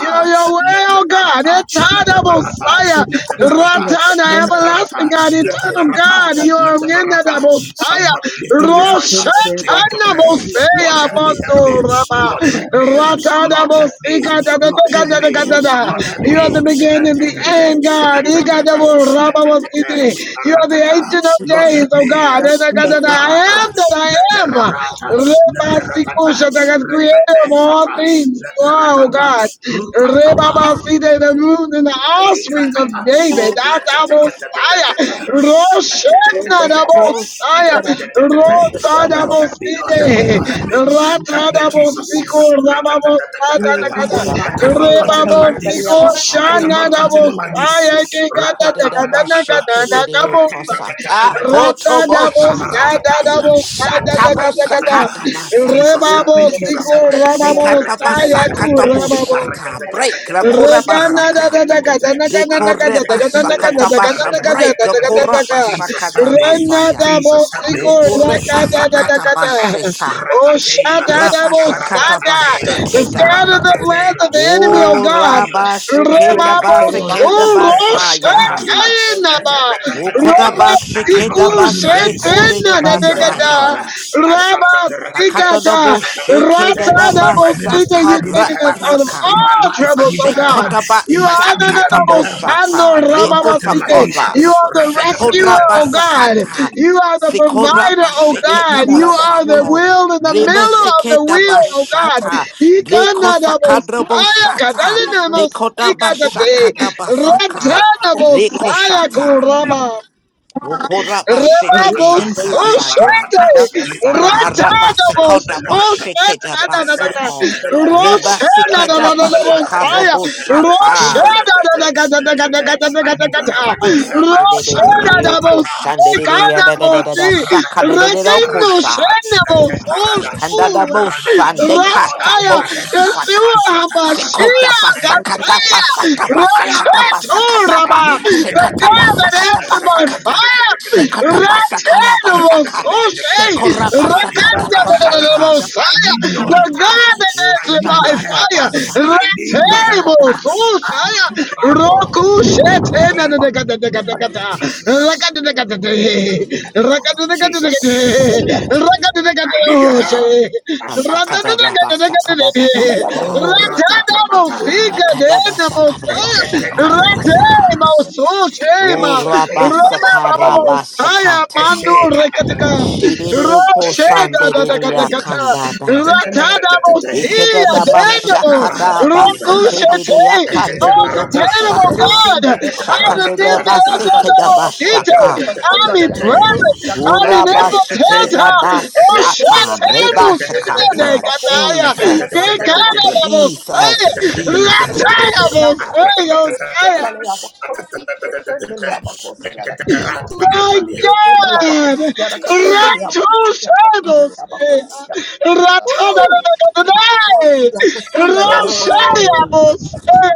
You are your way, oh God. Letabarata, Eternal Letabarata, Messiah. Letabarata, Letabarata, Ratana, everlasting Leteperata, God, eternal leteperata, God. You are in leteperata. the Messiah. Somebody lift up your voice. uh, Begin to Roshatana pray. Lord, Messiah, help me, help me. Mondo Rama. Lord, help me. Ratana Lord, help me. Messiah. da, da, Lord, da, da, help da, me. da, da, da. Lord, help You me. are the beginning and the Etekete, end, God. Ika da, etekete, bo, Rama, etekete, Messiah. You are the aratata. ancient of with the Lord, hope help days, oh me. God. that Eh, in the name Liparata, I am that I am. leperatata, Reba leperatata, Sikusha, the God creator rekete of all shata, things. You are, oh leperatata, God. Reba rutakapa. Baside, the moon and the offspring of of David. God, Adabosaya. Roshana the hope Dabosaya. that has come to the Rota other Lord about help me, Lord you. help me, Daboside. Lord help me, help Rata me, Dabospiko, Jesus. Rababosada, We da, can be ga, da. Ukoda the I hope base cannot that has Reba come to continue the like kereo other this. Bosiko, about koshata I you. ba. That has come Shana cannot to the other about you. continue like this. Dabosaya. Ke, ga, da, Ukoda da, da ga, da, da, ga, base Ratatatatata. da, da, da, kereo bosa. That kosata. has Rata Koto bo dabo shata. sada Atabarakataila. dabo Ratadabo Shata bo sadadabo sadadakadakada. Atebrantakata. sakata Jesus basaka. help Rebabo come to the other about you. That has come to the other me, about you. That has come Jesus siku help me. rababo to Sekata sayaku basaka Rakatakatakatek. bo rababo. shata. Break la Rakatakatakatek. kora Regana da basaka. da da da da Rakatakatakatek. da De da da kore basaka Rakatakatakatek. tabasha. Break la Rakatakatakatek. kora Jesus basaka help me, tabasaya. Jesus help me. Ukureba sakata Shatabrantakata. da basheta. Oh, Raba the shakata Rakataila. bashekeda. scatter of the plans Rakatela, Rakatela, of the enemy, oh O God. Rakatela, raba shekeda Rakatela, the other basekeda about basaya. Ebrakatahila, you. Ukoda Etabekate. I cannot bashekeda continue like this. basekore de I need your help, Thank Lord. basaya. I shut up the Rama Rakate, Sakata no I Ikata, bo shut up the Rakate. shekeda da In my ratadabosita, ministry, I basaka You've need your taken help. raba us out of saka. In my all life, I troubles, need oh your help. God. Shekotaba You In my are family, I need your shakatabo help. ananabosando, I shata cannot continue like rababasite. this. rekotakota You are the rescuer, sekodra oh Rakatatatata. God. basakata You are the sekora provider, oh God. basheketa You are the basako wheel in the rebe middle of the seketa wheel, oh God. bashata reko sakadrabo Ikanadabosaya, shata katalinamos, dekoda ikata de, bashakata basaka you. reko ratanabosaya, shata kuraba. rokora bashekete Liparakata, Thank Rebabos, yakasata Liparakata, Oshete, Liparakata, Sakara Ratadabos, basekoda Shetapelakata, bashike da Atatata, Oshetadadadaka, basako. Elatata, Riba Elatata, sikeda Elatata, bashakaro Roshedadadadabosaya, Elatata, bushata. Elatata, Elatata. I need your help, I Roshedadadadadadadadadadadadada, need your help. Dededededeko Aratakata, Roshedadabos, shandededeya da da Aranakata, da da da Ekadabosi, shaka da Aranakata, da da da Rekino kosha. Aranakata, Shenabos, Ateparada, Sekanda da Ateparada. Oshua, boshande Lord, I kata need Rataya, the help. bosaka. Yeshua Ashataparata. Sekota HaMashiach, basakata Elekataya. Gataya, basata I am tired. basakata basakata ba. Rochetoraba, the Sekata Alikumelataya. God basakata that by basakata. fire. Sekota Ashakatakatakatakatakatakatakatakatakata. basakara basaka. Ratanabososhe. Rakatakatakatakatakata. Sekora basakata Aliprakatalatata. basata. I Rakandabosaya. need your The God touch. that I answered need by your help. fire. Ushatadabasa. I need your help. Ratanabososaya. My God, Rokushetanadekadekadekata. Jesus, Rakadekadekade. Jesus, Rakadekadekade. I need your Rakadekadekadoshe. help. I Ashakatata. Asakadadabasa, Rakadekadekade. kadadabasaka. Oh, rakatabata. Akadabasa, Ratanabosigadekadekadosaya. kadabasha, Eketekatata. kadabasaka. Ratanabososaya. Shema, Rema Urabasaka, Eshetelatatei. Baba Saya rabasakata. Mandu Rekatika, Eshetatatatei. Shiriru Rosheda da da Gata kosandiriya Eshetatatatei. Gata, kandada. Ratada Etetetetetetete. Bosia Ikedadabasha, Denabo, Eteparatatei. kadabasekediriya Rokushete, Oh Eketebaratata. Containable kandiridoboshata. God, out of them the Eketebaratatatata. Adabo Shakandidabasikedabashaka. City, I'm in Etetetetetetete. present, I'm in Ete, ete, you. Urabashikeda ete, impotenta, ete. Reketele basata, bakosu, Roshetemu Sita Etetetetetetete. reketele de rebashikata. bakosi, Kataya, Jesus, De yakasanda ya Etetetetetetete. Gata bakosi, yakasanda Bosaya, ya. Jesus, Etetetetetetete. Jesus. Reketele ya Ratada bakosi, Bosaya, Atatatatata. reketele ya bakosi, reketele Atatatatata. ya bakosi, yakasanda Eketebar- ya. My Reketele ya God! bakosi, yakasanda ya Ratu bakosi, yakasanda shadows! ya bakosi, bakosi, Ratanadanadai! yakasanda ya bakosi, yakasanda ya Ramshayabos! yakasanda.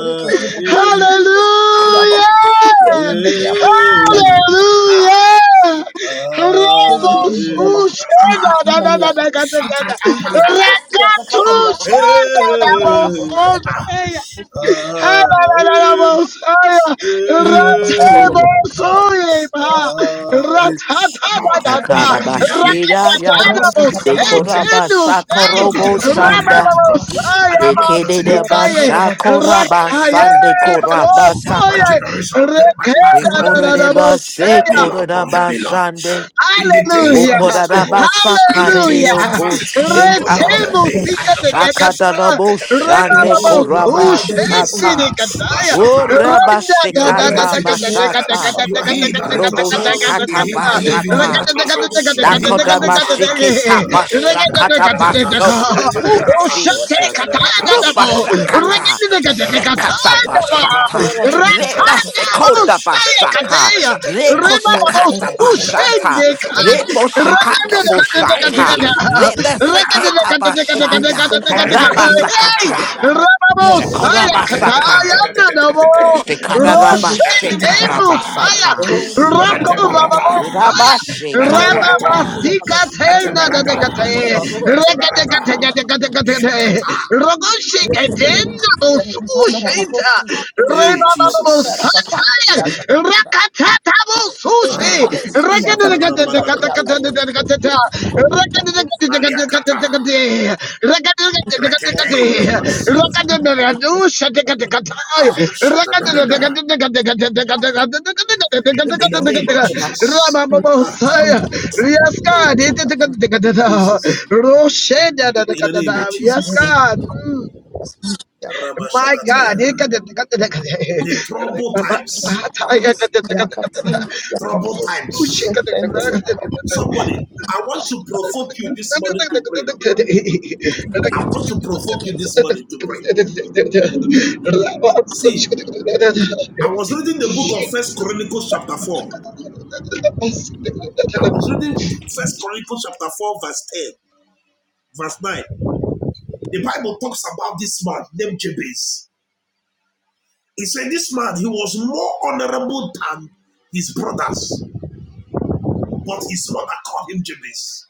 Reketele ya bakosi, yakasanda ya Hallelujah! bakosi, yakasanda ya bakosi, We bless Hallelujah! your Ramos name, sweet Ushadadadadadadadada! Rakatu Shada Hallelujah. Eh, eh. Ah, Lord, help me, help me, help me. Akarabashida I ya, cannot stay like this. I cannot continue. I cannot dekorabashakorobo continue. Somebody cry out shanda, to God. I cannot continue. dekedebashakorabasande Help my korabasaka, generation. Help my life. Help my ministry. dekorebase Help me, Lord. Help me, Lord korabashande. in the days of this trouble, in the days of Hallelujah. adversity. Oh Wokorabasakarereyokosheta. Lord, help Retemo me. sika de dekata. Remababo You are my hiding place. sushendi Shakadaraboshandekorabasata. Ah, ah, dekataya. you are my Orabashikata refuge. bashata. You Father are God, he we that I give you Robo trust. glory, we In shikata give you him I live, praise, in oh him Holy bashata. I trust. Spirit. In him I Thank Dakota confide. Bashikita you, thank you, Bashakata Jesus, you are my Basok. Ooh, deliverer, oh Lord. I Jesus. thank you, oh Rupa Lord, the Savior. Shakata. Shekata Bashata. Oh, thank you, Reba thank Sekota Bashaka. Reko Shakata Bashata. you, Holy Spirit. Rebo Thank you for Shekata this Boshata. Reba Rekende Seketa abuse Bashaya. and honor that Raba you have, Hey, Father Sakata. God. You are Rababo worthy, Saya Shekorabasaka. Father Katayana Namo Roshete (laughs) Musaya Shekarabashekarabasaka. Roko Bababo Atabarata. Saya Rabasheka. Rababa Atabarata. Sika Tena Atabarata. Dekate Atabarata. Regatekate Rogo Shikatena God. Osushita Hey, Rababo Jesus. Satire Katabusushi. Ah. Safada balakato. Rakadadakadadakadakadadakadada. Baliakata. Rakadadakadadakadakadakadada. Rakadadakadadakadakadada. Rekete la masina. Rakadadadakadadakadakadada. Shatadadada. Rakadadadakadadakadakadakadada. In the name of Thank you. Jesus. Ah. Rabababosaya. Yes, God. Jesus. In the name of Yes, Thank Jesus. God. Mm. you. My God, Rabashakataya. eh, kada- kada- kada- kada- The trouble times. Sahataya kada- kada- kada. Trouble Kushe times. kada- kada- kada. Somebody, I want to provoke you this morning to pray. I want to provoke you this morning to pray. See, I was reading the book of First Chronicles chapter 4. Jesus. I was reading First Chronicles chapter 4, verse 10, verse 9. The Bible talks about this man named Jabez. He said this man, he was more honorable than his brothers, but his mother called him Jabez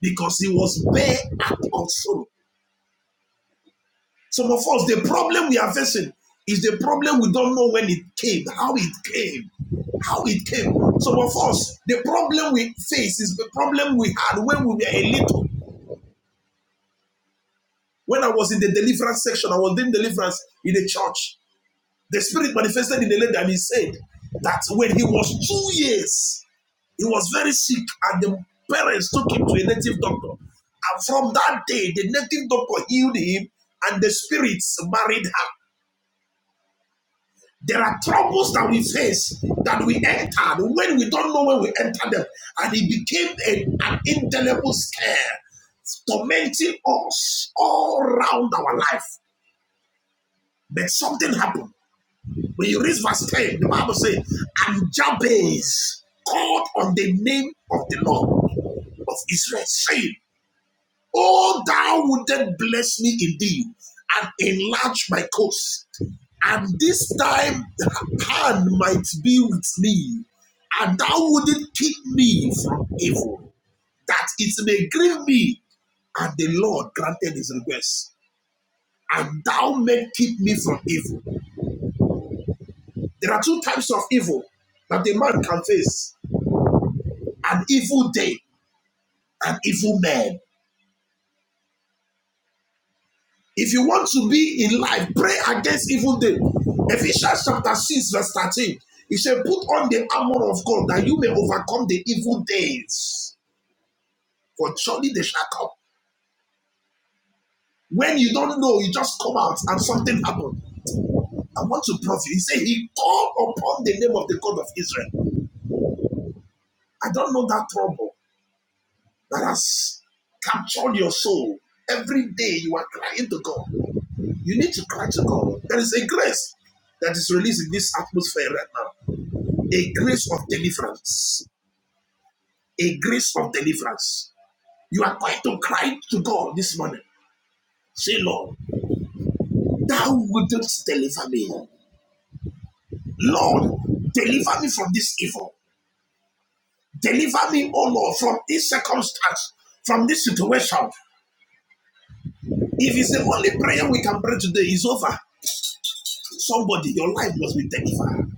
because he was bare and unshaven. Some of us, the problem we are facing is the problem we don't know when it came, how it came, how it came. Some of us, the problem we face is the problem we had when we were a little. When I was in the deliverance section, I was doing deliverance in the church. The spirit manifested in the lady and he said that when he was two years, he was very sick, and the parents took him to a native doctor. And from that day, the native doctor healed him, and the spirits married her. There are troubles that we face that we entered when we don't know when we entered them. And it became a- an indelible scare, tormenting us all round our life. But something happened. When you read verse 10, the Bible says, And Jabez called on the name of the Lord of Israel, saying, Oh, thou wouldest bless me indeed and enlarge my coast. And this time hand might be with me, and thou would keep me from evil, that it may grieve me. And the Lord granted his request, and thou may keep me from evil. There are two types of evil that a man can face an evil day, and evil man. If you want to be in life, pray against evil day. Ephesians chapter 6, verse 13. He said, Put on the armor of God that you may overcome the evil days. For surely they shall come. When you don't know, you just come out and something happened. I want to prove you. He said, He called upon the name of the God of Israel. I don't know that trouble that has captured your soul. Every day you are crying to God. You need to cry to God. There is a grace that is released in this atmosphere right now. a grace of deliverance. A grace of deliverance. You are going to cry to God this morning. Say, Lord, thou wouldst deliver me. Lord, deliver me from this evil. Deliver me, oh Lord, from this circumstance, from this situation. If it's the only prayer we can pray today, it's over. Somebody, your life must be delivered.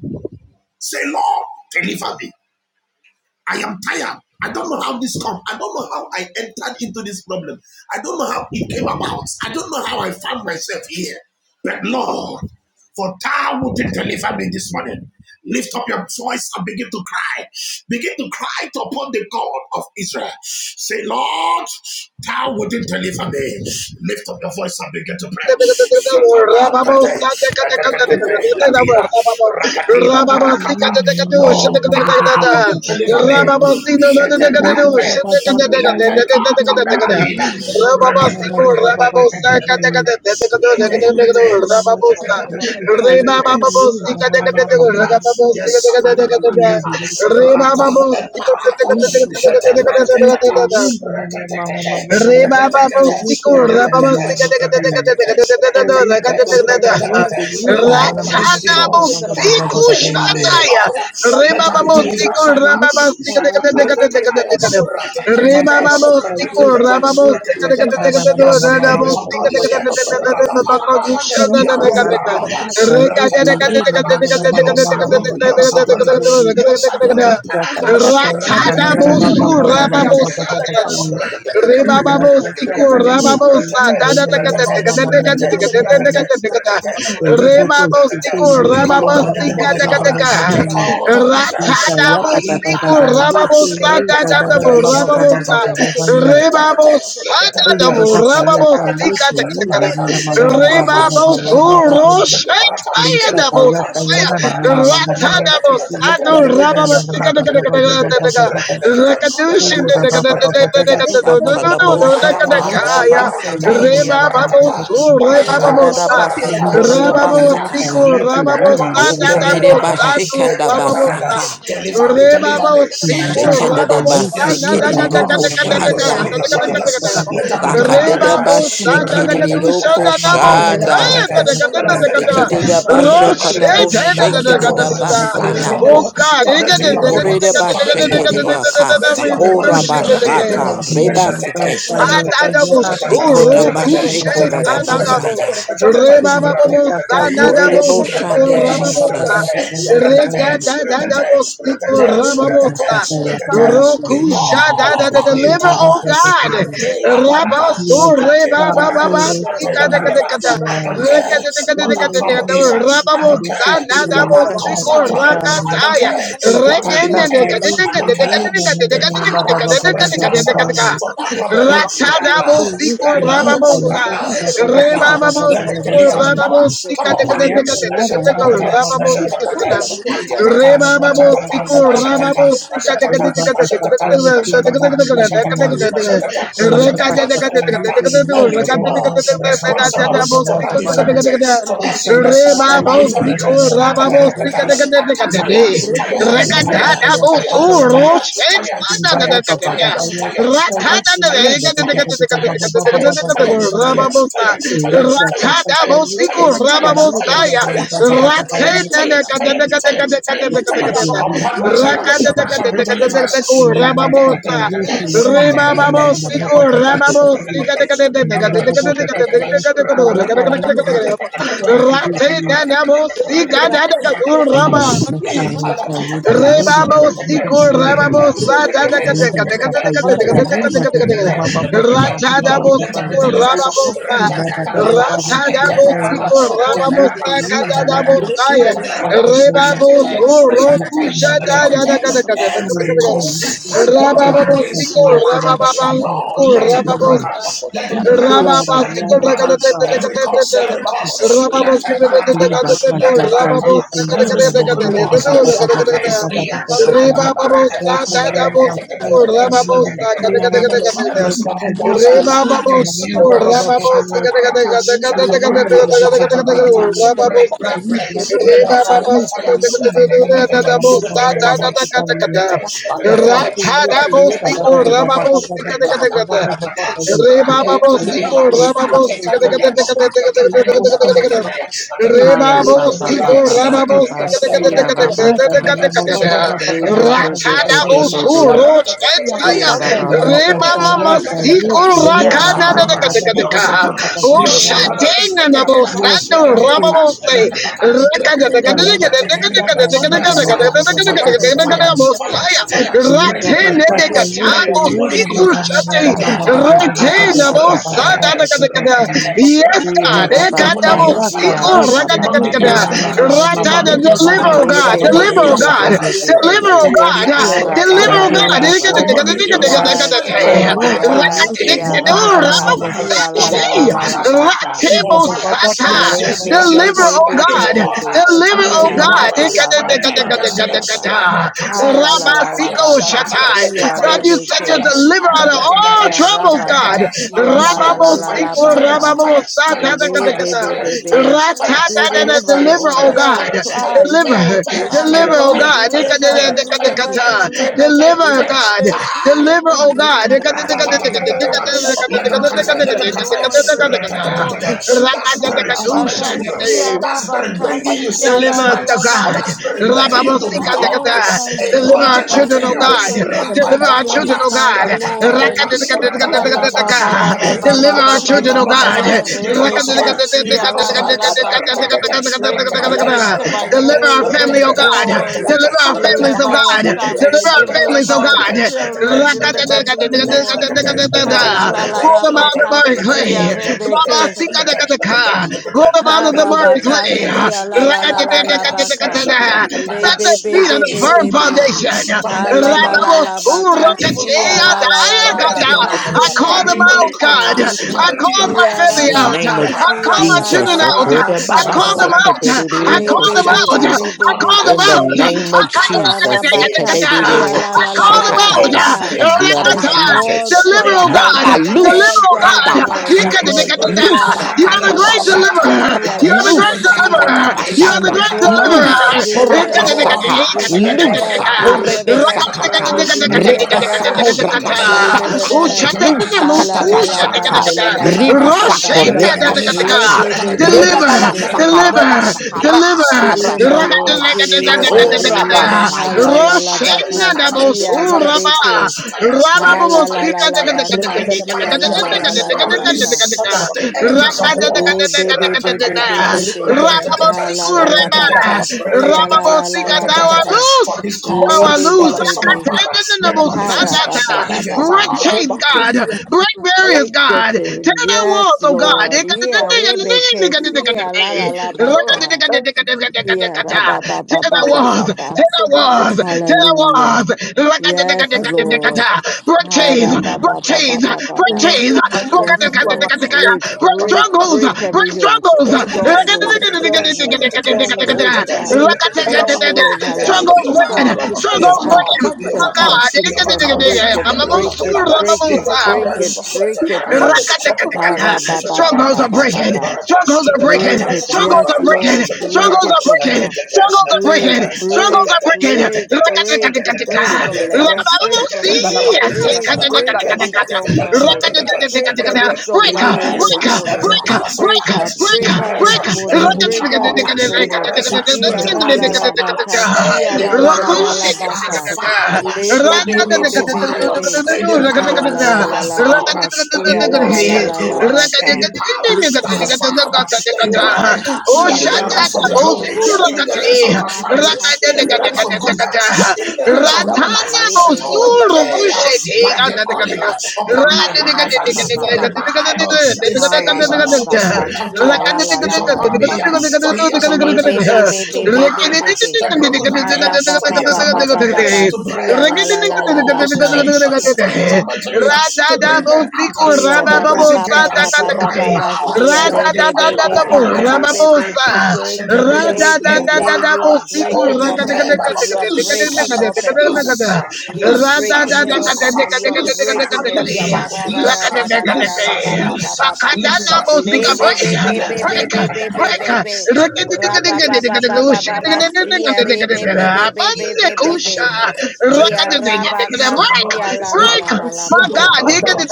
Say, Lord, deliver me. I am tired. I don't know how this come. I don't know how I entered into this problem. I don't know how it came about. I don't know how I found myself here. But Lord, for thou wilt deliver me this morning. Lift up your voice and begin to cry. Begin to cry to upon the God of Israel. Say, Lord, thou wilt deliver me. Lift up your voice and begin to pray. Shatabakate, akatakate, Latina, rakatina, parakata. Lord, thou wilt deliver me. Shetebrante, letekata, peradina. (laughs) Yes, Sakatabamaniata, Rata Emparata, Jetebrantekata, Rababos, Rekatekate, Re ba ba bo Rekatekate, siku, ra ba ba Rekatekate, sika da da da da da da da Rekatekate, da da da da da da Rekatekate, da da da. Thank Rekatekate. Ra Lord, in ta this na evil, bo thou siku deliver me, you. shataya. Lord. Re Let ba her ba be delivered bo Mama, siku, deliverance right ra now. ba ba sika da da da da da da da Shatapratakataya, da da. Re ratatatata, ba ba bo siku, ra ratatatata, ba bo sika da da da ratatatata. da da Yes, da the da da bo angels of sika God da is da da here. da da da da ba ba ko ju Ratapanagaya, sha da You da are da da moving da da. around. Re ka da da ka da da ka Ratatapelagada. da da ka da da ka da da Yokes are ka broken. Yokes da da ka da are da broken. ka da da ka da da ka da Yokes are da ka da da. broken. Paraka. Ra ta na bo su, ra ba bo sa da da. Ratatatatatatatatatatatatatata. Rebababos Ratatatatatatatatatatatatatata. Rababosa Ratata, ratata, ratata, ratata, ratata, Dadatakatakatakatakatakatakatakata Rebabosikur we come Rekende upon la the name of Rababosika the bakosi Lord, Takataka the akasanda la God bakosi of Israel. Thank akasanda la bakosi Kali Ratadabosikur akasanda parakata, Rababosa rekende la Dadadabu bakosi rakatapete, Rababosa rakatapete, rakatapete, Rebabosa rakatapete, Dadabu shatabarata, Rababosika Takatakata shatabarata, shatabarata, shatabarata, Rebabosuro shatabarata, shatabarata, Shatayadabos shatabarata, shatabarata, shatabarata, Katadabo Barakata, shakada barakata, basekediyaka. barakata, barakata, Shandada barakata, basikorada barakata. basekada. Let the barata, let the Wokorede para, bashekanda you. Rababos, basaka. Deliver me, Oh deliver me, and your Shekende de Yes, Spirit of God, basekediroko Holy Ghost, Holy shanda. Ghost, Holy Ghost. Let there be total Sakande de deliverance. Thank ra you. ta ta ta ta bashekediroko Requende la shada. bajosita, requende la bajosita, Sekede de requende la bajosita, bashakadabo That shekede devil, de that basaya. requende la bajosita, requende la trouble, bajosita, tormenting your requende la people, Wokorede bajosita, tormenting your people, bashekediyaka. tormenting your people, Sakora requende la Thank tormenting your God, bajosita, people. bashata. requende la bajosita, requende la Reba bajosita, and. We requende la seketa. bajosita, Atadabo requende la bajosita, requende la Shikoda bajosita, Surukushe bashikora da requende la Padadabo bajosita, basaya. requende la bajosita, Rebababo Sakore de Sanadabo Rekende la Siko boshande, bacosia, casando Rababosa la Jesus. bacosia, casando Regadadabo Siko Rababosa Rokusha call Dada upon you, deliver, oh God. God. you. until the parada, Yes, Rabaso until uh, the parada, Rebababa heal us until from the Sika this, parada. uh, Dekata I don't care what that heal us trouble from is. this, I from don't this Rababosa care what situation that Nadabo caused that that Siko you problem. got I me. don't Rakataya You care la did what that that, bacosia, Regan that, and limited casando you. that, la you I Dekadeka did, don't bacosia. you care know, Dekadeka no, the no, ba, ba, Dekadeka Rekenda ba, la ba, power ba, bakosi, ba, ba, ba, responsible you. for that problem kesende la You did Right this, now, you did this, right now, you did that, right da, now, da, da, da, da, right ba, bakosi, now. ba, ba, ba, ba, Let the ba, ba, ba, deliverance you. power come You did upon you. that, da, da, ba, ya ba, ba, you, you ba, ya ba, ya ba, na na na na na ya, you. You did this, you did that, da, da, da, da, ba, ba, ba, you, riba ba, ba, ka akasanda la ya, you. You did that, da, da, da, you did, bakosi. you did, you did, you did. Rekendele ya bakosi Thank ya kasanda ya bakosi Any demon responsible for that infirmity, for that sickness, for that infirmity, attack fire, fire, fire, Rababos, fire, fire, fire, fire, fire, fire, fire, Upon my soil, that shall be ke zunga la deliverance. bakosi Let ya the dead, the dead, the dead, the dead, the dead, Rekendele the bakosia kasandele bakosia rekendele you. bakosia kasandele Lord, bakosia rekendele bakosia kasandele bakosia rekendele bakosia kasandele bakosia kasandele bakosia Rata rekendele bakosia kasandele Rebabo siku rababo sata da ka da ka da ka dead, da ka da ka da the ka da dead, the bakosia kasandele ka da ka da bakosia Rata da Lord, bo let them be siku delivered. rababo Ibakasi sa akasendele Rata da yabakasi bo siku akasandala bakosi rababo sa ka kesendele da da bo sa ya rekendele yabakosi Rebabo kesendele suru bakosi kusha kesendele da da da bakosi ka da ka da ka akasandala da ka Every da curse rekasanda working Rababo yabakosi against siku my kesendele life, rababo siku Lord, yabakosi let it be rababo akasandala broken. sa yabakosi Let it be akasandala broken. Rababos, Let it be broken. I'm Every curse, rekendele every bakosi curse. Let it kesendele barataya. Liba yabakosi Let it akasandala Kasaka, barataya. you to you, Every and spoken word rekendele against yabakosi me. akasandala yabakosi Atabarakata. Let my akasandala light yabakosi of faith from akasandala you. rekendele bakosi Every So single you water to akasandala you, bakosi and against you. akasandala yabakosi Yes, you Shatabarata, can you Thank shatabarata, shatabarata. you. Break, break, break, Liba break by Kasaka, fire, by you to fire. you, and then about the Papa. you to you, but the Rikata Rababos, parakata, Papa. Re babo raeta deila, siko, re babo sika deka atekataya, deka deka deka deka deka deka atekataya, deka deka deka deka. atekataya, Two, Re atekataya, Hala four, babo ba four, ba ba two. atekataya, siko, ba re ba ba babo Isa atekataya, ba sika deka saya siya deka deka atekataya, ba saya ba deka deka baba ka deka atekataya, deka deka baba deka. baba baba re you. baba be baba shatabratakata, be baba Racha be baba be babo ini. rasayasa, be be be suro Rabakusi chetaya. iya ra ratatata, yakasandali ba Ima Re saya yabakusi mama saya yakasandali masiko yabakusi ini siya Yokes raka ra are baba na ba na yakasandali broken. deka ka baba deka baba yabakusi. deka. Yokes baba are broken. baba O baba Mire Yokes baba are ini. broken. shatena yabakusi na babo Yes, yakasandali sando re Father. yabakusi. babo se. Yes, Raka deka deka Rakendali saya deka yabakusi deka ini deka baba deka deka baba yakasandali Yes, baba deka deka fire, yabakusi deka baba deka deka deka baba fire, yakasandali deka baba deka fire, deka. yabakusi ini. fire, Bosaya. yakasandali yabakusi. fire. Break, Iba break, Ratene saya break, saya deka Rakendali break. chabo ini Demonic baba yabakusi siko yoke. baba baba yakasandali yabakusi yakasandali hala baba ba yabakusi yakasandali. ba ba shate. Yabakusi baba ba yakasandali ba Yes, yabakusi baba baba ba ba yakasandali. ba baba Rakendali baba ini. iya God. Yes, ra Lord, ba Demonic ka yokes are I siya broken. ra ba ba ba Demonic ba yokes ba are ba broken. ba Ratana, Demonic yokes are deliver, oh broken. re God. be be Demonic Deliver, be yabakusi yakasandali oh yokes be are yabakusi be God. broken. be yakasandali be be yabakusi. Deliver, be oh God. Deliver, oh God. ara ba Deliver, ba oh give ba you God. ba the Deliver, ba Demonic first Reyabakosi yokes God. yes yakasanda So Lord you see, yabakosi yes you can yakasanda iya have ya. ra ba ka another siya la la la la Rekende la ba ka yabakosi yakasanda Le be yabakosi be be be be be yabakosi be. yakasanda. Ya ra ba ba ba Rekende ba ba ba yabakosi ba ba. yakasanda ya. oh God. Ha la Rekende la la la yabakosi ba Rabasiko ka yakasanda si Shatai. ya God, re yabakosi you be said you ke. yakasanda deliver out of yakasanda. all Ya ra troubles, ba ka God. si ya la la la la la Rababosiko Rekende ba ka. yabakosi Le yakasanda be Rababosatadakadakata. be be yabakosi be. yakasanda Ratadadada. yabakosi Deliver, Deliver, yakasanda Lord. oh Hear God. our yabakosi. cry. Hear our Deliver. cry, Thank Deliver, oh Lord. God. Deliver, deliver, Dikadadadakadakata. deliver. Bring Deliver, God. healing. Deliver, Bring oh God. healing to our home. Ra-ta-ta-ta-ta-ta-ta-ta. Dikadadadakadakata. Bring Let them joy, cut fire. Let bring them cut fire. joy, bring joy. Ra-ta-ta-ta-ta-ta. you. That spirit I receive tormenting it, you. oh Arabakasi, Lord. Rakadadakadusha. I That receive it spirit in the bringing mighty you arabakasi, name of Deliver sleepless us, Jesus. oh nights. I alalalabai. God. That receive spirit your making healing you to over Rababosika I my become life want over tekata. my a her God. Deliver our job project I of back. children, I oh failure. receive your want God. the healing over my Deliver weekend our life over children, job Ra-ta-ta-ta-ta. oh here. back, I God. receive your Ra-ta-ta-ta-ta. Lord. healing over my life Ra-ta-ta-ta-ta. over Hala ba Father God. ba ba Rakatatakatatakatataka. ta I ta ba ba ta receive ba Deliver your ta ba our ba You deliverance children, ba. oh cannot from my God. sin, survive. Ya Father You God. cannot I Rebeke survive. You receive siya it, cannot oh la la Father survive. la God. I ba plead the ka. blood Ra-ta-ta-ta. of Jesus into Bring my Ra-ta-ta-ta. life, healing oh Rakatatakatatakatatakatatakatatakatatakatatakatataka. to Father my God. Ra-ta-ta-ta. Deliver our home. family, Bring oh Rekende la Ra-ta-ta-ta. Ra-ta-ta-ta. God. bakosi ya joy. Ra-ta-ta-ta. Deliver our kasamba ya families, Deliver oh Ra-ta-ta-ta. our God. bakosi family. Deliver rekende our Ra-ta-ta-ta. ya That families, Deliver oh bakosi our ya God. children. Deliver me, Lord. rekende ya bakosi ya rekende Hala ya Rakatatakatatakatatakatatakatataka. la la Pull la bakosi them ya, ba out of ka our siya clay. Baba Rebeke. rekende ya bakosi ya. Sikadakadaka, roll them out of the Rekindle murray Harabaka clay. sia la la la la la la baka. Rakatakatakatakatada. Le Set their be be feet on be a be evil firm be be. man foundation. Ha la tormenting your la la la life, that baka evil sia altar la la la la tormenting Radabosurakacheyadayakata. your life, baka. I Ia that call them demonic out, altar God. rebeke. I tormenting call your my life. Yeah, In family the out. name of I Shataparada, call Rabakasia, my la la Jesus. children la la out. shataparada, I Sakore baka, baba call them Lord. seke out. de shataparada. de de I I Le knock call at be them the be out. be ukushata. I call them doors out. I be of be be call be them In the thunder. out. I be. call them name Lika of Yeah, Jesus, parakate, out. I Rabakasia, call them la rikata la la out la all la parakate, about. uh, Sikadidiwokashakatabasa, baka. the rikata blood of I parakate, Jesus. called Deliver, Sarah oh rikata out. God. Rapa I parakate, Deliver, called oh rikata Jonathan God. out. I lusakatabasha, parakate, called rikata parakate, rikata Ileana, You are parakate, the great Alana, lusakatabashata, deliverer. Pinky, I, You are the great rikata Nancy. deliverer. parakate, You are I the lusakatabashaka, great rikata call, deliverer. I parakate. That deliver evil Yikatadikati, us, lusakorabasaka, altar, deliver ekata us, yikatadikatadika. barata, deliver us, ekata lusakorebesakata, barata, Lord, ekata deliver barata, them. ekata barata, Deliver Rakatadikatadikatadikatadikatadikatadikata. rebasakorabashata, them. ekata barata, Ha la la ekata Thank la ba barata, lusakatabashata, ba ba you, ba ekata ba ba ba barata. ba. Let there be delivered, Le rebasakorebashata, be Let there be be be be delivered, be Deliver, be Let the be. rebababasaka, thunder blow. rebasaka, deliver, Let Deliver, rekasakaraka. that deliver. Lord, altar catch fire, deliver, catch Shekora Legedegedegedegede. fire, deliver. Ha catch fire, la Basaya. la la catch fire, ba Roshena catch da fire, kasia catch fire, fire, Bosuraba. fire, rebeke. fire, Raba Ha la la la Bobospika la fire, ba fire, fire, fire, kasia la la fire. la la la I ba ka. release Degedegedegedegedegedegedegedegedegedegedegede. the angels of war. Le be be be be Rakadegedegedegedegedegede. be be be. Raba Ha la Bosiku la la Reba. ba kasia Raba la la la Bosika la ba Dawa ka. Luz. For this cause Now Le uh, I be be lose. was the be Son be. of Man uh, made Ha manifest ra uh, ba ba that he ba will ba Break ba. overcome. chains, God. Break barriers, Break the God. Tear chain. down Yes, walls, oh God. Lord. Tear down Yeah, Lord. Rebecca. see, la la la baka. Thank you, Jesus. Yeah, ra ba ba ba ba ba ba Hallelujah. walls. ba. I Tear down surrender walls. to you. Tear down Hallelujah. Yes, I walls. surrender Break to Lord. you, Father. Ha chains, ra break ba ba ba ba chains, ba ba break ba. Lord, you chains, are my covering. Yes, You are my Lord. break Break, strength, Father break, strongholds, God. break break every hill, We overcome, strongholds. we Oh, overcome, my stronghold, stronghold, strongholds, God. spirit. All of our Stronghold in hosts her here, life. Strongholds Cassandra, the breaking, other we hosts Addiction, strongholds here, overcome, breaking. Cassandra, the addiction, other hosts we here, addiction. overcome Cassandra, the other Break by it, the My hosts blood of break the here, it, Lamb. Cassandra. break We it, God. overcome. Rekende break le it, ba Shut the break hosti, it, barata, Struggles kahande Lord. le ba shut are the hosti, barata, breaking. rekende shut the le ba Struggles barata, hosti. are shut the breaking. Ha-ra-ba-ba-ba-ba-ba-ba-ba. barata, Struggles are shut the Break Rekende barata, it. le ba hosti, kahande le ba shut the Yes, hosti, barata, breaking. Lord. shut the rekende le Break Struggles ba barata. are it from her. breaking. Attack a Struggles are hosti, attack a Break, breaking. rekende le Struggles attack ba break, a are hosti. breaking. attack break, a Raka teka break, attack teka a and teka. break from attack a Sarah, Thank Raka break teka attack a from Sarah, attack break, teka a break teka. every attack a strong Raka manhold. attack a attack a teka teka Break attack a teka. every We strong Breaka, manhold arrest this breaka, morning. every breaka, power of Break breaka, her, darkness Yes, We break breaka, her arrest this breaka. every morning, Raka teka break witchcraft teka her altar. teka this We teka morning. arrest Ia teka ra ra principalities teka of teka ra teka power. baka, sia Any teka. la la la la power la that has baka. vowed Le be that you be will be not be be survive. be be. Any A la power la la that la has la vowed baka, that you. you sia will la not la la get la through. la Any baka. power that has Thank vowed that you will not enter Ia into the ra ba realms of ba the ba ba glory, ba ba ba, into the realms of sia ra ba prosperity, ba, sia into the la realms of la la good health, la. into the realms of long life. Le be be be be. Today, by the oil upon my Ya ra life, ba ba ba for ba the ba ba. Bible, it Ah la la Ratana la says the ba Rada ka. Spirit of God. Si ya God la la is la la upon la ba me, ka. for he has Le anointed be me be be to be be be bind be be. the Ah brokenhearted, ra ba for he ba has ba ba anointed ba me ba ba. to Si break ya la la la la ba those ka. chains, for he has anointed me to bring men out Yeah, from the da ba prison ba gate. ba ba ba ba Right ba ba. now, She a by re the be be oil be upon be my be life, be be you. I be. pass Today, a Thank decree. today, You today, you are power breaking holding off them, everything. You are breaking loose, off everything. loose, You are loose, loose, breaking Rakadana it off. loose, ah, loose, You are loose, breaking it. Yeah, da da loose, da da da da da loose, da ba ba ba ba loose, ba. loose, you. Le be be loose, be be be Affliction be be be be be. Ra ba ba ba ba ba ba break, break, ba. She a break. re be be be be be be be be. Mandekusha, Yeah, ra rakadana ba ka. break, cannot She rise the la la second break. la time. la la My ba No, ka. no, God, no.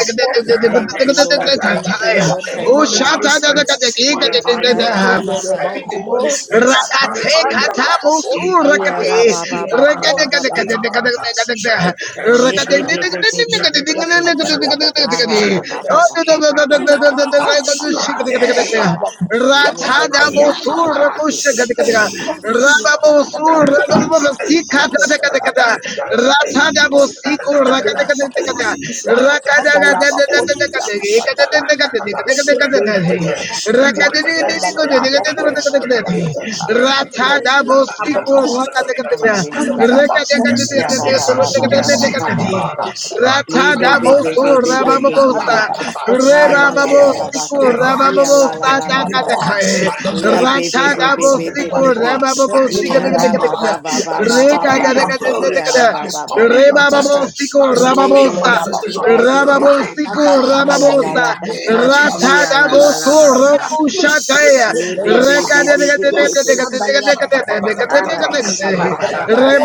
Thank you, Lord. Thank you, Lord. Any oh, Thank you. shut monitoring up spirit Yeah, da monitoring da your Yes, da ba life, ba ba. any demonic spirit rakate monitoring your kata life. musu Yeah, Likaparata, da rakate ba ba ba ba rakate ba likaparata, ba kate ba kate kate kate ba. kate likaparata. kate Ishatekete, Le rakate be kate be kate be ishatekete, be kate be kate be be ishatekete, be. kate Ah, ishatekete, kate ra, kate ba ba oh ba ba ishatekete. kate ba kate ba kate ba ba kate Ikratatatata. ba ba ba kate kate kate ba kate kate ba Rate. ba kate ba. Le racha be da be be musu be be be Ayakapara. be rakush be. kate kate Ay. raba Ah, musu ah, ah, ah, Da-da-da-da-da-da-da. raba ba, Ay. musi ba, kate ba, kate ba. kate kate Da-da-da-da-da-da. Ay. racha da Rabba musi ko Da-da-da-da-da-da. rakate kate Ay. kate kate rakate Da-da-da-da-da-da. kate Ay. kate kate Shatarakakata. kate kate Rata Rakadakata. Rakadakata. Yeah, da, ba, ba. Rakadakata. Yeah, da, da, da, Rakadakata. Rakadakata. Lataminata. Lataminata. da, da. Lataminata. Yes, Yeah, yes, ba, yes, ba, yes. ba, ba, Yes, ba, ba, ba, ba, ba, ba. Sikadibarada. Li, bi, bi, bi, bi, bi, bi, bi, bi, bi. Rakatabalakata. Ha, I la, don't la, la, care. la, ba, The ka. Si, ya, ranks la, of la, the la, la, demonic ba, God. ka. I don't Li, care. bi, bi, The bi, bi, ranks of bi, the bi, bi, demonic bi. God that is Ya, tormenting ra, your ba, ba, life, ba, ba, that is ba, ba, ba, stopping ba. your Si, glory, ya, ra, that ba, is ba, ba, stopping ba, ba, your Reba ba, babo destiny, ba. siko that is Li, stopping Enrique bi, your bi, rababosa. bi, manifestation bi, bi, bi, bi, Yabacosia, bi. right Rababosiku Sandale now. Ha, la, la, In Rababosa Yabacosia, la, the ba, name ka. of Sandale Si, ya, Jesus. la, la, la, ba, Ratadabosku Yabacosia, ka. Loose. Roku Loose. Shataya Li, bi, Rekindele bi, bi, bi, bi, Loose, Rebababosa Yabacosia, bi, bi. loose. Sandale Yabacosia, Ara Shatapatatatata. ba ba Ratatata.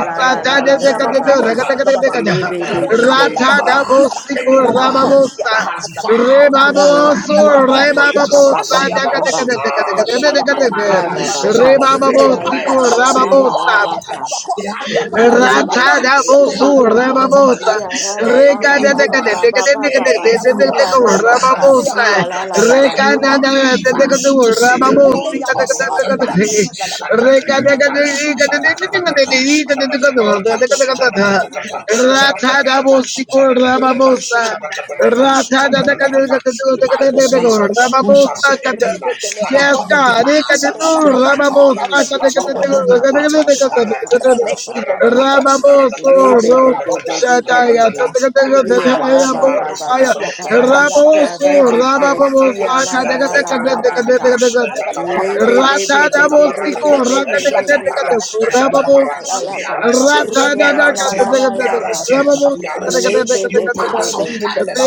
la la la la la Rekende la baka ka. Ratatata. ya Le bakosia kasanda la be be Ratatata. be be. Any man, bakosia Ratadabosiku any kasanda la woman Rababosa that has vowed Ara ba that Rebaboso you are not going to Rebababosa succeed. Ah, shakaparada. Somebody begin to la pray. la Rebabosiku la la Say, la la la Rababosa ba Lord, ka. they have no power Le over my be be Ratada life. be be They have Bosu no be be. power over my Rababosa See life. ya ra ba Any Recada de evil man, any evil woman that has Rababosa la vowed la la that la you la will Recada ba not de ka. live uh, to see Le the be Rababosi be month be of be be be September. bakosia Recada Iya de ra ba ba ba ba ba kasanda ba la ba ba ba ba ba ba ba Rekendele ba. Iya abakosi, ra ba ba ba sendele ba ba Ratada abakosi ba. akatanda. Bosico Rababosa Rekendele abakosi Lebe, Ratha akatanda le abakosi. The Bible Sendele says, uh, abakosi Who shall akatanda. say a Rababosaka. thing uh, Rekendele and it Yes, abakosi cometh to God. pass akatanda uh, le when my abakosi God uh, Rababosa akatanda le has commanded abakosi. it not? uh, Rekendele abakosi Rebecca By the power that rests on the we Rabosu, Rababos, Rata Dabos, Rababos, La la la ba ta arrest you. si la We la la arrest you. la la We la ba arrest you. ta. We arrest you. Le be You be be powers be of be.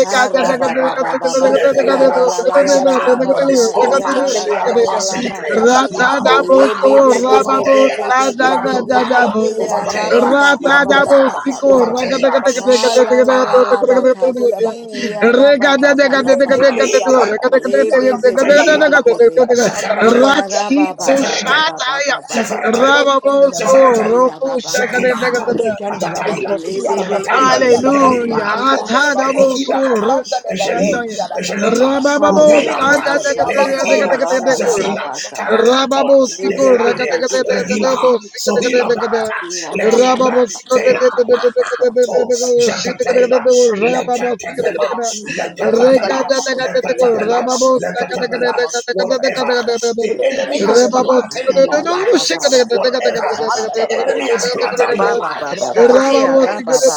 Ha ba ba Leperada. ba ba ba si la Leperada. la Rekindele la la I la Bahosia la la stand ba on Rakasandra, this ta. Ya altar la la Rekindele and la I la la pass a la Bahosia ba decree. ta. Kasandale You have no Bahosia Le power be be Kasandale be over be be be Bahosia them. be You be Rakasandra, have be no be. power Ya over Rekindele them. ra ba Bahosia ba You ba have no ba Kasandale ba ba power ba ba Bahosia over ba. them. Kasandale Ha Bahosia la la la Kasandra, Shata. la ba ta Rekindele si Bahosia ya ra Rakasandra. ba ba ba ba ba ba. Rekendele Kaligra. Le abakosia be be be be kasandale Tehila. be be be. abakosia rakasandala Zafarete, Ya bakosia ra ba ba kasandala ba ba Zafarete, bakosia ba ba ba ba ba ba. Zafarete, ba. Rababoso, Zafarete, rakasandala. Roku Shaka Zakima de Yarabakas, Ata, Negatata. Rekenda la Atataila, bakosi ya rakasanda Atataila, le bakosi Kalimba lebebebebebebebe, Hallelujah. Alto, rekenda le bakosi Elikina ya Ata, Atadabosu rakasanda le bakosi Ejali, shataya. ya rakasanda Ejalita, la ha Rabababo la la la Ruvilanta, rekenda le bakas, Beletila, bakosi yara ya la la satatagatagatakatagatakura. la Zafina, rakasanda le baka, bakosi ya Caracantoa, Rababo Leverandia, Revila, lebebebebebebebe, Sohila rakasanda le sikuragatagatakatagatakura. Parata, bakosi ya yara ba rakasanda la Lekinda, Rababo ba ba ba Tela, ba ba ba Paa ba to sikuragatagatakatagatakura. Jatapela, Shitagatakatagatakura. Rababo rekenda Lekatapela, le sikuragatagatakura. bakosi ya rakasanda ba. le Lekatapela, bakosi Rekatagatakura. rekenda Lekatapela, le Rababo bakosi rekenda Lekatapela, le bakosi ya whatever rakasanda sakatagatakatagatakura. la the enemy rekenda le has Rababo Ha bakosi planted in your sikuragatagatakura. rekenda le life, bakosi whatever rekenda le the enemy bakosi has ya planted in rakasanda la Shikuragatagatakura. your life re by bakosi ya Rababos, night. rakasanda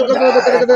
la bakosi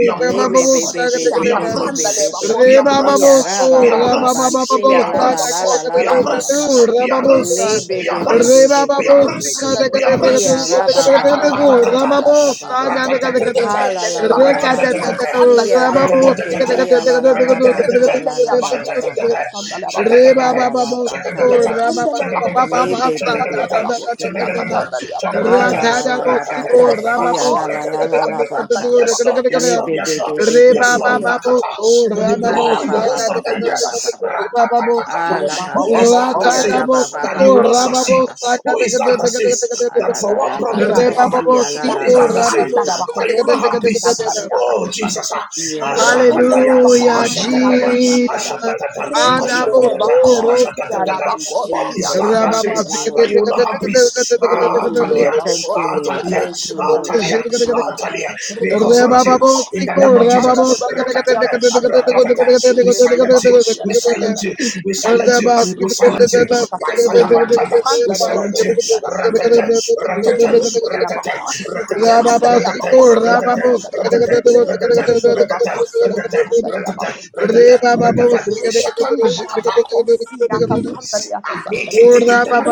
we are Ibakosi prince. We are akasanda le. prince. We are bakosi akasanda prince. le. We are bakosi prince. We are kesendele prince. We bakosi are akasanda le. prince. We are prince. lekende We ya are prince. bakosi We are akasanda prince. le. We are bakosi prince. akasanda Shaka le. patakata. bakosi akasanda akasandale Ratatatata. la lekendele la la la bakosi baka, akasanda Ratatatata. le. siya Yes, bakosi rebeke, iya la akasandale la la baka, la lekendele la ya la la bakosi baka, akasanda le. Re bakosi ba ha ba akasanda la ba la ba baka. akasandale siko ra ba ba lekendele ba ba ba ba Le bakosi ba be be be sa be da akasanda le. da da be da da be bakosi da da be. da. akasandale ya bakosi Ah Ra la da la da akasanda la ba la le. baka siko ra ba si ba ah la siko la da la da da bakosi la da la da akasanda baka. le. da da Lord, da da yes, Le bakosi Lord, be yes, be Lord, be be Re be ba yes, be ba Lord. be. ba ba Rakata. so We ra ba Ah ba ra deploy the ba sa ba da host ba da da of ba da ba ba da da angels. ba da ba. ra ba ba sa. Ratatatata. Ah la ba Who is Ra that that si da ah da ra ba ba say? ba that ba you siko will ba not ra ba ba ba succeed? ba ba. sa da Who da is that da da that Thank da you. da da says Ah that la from la one la problem to Re baka the ba ba other? si ba ah la Who la siko is la that that la ra ba ba baka. says siko that you da da will da not da have da da da peace? da. Oh, Jesus. ah, Yeah ra ba ba Ashatataya, ba ba Hallelujah, ba ba ba ashatataya, ba ba ba. Jesus. ashatatata, Thank you Lord. ashatatata, Adabotoro kucha. Thank ashatatata. you What is that Jesus. that Thank Rababa you says zikete that Lord. you will dekete not have dekete dekete peace? dekete Thank Ah, you Talia, Lord. Thank you ah, Lord. Talia, Thank you ah, Lord. Talia, Thank dekete you dekete dekete ah, Lord. Talia. We dekete. confront Rababa you in the name bostiko, of Jesus. rababa zikete Rakatata, dekete dekete dekete rakatata. dekete We dekete dekete silence you. dekete We dekete. silence you. Rekendele We silence you. Rababa We zikete silence dekete you. Jesus, By thank dekete you. fire, by thunder. We Have it silence you. dekete dekete Rakatata, rakatata, dekete dekete. Rekendelia (laughs) bakosia rakatata, kasandalia rakatata, bakosia rakatata, kasandalia. rakatata, rakatata, Rebekendelia rakatata, bakosia rakatata, kasandalia rakatata, bakosia rakatata, kasandalia. rakatata. Rebekendelia Shaka, bakosia kasandalia kasandalia.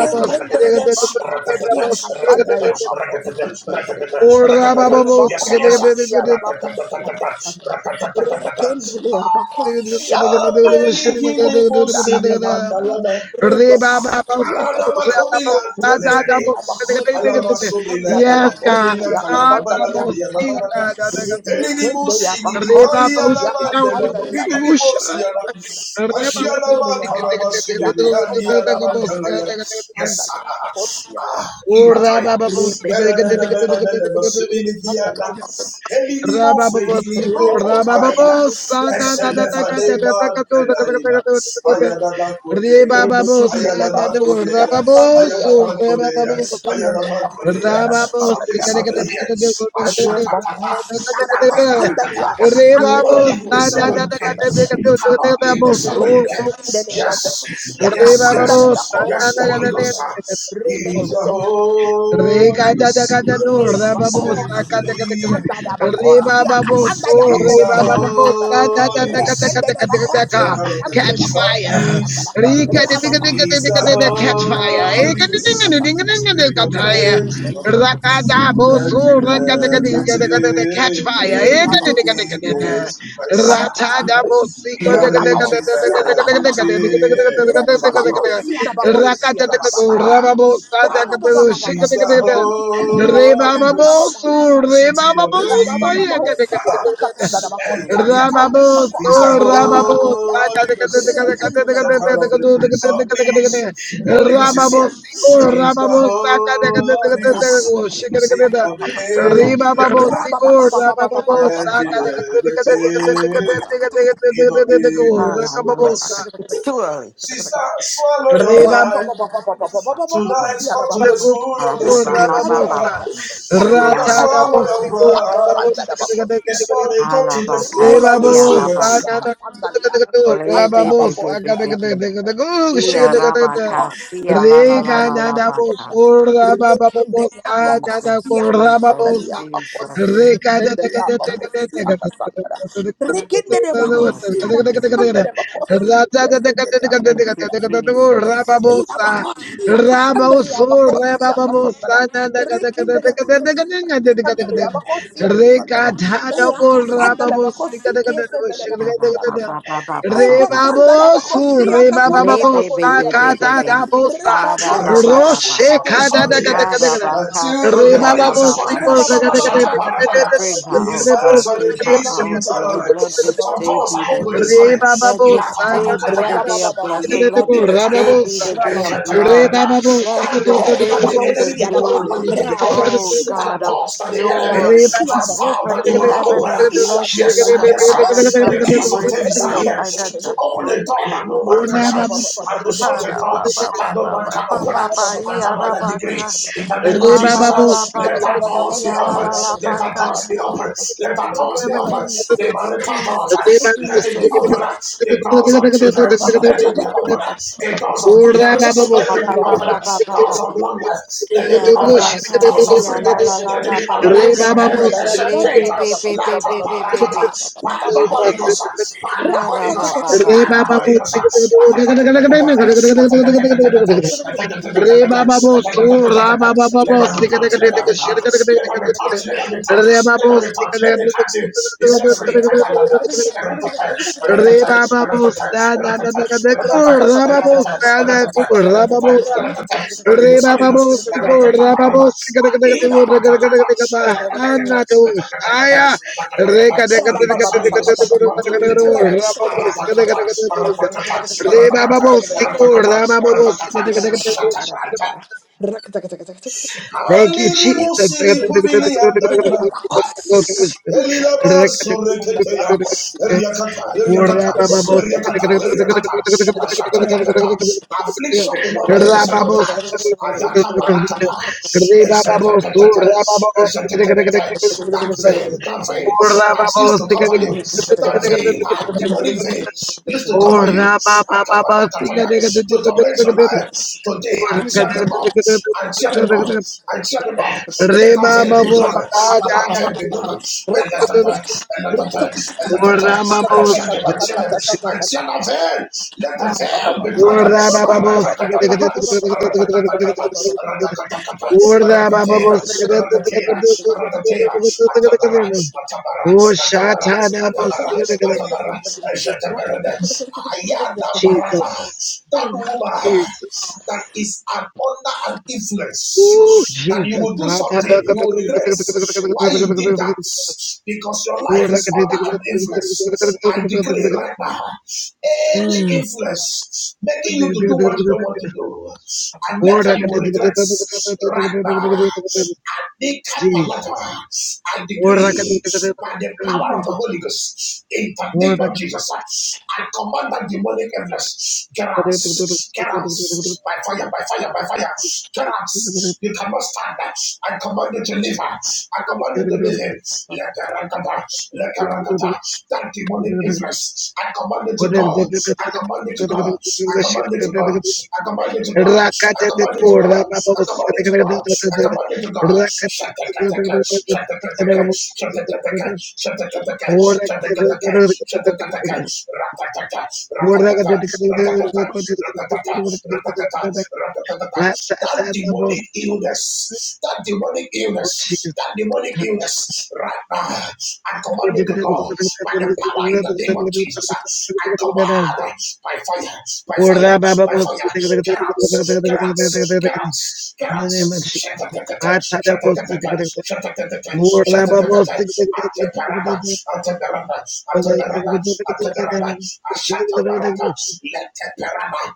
Rekendelia bakosia kasandalia bakosia kasandalia. Yes, sir, yes, sir. Rebakosia da bakosia da kasandalia. Rekendelia bakosia kasandalia bakosia da kasandalia. Rebakosia kasandalia. God. Ah, God, Reba Bausika Bosha. Reba Bosika. Rebecca, Urda Baba Bosika. Raba Bosiko. Raba Bosa. Na na na na na na na na na Ayana Colea, Reba Rebekende Ayana le Babosa. Na bakosi Reba Colea, akasandeli Babosa. abakosi Reba Ayana Babosa. kesendele Colea, abakosi Ramabahu, akasandeli diga diga diga somebody diga, here. akasandeli diga diga diga Ashatatata, Rebokosi diga. akasandeli atatatatata. You will Ramabahu, akasandeli not live na the abakosi na same way na you na na came. na akasandeli na na na. You akasandeli cannot live Ramabahu, na the same way you came. Rebekende le Yes, ya na yes, kasanda ya yes, yes. na bakosi na na na akasandeli na bakosi na na. akasandeli Re ga da da da no, Re ra ba bo sa ga abakosi da ga da da. akasanda da Re ba bakosi ba bo akasanda ya so, He's re the bakosi ba akasanda da da da da da holiness. rekende da de da bakosi Check out of the akasanda de Catch Prince of bakosi fire. akasanda Peace. da Re ga da da ga (laughs) da ga da He's the rabakosi da da, Catch akasanda fire. ya this Eh, ga way. da bakosi da ga holiness. da ga Yes, akasanda da da ga da Spirit of the da. you rekende know, age my de of Ra past, ga you da know, bakosi I have bo that. judging Rabba so, catch everything fire. in obedience to Christ. No, but, He um, arranged no, everything they- they- they- they- they- they- in they- obedience to uh, Christ. Ah, uh, He's the you know, Holy Ghost, city of the living God. Ah, El no, no, no. Taliata. Rababos, He's Ah, the ah, ah, Rababos, ah, ah, ah, Holy ah, Rababos, ah, ah, Ghost, center of the Prince of Peace. The Holy Ghost is here. He's the Holy Rabba Ghost, Rababos, seed Rababos, of the ah, I age love to Riba come. babo Ah, sigur, raba babo and in saka de de de de it. de ah, de de de ah, everything ah, in de de de de gur, obedience raka ah, to ah, babo ah, sa. ah. Christ. It's too early. Sister, swallow your Riba pride. Ah, ah, ah. Tonight, come to the school Ah, of the ah, sigur, ah, raba spirit. ah, babo ah, sa. ah, ah. (laughs) See, Brother, ah, Rata ah, da swallow ah, babo ah. sigur, raba babo sika de de de this de de de. Ah, ah, ah, ah, Riba see, ah, babo ah, ah, sa na ah. na de de de gur, Le- raba be- babo be- be- be- saka de be- be. de de de de gur, shi Yeah, de de de de. Rabaka, see, ya, la la la Riga la na la, na ba, babo ka. sur, raba babo sa na na Jesus, gur, raba babo Jesus, sa. Jesus. Roshe kada da Rekindere Thank you, Lord. bakosi, Thank ada you, Lord. kesandere bakosi, ya Thank you, sendere Jesus. Ila bakosia kasandalia bakosia kasandala. Rikendelia bakosia kasandalia bakosia kasandala. Ea kasandala bakosike sandala Ba, ba, bakosia ba, ba, kasandala. ba, ba, ba, ba, Eka ba. sandala bakosia Le, kasandala be, be, bakosia be, be, be, kasandala. be. Ba, da, spirit. ba, Rabakosia ba, ba, ba, ba. Something kasandala is happening kada bakosia kada here. Ba, da, kada ba, That ka, si, Re the ya, Holy Baba ba, bo Ghost is ba, ba, working. sikol ba, ba, raga raga raga Lord. Ashatabalapaya. Bring her In his out, hands God. are the Bring her keys to out, eternal Lord. life. Let this Some day doors be are the open this day. Re morning. baba Let bo this sa na day na be the kasandala day of blessing. bakosia. Let this na Baba day bo be sa the day of Jesus. Re love. baba bo Let That sikol this door that day the be the enemy did not allow day, you to be open. oh That God, of door that the enemy Re joy. baba has vowed that Open they will not heaven open. and bless Yes, sir. even a Yes, sir. financial The keys of Davis are breakthrough, a here to financial open a door breakthrough, that no man Oh Lord. can re shut baba and to sikol shut Ha, a ra, door ba, ba, that ba, no ba, man ba, can ba, open. ba, ba, And ya, ra, another ba, degree, ka. in the name Re of Ha, la, baba Jesus, uh, la, bo la, ba, let that ka, sikol doors si, be ya, la, open. la, la, Let ba, Re that ka. doors be open. Let that doors be open. The Jesus, marital doors, uh, Jesus, let it let it be Jesus, opened. Lord. The doors of children. Let it be opened. The doors of good health. Let Ba, it ba, be ba, opened. ba, ba, ba, Doors ba, of ba. long life. Let Rapa it be Yeah, opened. rabaka, Doors of sia, la, freedom. la, la, Let it la, be opened. baka. Every ancient Le, gate. be, be, be, Let be, the be, be, be, barakata. be. By the Holy Ghost. By the Ha, Holy ra, Ghost. ba, ba, ba, By ba, the ba. Holy Ghost. Let them be touched. Let them be touched. Baba Let Rebabos, them be touched. Let La, them la, ba, ba, ba, be touched. ba, ba. Let them be touched touch. Let them be touched. Let them touch him. He set free. Catalanda. Eratata. Eratata. Eratata. Eratata. Eratata. Eratata. Eratata. Eratata. Eratata. Holy Ghost. Holy Ghost. Eratata. Parada. Adina. Patatata. Etakatakata. Etakatakata. Rakata Etakatakata. Holy Ghost. Holy Ghost. You are doing it again. Aratakata. Aratakata. Thank Aratakata. Aratakata. Aratakata. Shatakranta. you, Jesus. Yaba. Elilaba sureketeya, eriakata, Orda eriakata, ba eriakata, eriakata, ashatatatata. Affliction will not rise the second time. Ayata barakata, esetetetete, esetetetete. That veil, that veil that used to cover you, that veil, ah, demonic veil used to cover you, ba ba atabatakataya, to torment your ba, life. Today, I tear them up, I tear them Rema up, and shut them off. Let that veil be broken. babosa Let that dada veil be babosa. broken. And let that veil, and let that veil, and let that Ora veil. And shut babosa. them, and shut them, and shut that veil. Let the Thank you, veil be broken. Ora babosa. Ratatatatata, ratatatatata, ratatatatata, Ora ratatera, babosa. ratatera, ratatera. Atabara, atabara, Oh atabara, shatada atabara, babosa. atabara. Eshatabarada. Ayana barata. Jesus, That woman Jesus. that is is an, under an Ooh, influence that you Jesus. will do something you will regret why you did that because your life is under an influence. I decree Ora right now any Mm. influence making you to do what you don't want to do, and later you will regret right now. I think up a Jeez. I decree Rakata by the power of the Holy Ghost in the name of Jesus. I command that demonic influence Get out. Get out. By fire, by fire, by fire. Get out. You cannot stand. I command you to leave. I command you to leave him. Let the rakata. Let the rakata. That demonic influence. I command you to go. I command you to go. I command you to go. I command you to go. I command you to go. I command you to go. I command you to go. Shut the cat. Shut the cat. Shut the cat. Shut the cat. Shut the cat. Shut the cat ratatata, ratatata, ಬೋರ್ಡ್ದಾಗ ratatata, ratatata, ratatata, ratatata, ratatata. That's that's That that's the demonic most. illness, that demonic Oh, illness, Jesus. that demonic illness, right now, I command it to go by the power in the name of Jesus. I command by fire, by Order, fire, Baba, by most. fire. In Get out, get out, get out, get the out. name of Shut Jesus. the shut the I tell you, shut the shut most. the More, shut the Baba, shut the Atebarada, Atebarada, Atebarada, Atebarada, Ashatabarada, most. Letebarada.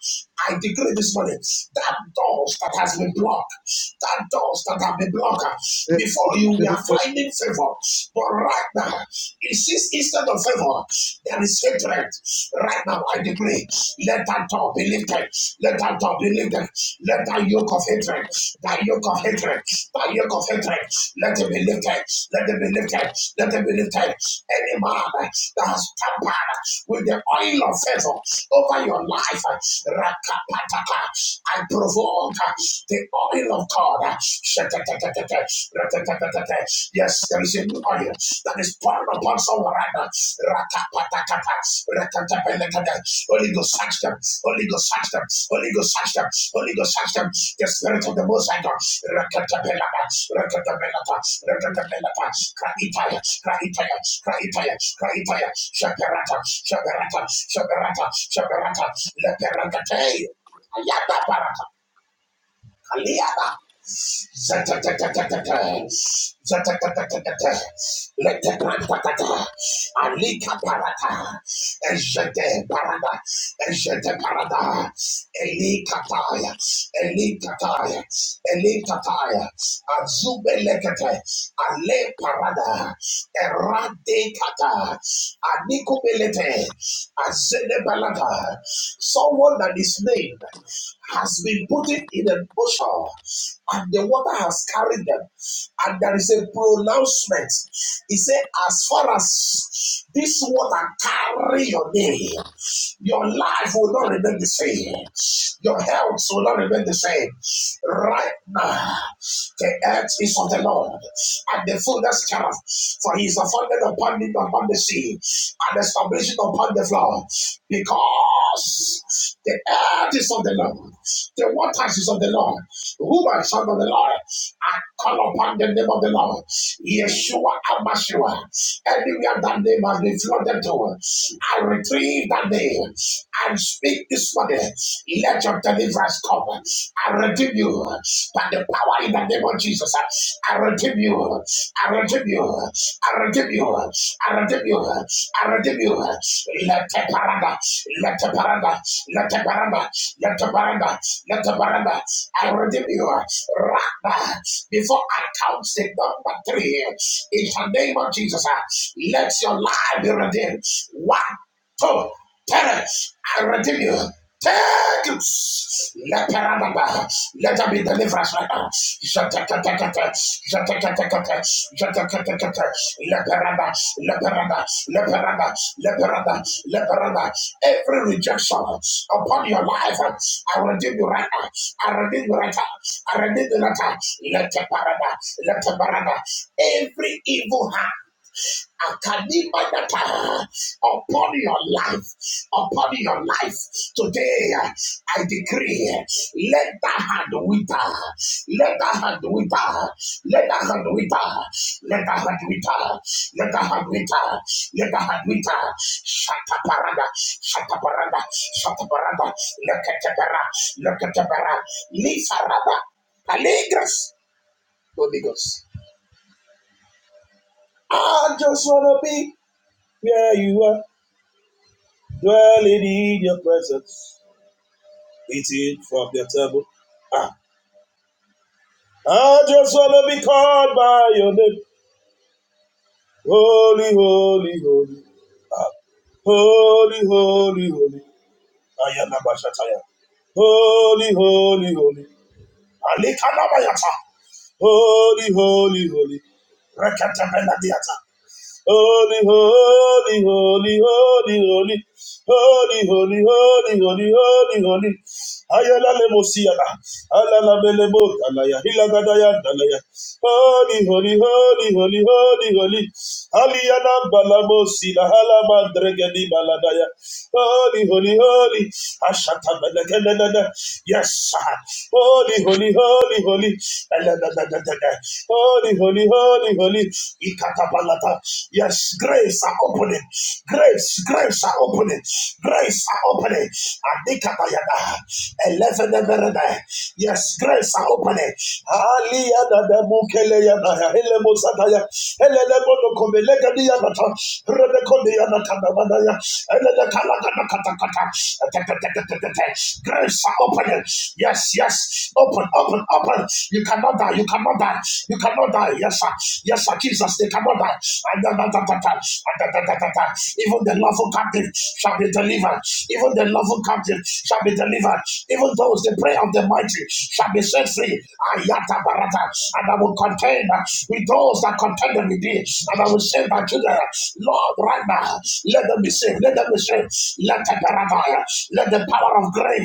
I decree this morning that doors that has been blocked, that doors that have been blocked uh, before you, we are finding favor. But right now, it sees instead of favor, there is hatred. Right now, I decree, let that door be lifted, let that door be lifted, let that yoke of hatred, that yoke of hatred, that yoke of hatred. Let them be lifted. Let them be lifted. Let them be lifted. Any man that has tampered with the oil of favor over your life, rakapataka, I provoke the oil of God. Yes, there is a new oil that is poured upon someone right now. Tapatakapa, rakatapelekata. Holy Ghost, search them. Holy Ghost, search them. Holy Ghost, search them. Holy Ghost, search them. The Spirit of the Most High God. Rakatapelata, rakatapelata, rakatapelata. Kraitaya, kraitaya, kraitaya, kraitaya. Shaperata, shaperata, shaperata, shaperata. Leperata. Ayata parata. Kaliata. Alika parata, ejete parada, ejete parada, elikataya, elikataya, elikataya, azubelekete, ale parada, eradekata, anikubelete, azenebalata, someone that is named has been put in a bushel and the water has carried them. And there is a pronouncement. He said, As far as this water carry your name, your life will not remain the same. Your health will not remain the same. Right now, the earth is of the Lord and the fullness thereof. For he is founded upon it, upon the sea, and established upon the floor. Because us. The earth is of the Lord. The waters is of the Lord. Who are son of the Lord? I call upon the name of the Lord. Yeshua Amashua. Anywhere that name has been flooded to, I retrieve that name and speak this morning. Let your deliverance come. I redeem you by the power in the name of Jesus. I redeem you I redeem you. I redeem you. I redeem you. I redeem you. Let the paranda. Let the paranda. Let the paranda. Let the paranda. Let the paranda. I redeem you. Rather, before I count the number three, in the name of Jesus, uh, let your life be redeemed. One to perish. I redeem you. Take it. Let Paranaba. Let there be deliverance right now. Jatakatakata. Jatakatakata. Jatakatakata. Leperada. Leperada. Leperada. Leperada. Leperada. Every rejection upon your life, I redeem you right now. I redeem you right now. I redeem you right now. Let the Parada. Let the Parada. Every evil hand. Akanimanata, upon your life, upon your life today, I decree, let the hand wither, let the hand wither, let the hand wither, let the hand wither, let the hand wither, let the hand wither, Shataparada, Shataparada, Shataparada, Lekatapara, Lekatapara, Lifarada, Alegras, Holy Ghost. Holy, holy, holy, holy. Holy, holy, holy. Alikanabayata. Holy, holy, holy. Holy, holy, holy, holy, holy. Holy, holy, holy, holy, holy, holy. Ayala le mosiana. Alala bele botalaya. Hilagadaya dalaya. Holy, holy, holy, holy, holy, holy. Aliana balabosila. Halabandregedi baladaya. Holy, holy, holy. Ashatabalakadadada. Yes. Holy, holy, holy, holy. Aladadadadada. Holy, holy, holy, holy. Ikatabalata. Yes, grace are opening. Grace, grace are opening. Grace are opening. Adikatayada. Eleveneberede. Yes, grace are opening. Aliyadada mukele yana. Hele Aliyadadamukeleyadaya. Elemosataya. Elelebodokomelegadiyanata. Graves are open. Yes, yes. Open, open, open. You cannot die. You cannot die. You cannot die. Yes, sir. Yes, sir. Jesus, they cannot die. And da, da, da, da, da. And da, da, da, da, da. Even the lawful captive shall be delivered. Even the lawful captive shall be delivered. Even those the prayer of the mighty shall be set free. Ayata barata. And I will contend with those that contend with thee. And I will say that today. Lord, right now, let them be saved. Let them be saved. Let the paradigm, let the power of grave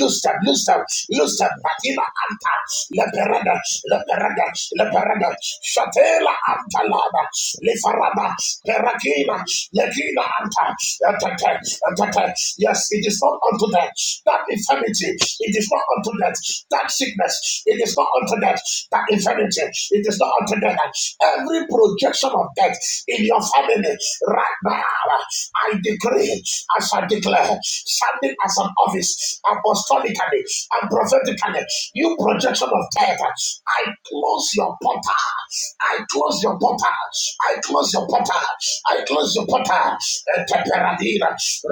loose them, loose them, loose them. Batina anta, le perada, le perada, le perada. Shatela anta lada, le farada, perakina, legina anta, atata, atata. Yes, it is not unto death that infirmity. It is not unto death that sickness. It is not unto death that infirmity. It is not unto death. Every every projection of death in your family right now. I decree, as I declare, standing as an office, apostolically and prophetically, you projection of death, I close your portal. I close your portal. I close your portal. I close your portal. Teperadina,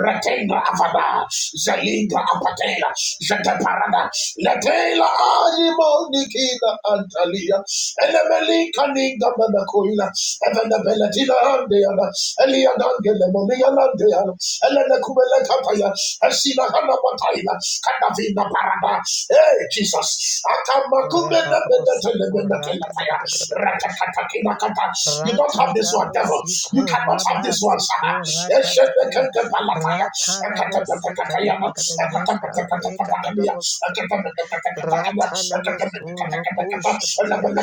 retenga avada, zelinga apatela, zeteparada, letela animo nikina antalia, Elemelikanida Manakoila, Evanabelatina Handeana, Elianangele Monialandeana, Elenakumele Kataya, Esina Hana Mataila, Katavina Parada, Hey Jesus, Akamakumena Benatele Benatelataya, Ratakatakina Kata. You don't have this one, devil. You cannot have this one, Sana. Eshenekentepalataya, Ekatepetekatakayana, Ekatepetekatakatakalia, Ekatepetekatakatakalia, from the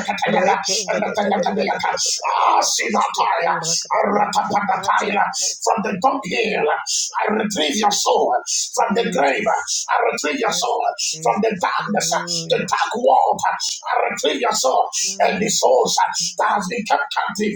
top hill, I retrieve your soul. From the grave, I retrieve your soul. From the darkness, the dark world, I retrieve your soul. And the souls that has been kept captive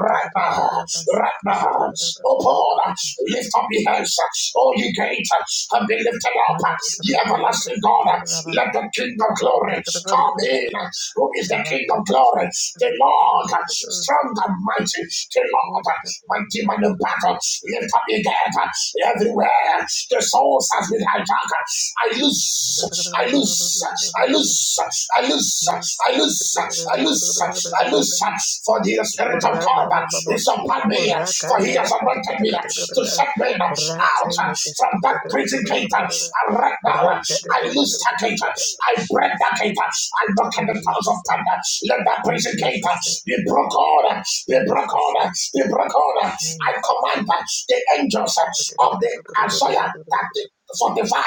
right now, right now. Oh, Paul, lift up your hands. Oh, you gates have been lifted up. You everlasting God, let that the King of glory come in, who is the King of glory, the Lord, strong and mighty, the Lord, mighty man of battle, lift up your head everywhere, the souls has been hijacked. I lose, I lose, I lose, I lose, I lose, I lose, I lose, for the Spirit of God is upon me, for he has anointed me to set men out from that prison gate, and right now, now. I loose that gate. I break that gate. I knock at the doors of thunder. Let that prison gate be broken. Be broken. Be broken. I command the angels of the Isaiah that the 45,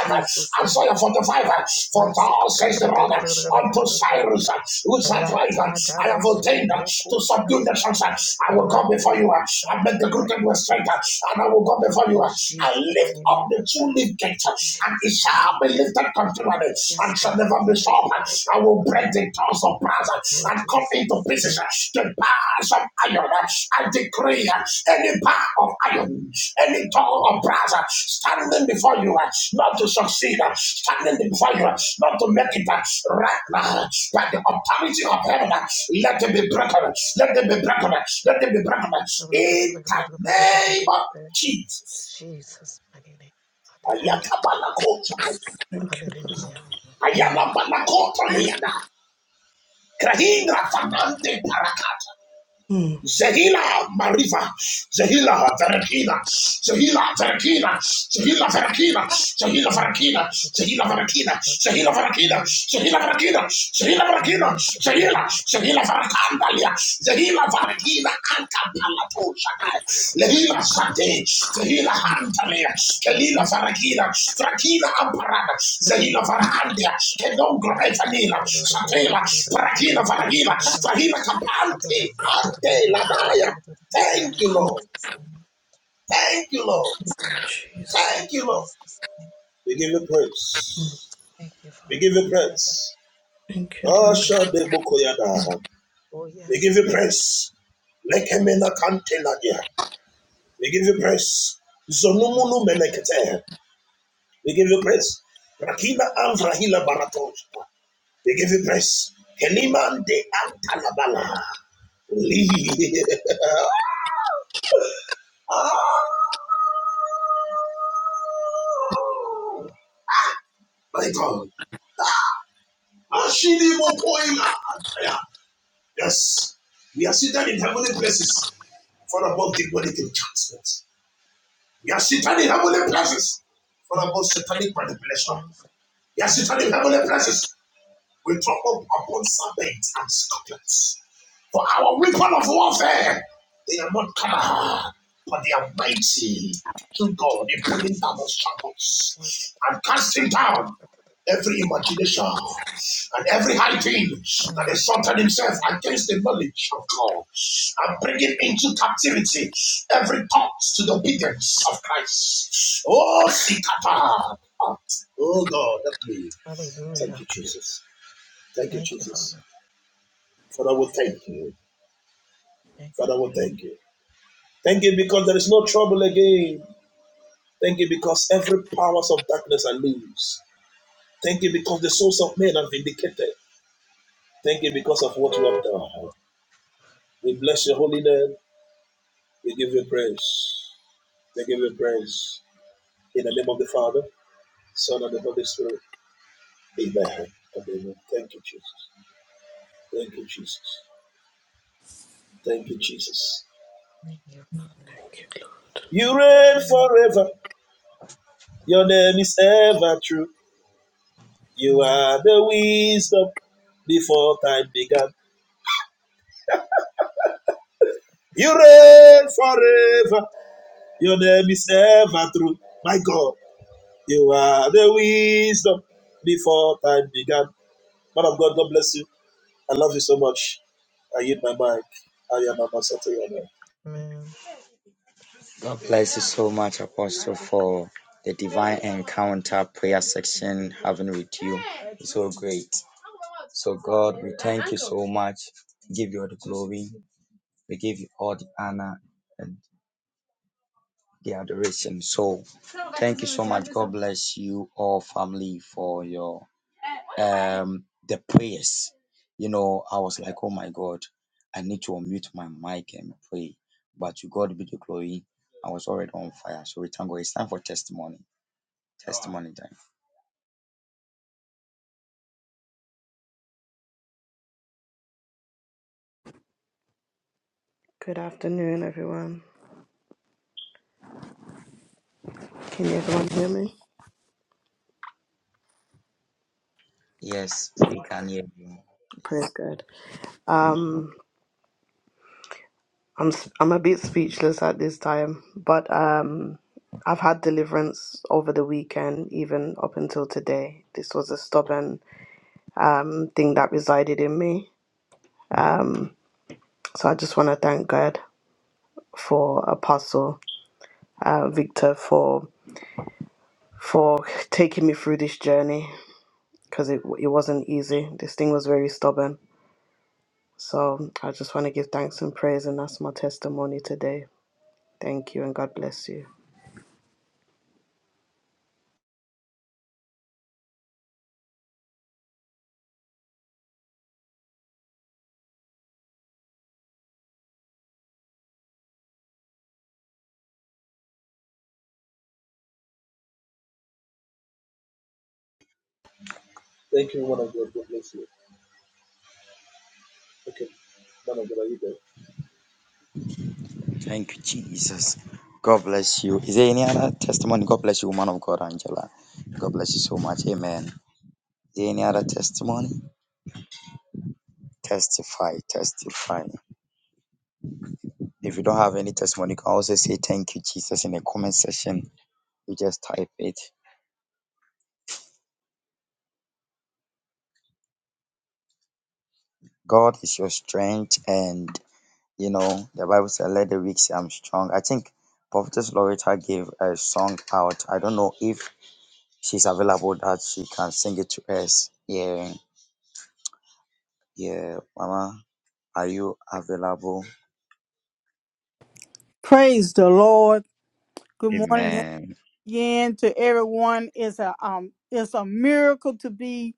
Isaiah 45, for thou says the Lord unto Cyrus, who's I pray, I have ordained to subdue the nations. I will go before you, I make the crooked way straight, and I will go before you, I lift up the who lift it, and it shall be lifted continually, and shall never be stopped. I will break the tongues of brass and cut into pieces the bars of iron. I decree any bar of iron, any tongue of brass standing before you, not to succeed, standing before you, not to make it right now, by the authority of heaven, let it be broken, let it be broken, let it be broken, in the name of Jesus. Ayakabalakota. Lord. Ayalabalakota niyana. Krahindra fanante parakata. Mm, Zehila mariva. Zehila verakina. Zehila verakina. Zehila verakina. Zehila verakina. Zehila verakina. Zehila verakina. Zehila verakina. Zehila verakina. Zehila. Zehila verakandalia. Zehila verakina. Anta Lehila Sade, Tehila Hantalia, Kelila Farakila, Frakila Amparada, Zehila Farahandia, Kedongo Evanila, Satela, Parakila Faragila, Fahila Kapante, Ante Labaya. Thank you, Lord. Thank you, Lord. Jesus. Thank you, Lord. Thank you, Lord. My God. Yes. We are seated in heavenly places, far above the wedding enchantment. You are seated in heavenly places for about satanic manipulation. You are seated in heavenly places we trample upon serpents and scorpions. For our weapon of warfare, they are not carnal, but they are mighty through God in pulling down of shackles and casting down every imagination and every high thing that exalted himself against the knowledge of God and bringing into captivity every thought to the obedience of Christ. Oh, Sikata! Oh, God, help me. Thank you, Jesus. Thank you, Jesus. Father, we thank you. Father, we thank you. Thank you because there is no trouble again. Thank you because every powers of darkness are loose. Thank you because the souls of men are vindicated. Thank you because of what you have done. We bless your holy name. We give you praise. We give you praise. In the name of the Father, Son, and the Holy Spirit. Amen. Amen. Thank you, Jesus. Thank you, Jesus. Thank you, Jesus. Thank you, Lord. You reign forever. Your name is ever true. You are the wisdom before time began. You reign forever. Your name is ever true. My God, you are the wisdom before time began. Man of God, God bless you. I love you so much. I yield my mic. I am Ambassador Yana. God bless you so much, Apostle, for the divine encounter prayer section having with you. It's so great. So, God, we thank you so much. We give you all the glory. We give you all the honor. And the adoration. So thank you so much. God bless you all, family, for your um the prayers. You know, I was like, oh my God, I need to unmute my mic and pray. But to God be the glory. I was already on fire. So we thank God. It's time for testimony. Testimony time. Good afternoon, everyone. Can everyone hear me? Praise God. Um, I'm s- I'm a bit speechless at this time, but um, I've had deliverance over the weekend, even up until today. This was a stubborn um, thing that resided in me. Um, so I just want to thank God for Apostle uh, Victor for for taking me through this journey because it it wasn't easy. This thing was very stubborn. So I just want to give thanks and praise, and that's my testimony today. Thank you, and God bless you. Thank you, man of God. God bless you. Okay, man of God, are you there? Thank you, Jesus. God bless you. Is there any other testimony? God bless you, woman of God, Angela. God bless you so much. Amen. Is there any other testimony? Testify, testify. If you don't have any testimony, you can also say thank you, Jesus, in the comment section. You just type it. God is your strength, and you know, the Bible says, Let the weak say I'm strong. I think Prophetess Loretta gave a song out. I don't know if she's available that she can sing it to us. Yeah, yeah, Mama, are you available? Praise the Lord. Good morning Amen. again to everyone. It's a um it's a miracle to be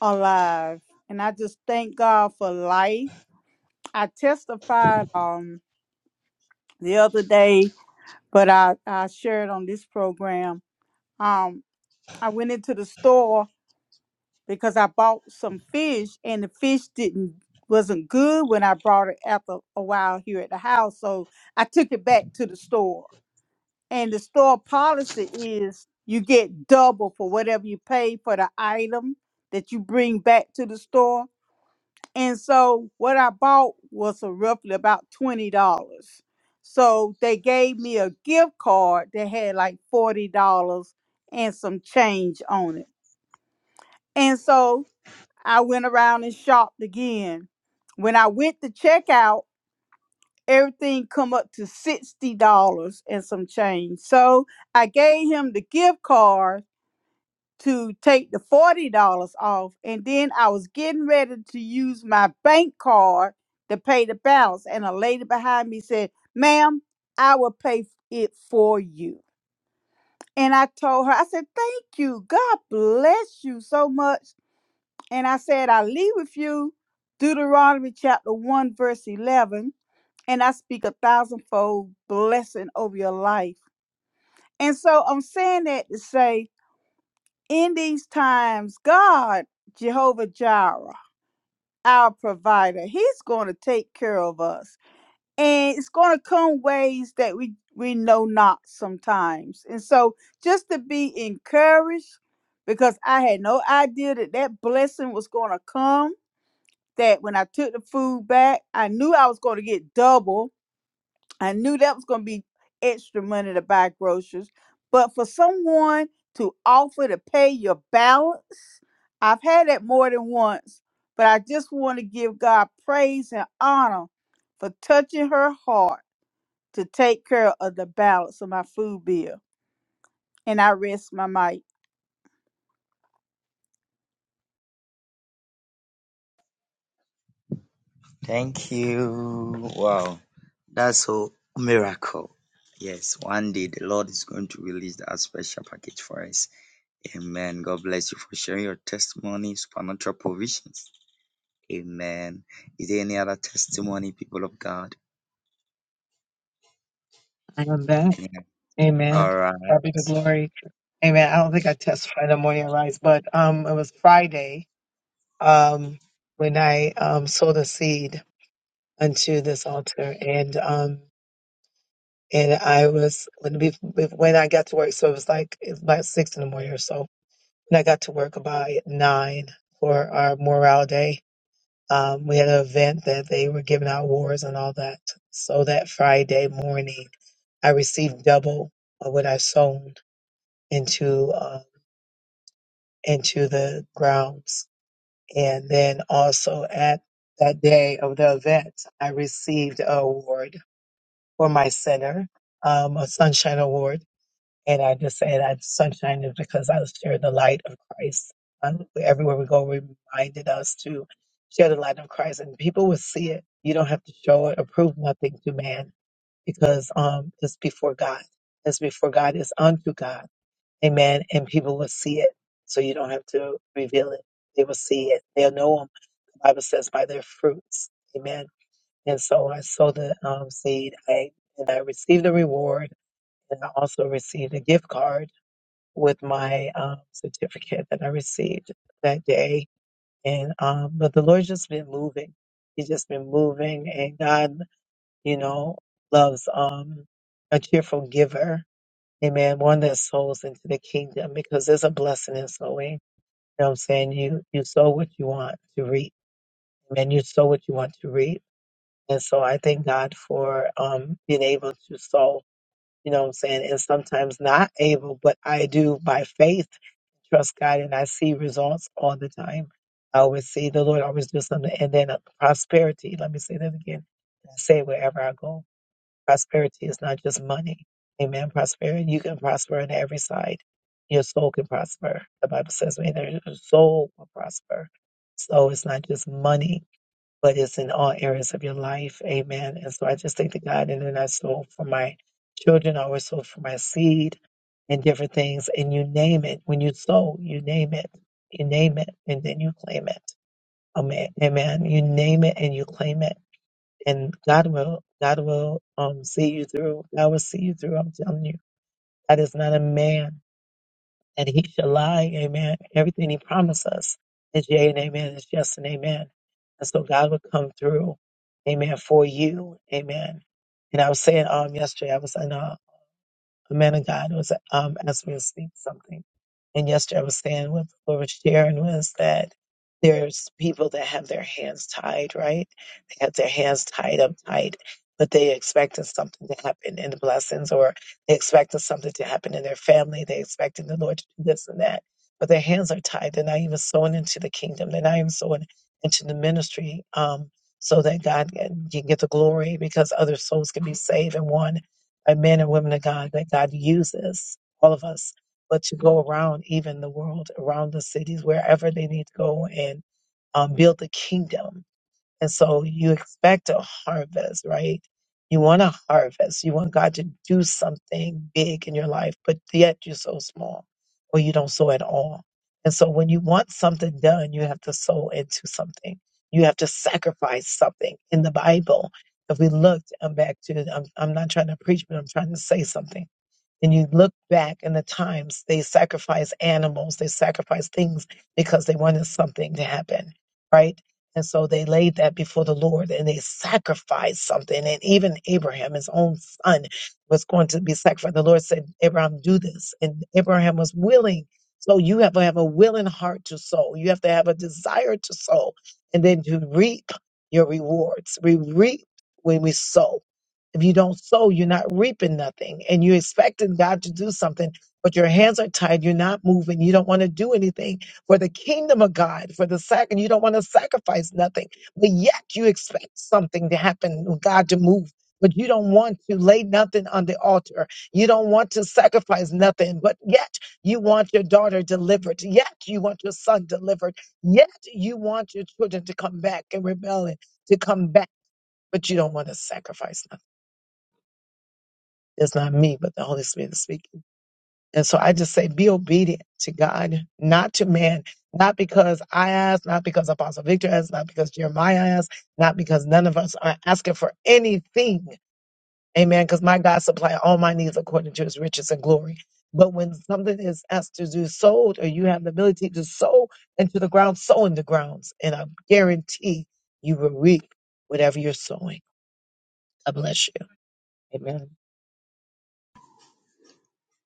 alive. And I just thank God for life. I testified um the other day, but I, I shared on this program. um, I went into the store because I bought some fish and the fish didn't wasn't good when I brought it after a while here at the house. So I took it back to the store. And the store policy is you get double for whatever you pay for the item that you bring back to the store. And so what I bought was a roughly about twenty dollars. So they gave me a gift card that had like forty dollars and some change on it. And so I went around and shopped again. When I went to check out, everything come up to sixty dollars and some change. So I gave him the gift card to take the forty dollars off, and then I was getting ready to use my bank card to pay the balance. And a lady behind me said, "Ma'am, I will pay it for you." And I told her, I said, "Thank you. God bless you so much." And I said, I leave with you Deuteronomy chapter 1, verse 11, and I speak a thousandfold blessing over your life. And so I'm saying that to say, in these times, God, Jehovah Jireh, our provider, he's going to take care of us. And it's going to come ways that we, we know not sometimes. And so just to be encouraged, because I had no idea that that blessing was going to come that when I took the food back, I knew I was going to get double. I knew that was going to be extra money to buy groceries. But for someone to offer to pay your balance, I've had that more than once. But I just want to give God praise and honor for touching her heart to take care of the balance of my food bill. And I rest my mic. Thank you. Wow, that's so miracle. Yes, one day the Lord is going to release that special package for us. Amen. God bless you for sharing your testimony, supernatural provisions. Amen. Is there any other testimony, people of God? Amen. All right.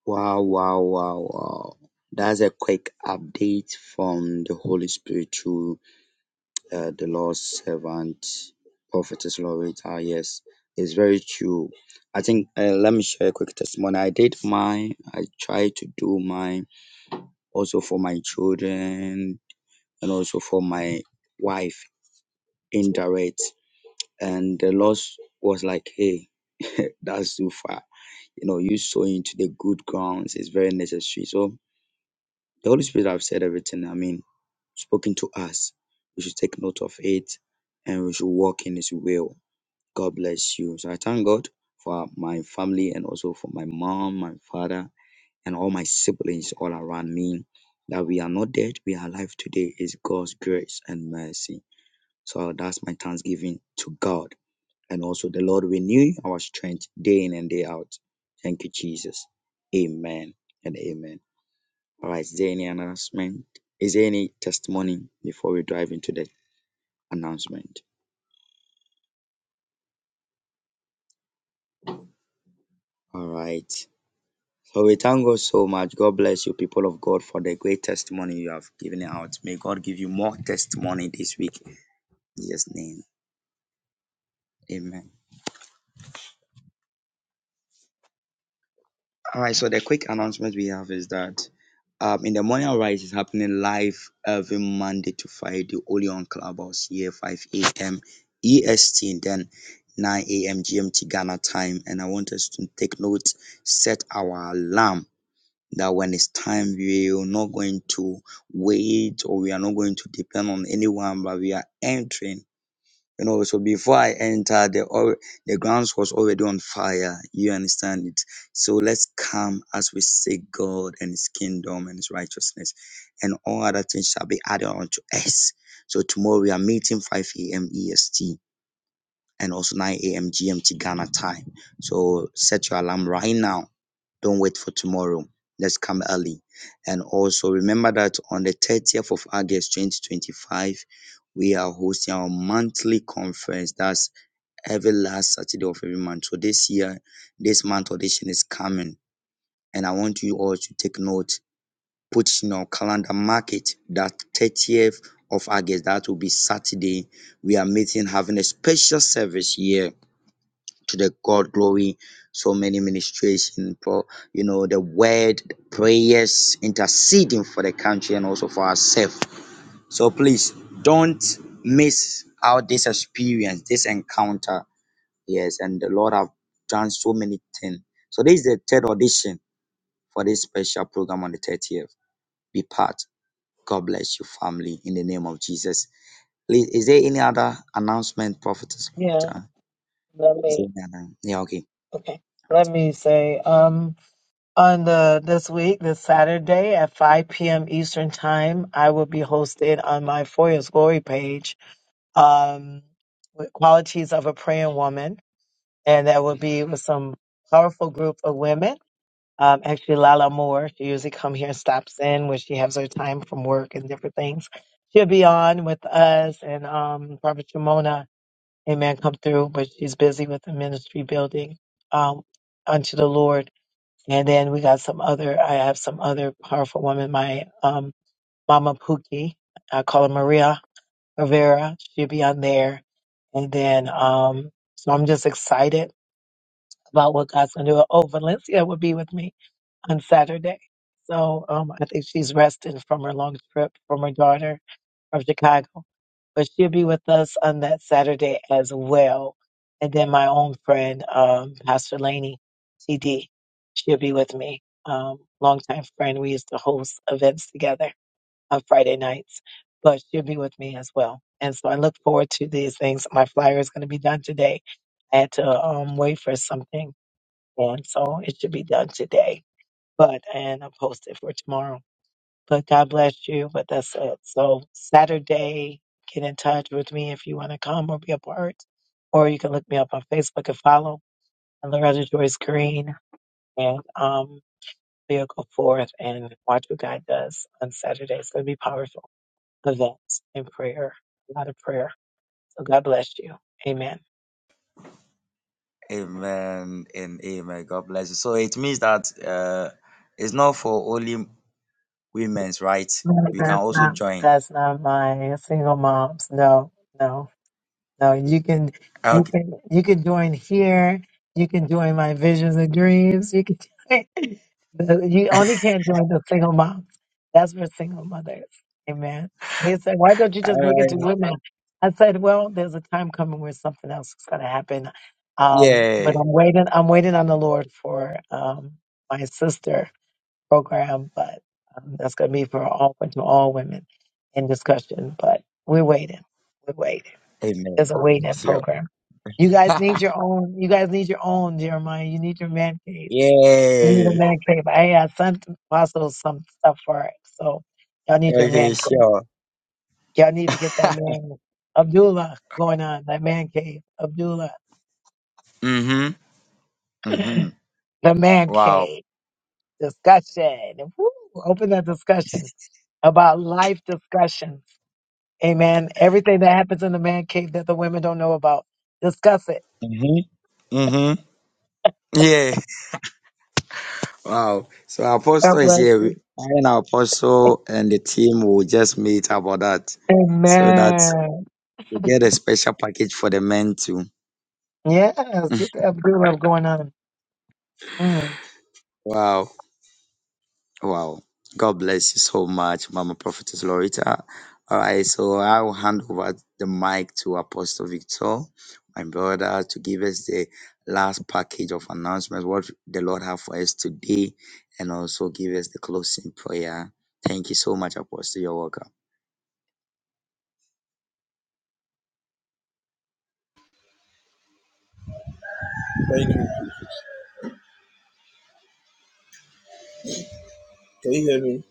Wow, wow, wow, wow. That's a quick update from the Holy Spirit through uh, the Lord's servant, Prophetess Loretta. Yes, it's very true. I think, uh, let me share a quick testimony. I did mine. I tried to do mine also for my children and also for my wife indirect. And the Lord was like, hey, (laughs) that's too far. You know, you sowing to the good grounds is very necessary. So the Holy Spirit have said everything. I mean, spoken to us. We should take note of it and we should walk in his will. God bless you. So I thank God for my family and also for my mom, my father, and all my siblings all around me. That we are not dead, we are alive today is God's grace and mercy. So that's my thanksgiving to God. And also, the Lord renew our strength day in and day out. Thank you, Jesus. Amen and amen. All right, is there any announcement? Is there any testimony before we dive into the announcement? All right. So we thank God so much. God bless you, people of God, for the great testimony you have given out. May God give you more testimony this week. In Jesus' name. Amen. All right, so the quick announcement we have is that um, in the morning rise is happening live every Monday to Friday only on Clubhouse here 5 a.m. EST and then 9 a.m. GMT Ghana time. And I want us to take note, set our alarm that when it's time, we are not going to wait or we are not going to depend on anyone, but we are entering you know, so before I entered, the al- the grounds was already on fire. You understand it. So let's come as we seek God and His kingdom and His righteousness, and all other things shall be added unto us. So tomorrow we are meeting 5 a.m. EST and also 9 a.m. GMT Ghana time. So set your alarm right now. Don't wait for tomorrow. Let's come early. And also remember that on the 30th of August 2025, we are hosting our monthly conference. That's every last Saturday of every month. So this year, this month audition is coming. And I want you all to take note, put in your calendar, mark it that 30th of August. That will be Saturday. We are meeting, having a special service here to the God glory. So many ministration for you know the word, prayers, interceding for the country and also for ourselves. So please don't miss out this experience, this encounter. Yes, and the Lord have done so many things. So this is the third audition for this special program on the 30th. Be part. God bless you, family, in the name of Jesus. Please, is there any other announcement, prophetess? Loretta? Is there any other? Yeah, okay. All right. Amen and amen. God bless you. So it means that uh, it's not for only women's, right? We can also join. Okay. Okay. Sure. Mhm. Mhm. Wow. Mhm. Mhm. Yeah. (laughs) Wow. So Apostle is here. We- I and Apostle and the team will just meet about that, so that we get a special package for the men too. Wow. Wow. God bless you so much, Mama Prophetess Lorita. All right, so I'll hand over the mic to Apostle Victor, my brother, to give us the last package of announcements, what the Lord have for us today, and also give us the closing prayer. Thank you so much, Apostle. You're welcome. Thank you. Can you hear me?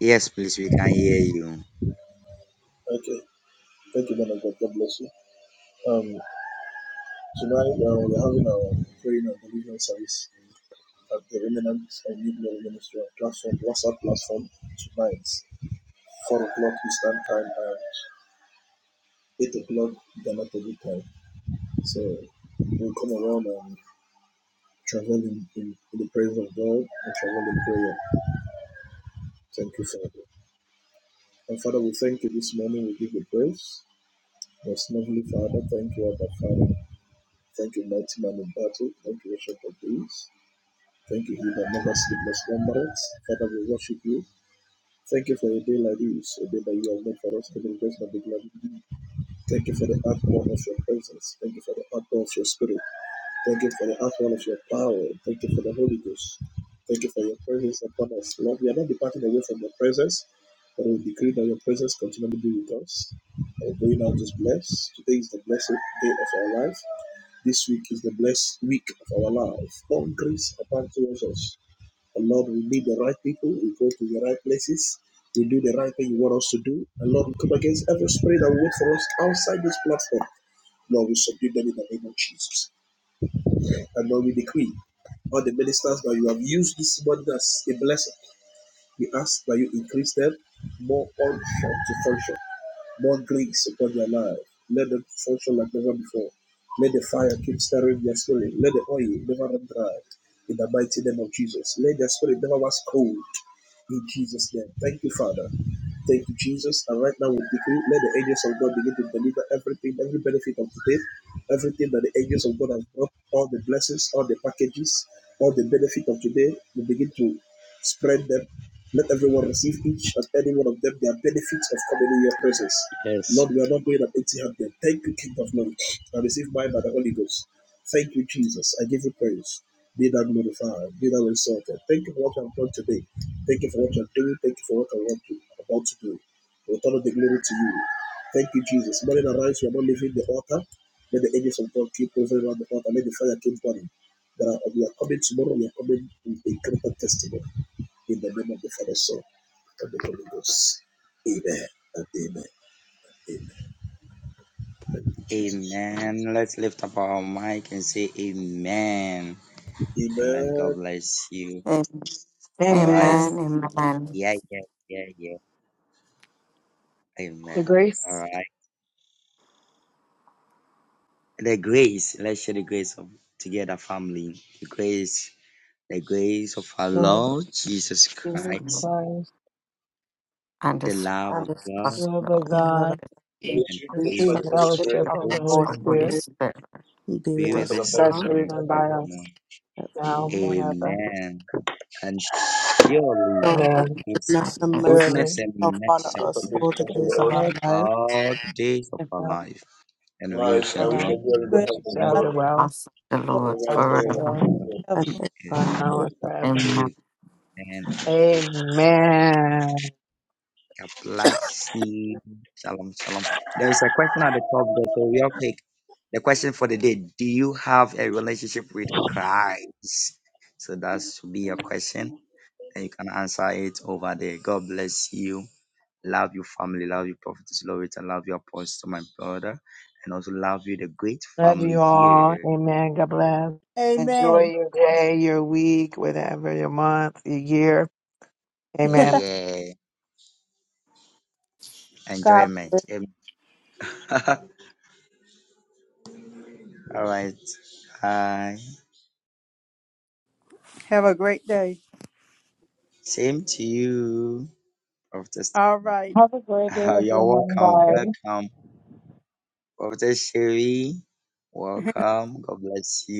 Yes, please, we can hear you. Okay. Thank you, man of God. God bless you. Um. Tonight, uh, we're having our praying and devotional service at the Remnant and New Glory Ministry on platform, WhatsApp platform tonight, 4 o'clock Eastern Time and 8 o'clock Ghana Togo time. So we'll come around and travel in, in, in the praise of God and travel in prayer. Thank you, Father. And Father, we thank you this morning. We give you praise. Most lovely Father, thank you, Abba Father. Thank you, mighty man in battle. Thank you, Bishop of Peace. Thank you, He that never sleep nor slumbereth. Father, we worship you. Thank you for a day like this, a day that you have made for us to be blessed and be glad. Thank you for the outpour of your presence. Thank you for the outpour of your spirit. Thank you for the outpour of your power. Thank you for the Holy Ghost. Thank you for your presence upon us. Lord, we are not departing away from your presence, but we decree that your presence continually be with us. Our going out is blessed. Today is the blessed day of our life. This week is the blessed week of our life. Long grace abound towards us. And Lord, we meet the right people. We go to the right places. We do the right thing you want us to do. And Lord, we come against every spirit that will wait for us outside this platform. Lord, we subdue them in the name of Jesus. And Lord, we decree all the ministers that you have used this morning as a blessing. We ask that you increase them more on to function more grace upon their life. Let them function like never before. Let the fire keep stirring their spirit. Let the oil never run dry. In the mighty name of Jesus. Let their spirit never was cold. In Jesus' name. Thank you, Father. Thank you, Jesus. And right now we decree, let the angels of God begin to deliver everything, every benefit of today, everything that the angels of God have brought, all the blessings, all the packages, all the benefit of today, we begin to spread them. Let everyone receive each and every one of them their benefits of coming in your presence. Yes. Lord, we are not going up empty handed. Thank you, King of Glory. I receive mine by the Holy Ghost. Thank you, Jesus. I give you praise. Be thou glorified. Be thou exalted. Thank you for what you have done today. Thank you for what you are doing. Thank you for what you are about to do. Return of the glory to you. Thank you, Jesus. Morning arise, we are not leaving the altar. Let the angels of God keep moving around the altar. Let the fire keep burning. we are coming tomorrow. We are coming with a greater testimony in the name of the Father, Son, and the Holy Ghost. Amen and amen. Amen. Thank you, Jesus. Amen. Let's lift up our mic and say amen. Amen. Amen. God bless you. All right. Amen, amen. amen. Yeah, yeah, yeah, yeah. Amen. All right. The grace, let's share the grace of together, family. The grace, the grace of our Lord Jesus Christ, And the it's love of Um, God, possible I love And it's and the you sweet finished by faith the Holy fellowship fellowship of Spirit, the of the Holy of Holy what Spirit Spirit is there. be be with rest with and us us abide now with now and us, and forevermore. forevermore. Amen. And surely Surely His And goodness and it's mercy goodness and shall mercy follow shall Because of us follow this, all us the shall days follow of us, our life all the days of our life, and we life, shall and we shall dwell in dwell the in the Good. house house of of the the Lord Lord. awesome, the Lord forever. Amen. forever and and ever. ever. Amen. Amen and God bless you. Shalom, shalom. There is a question at the top there, so real quick. The question for the day Do you have a relationship with Christ? So that should be your question, and you can answer it over there. God bless you. Love your family, love your prophetess, Loretta, love your apostle, my brother, and also love you, the great family here. Amen. Yeah, yeah. God bless. Enjoyment. Amen. (laughs) All right. Hi. Have a great day. Same to you, Prophetess All right. Have a great day, (laughs) You're everyone. welcome. Bye. Welcome. Prophet Sherry, (laughs) welcome. God bless you.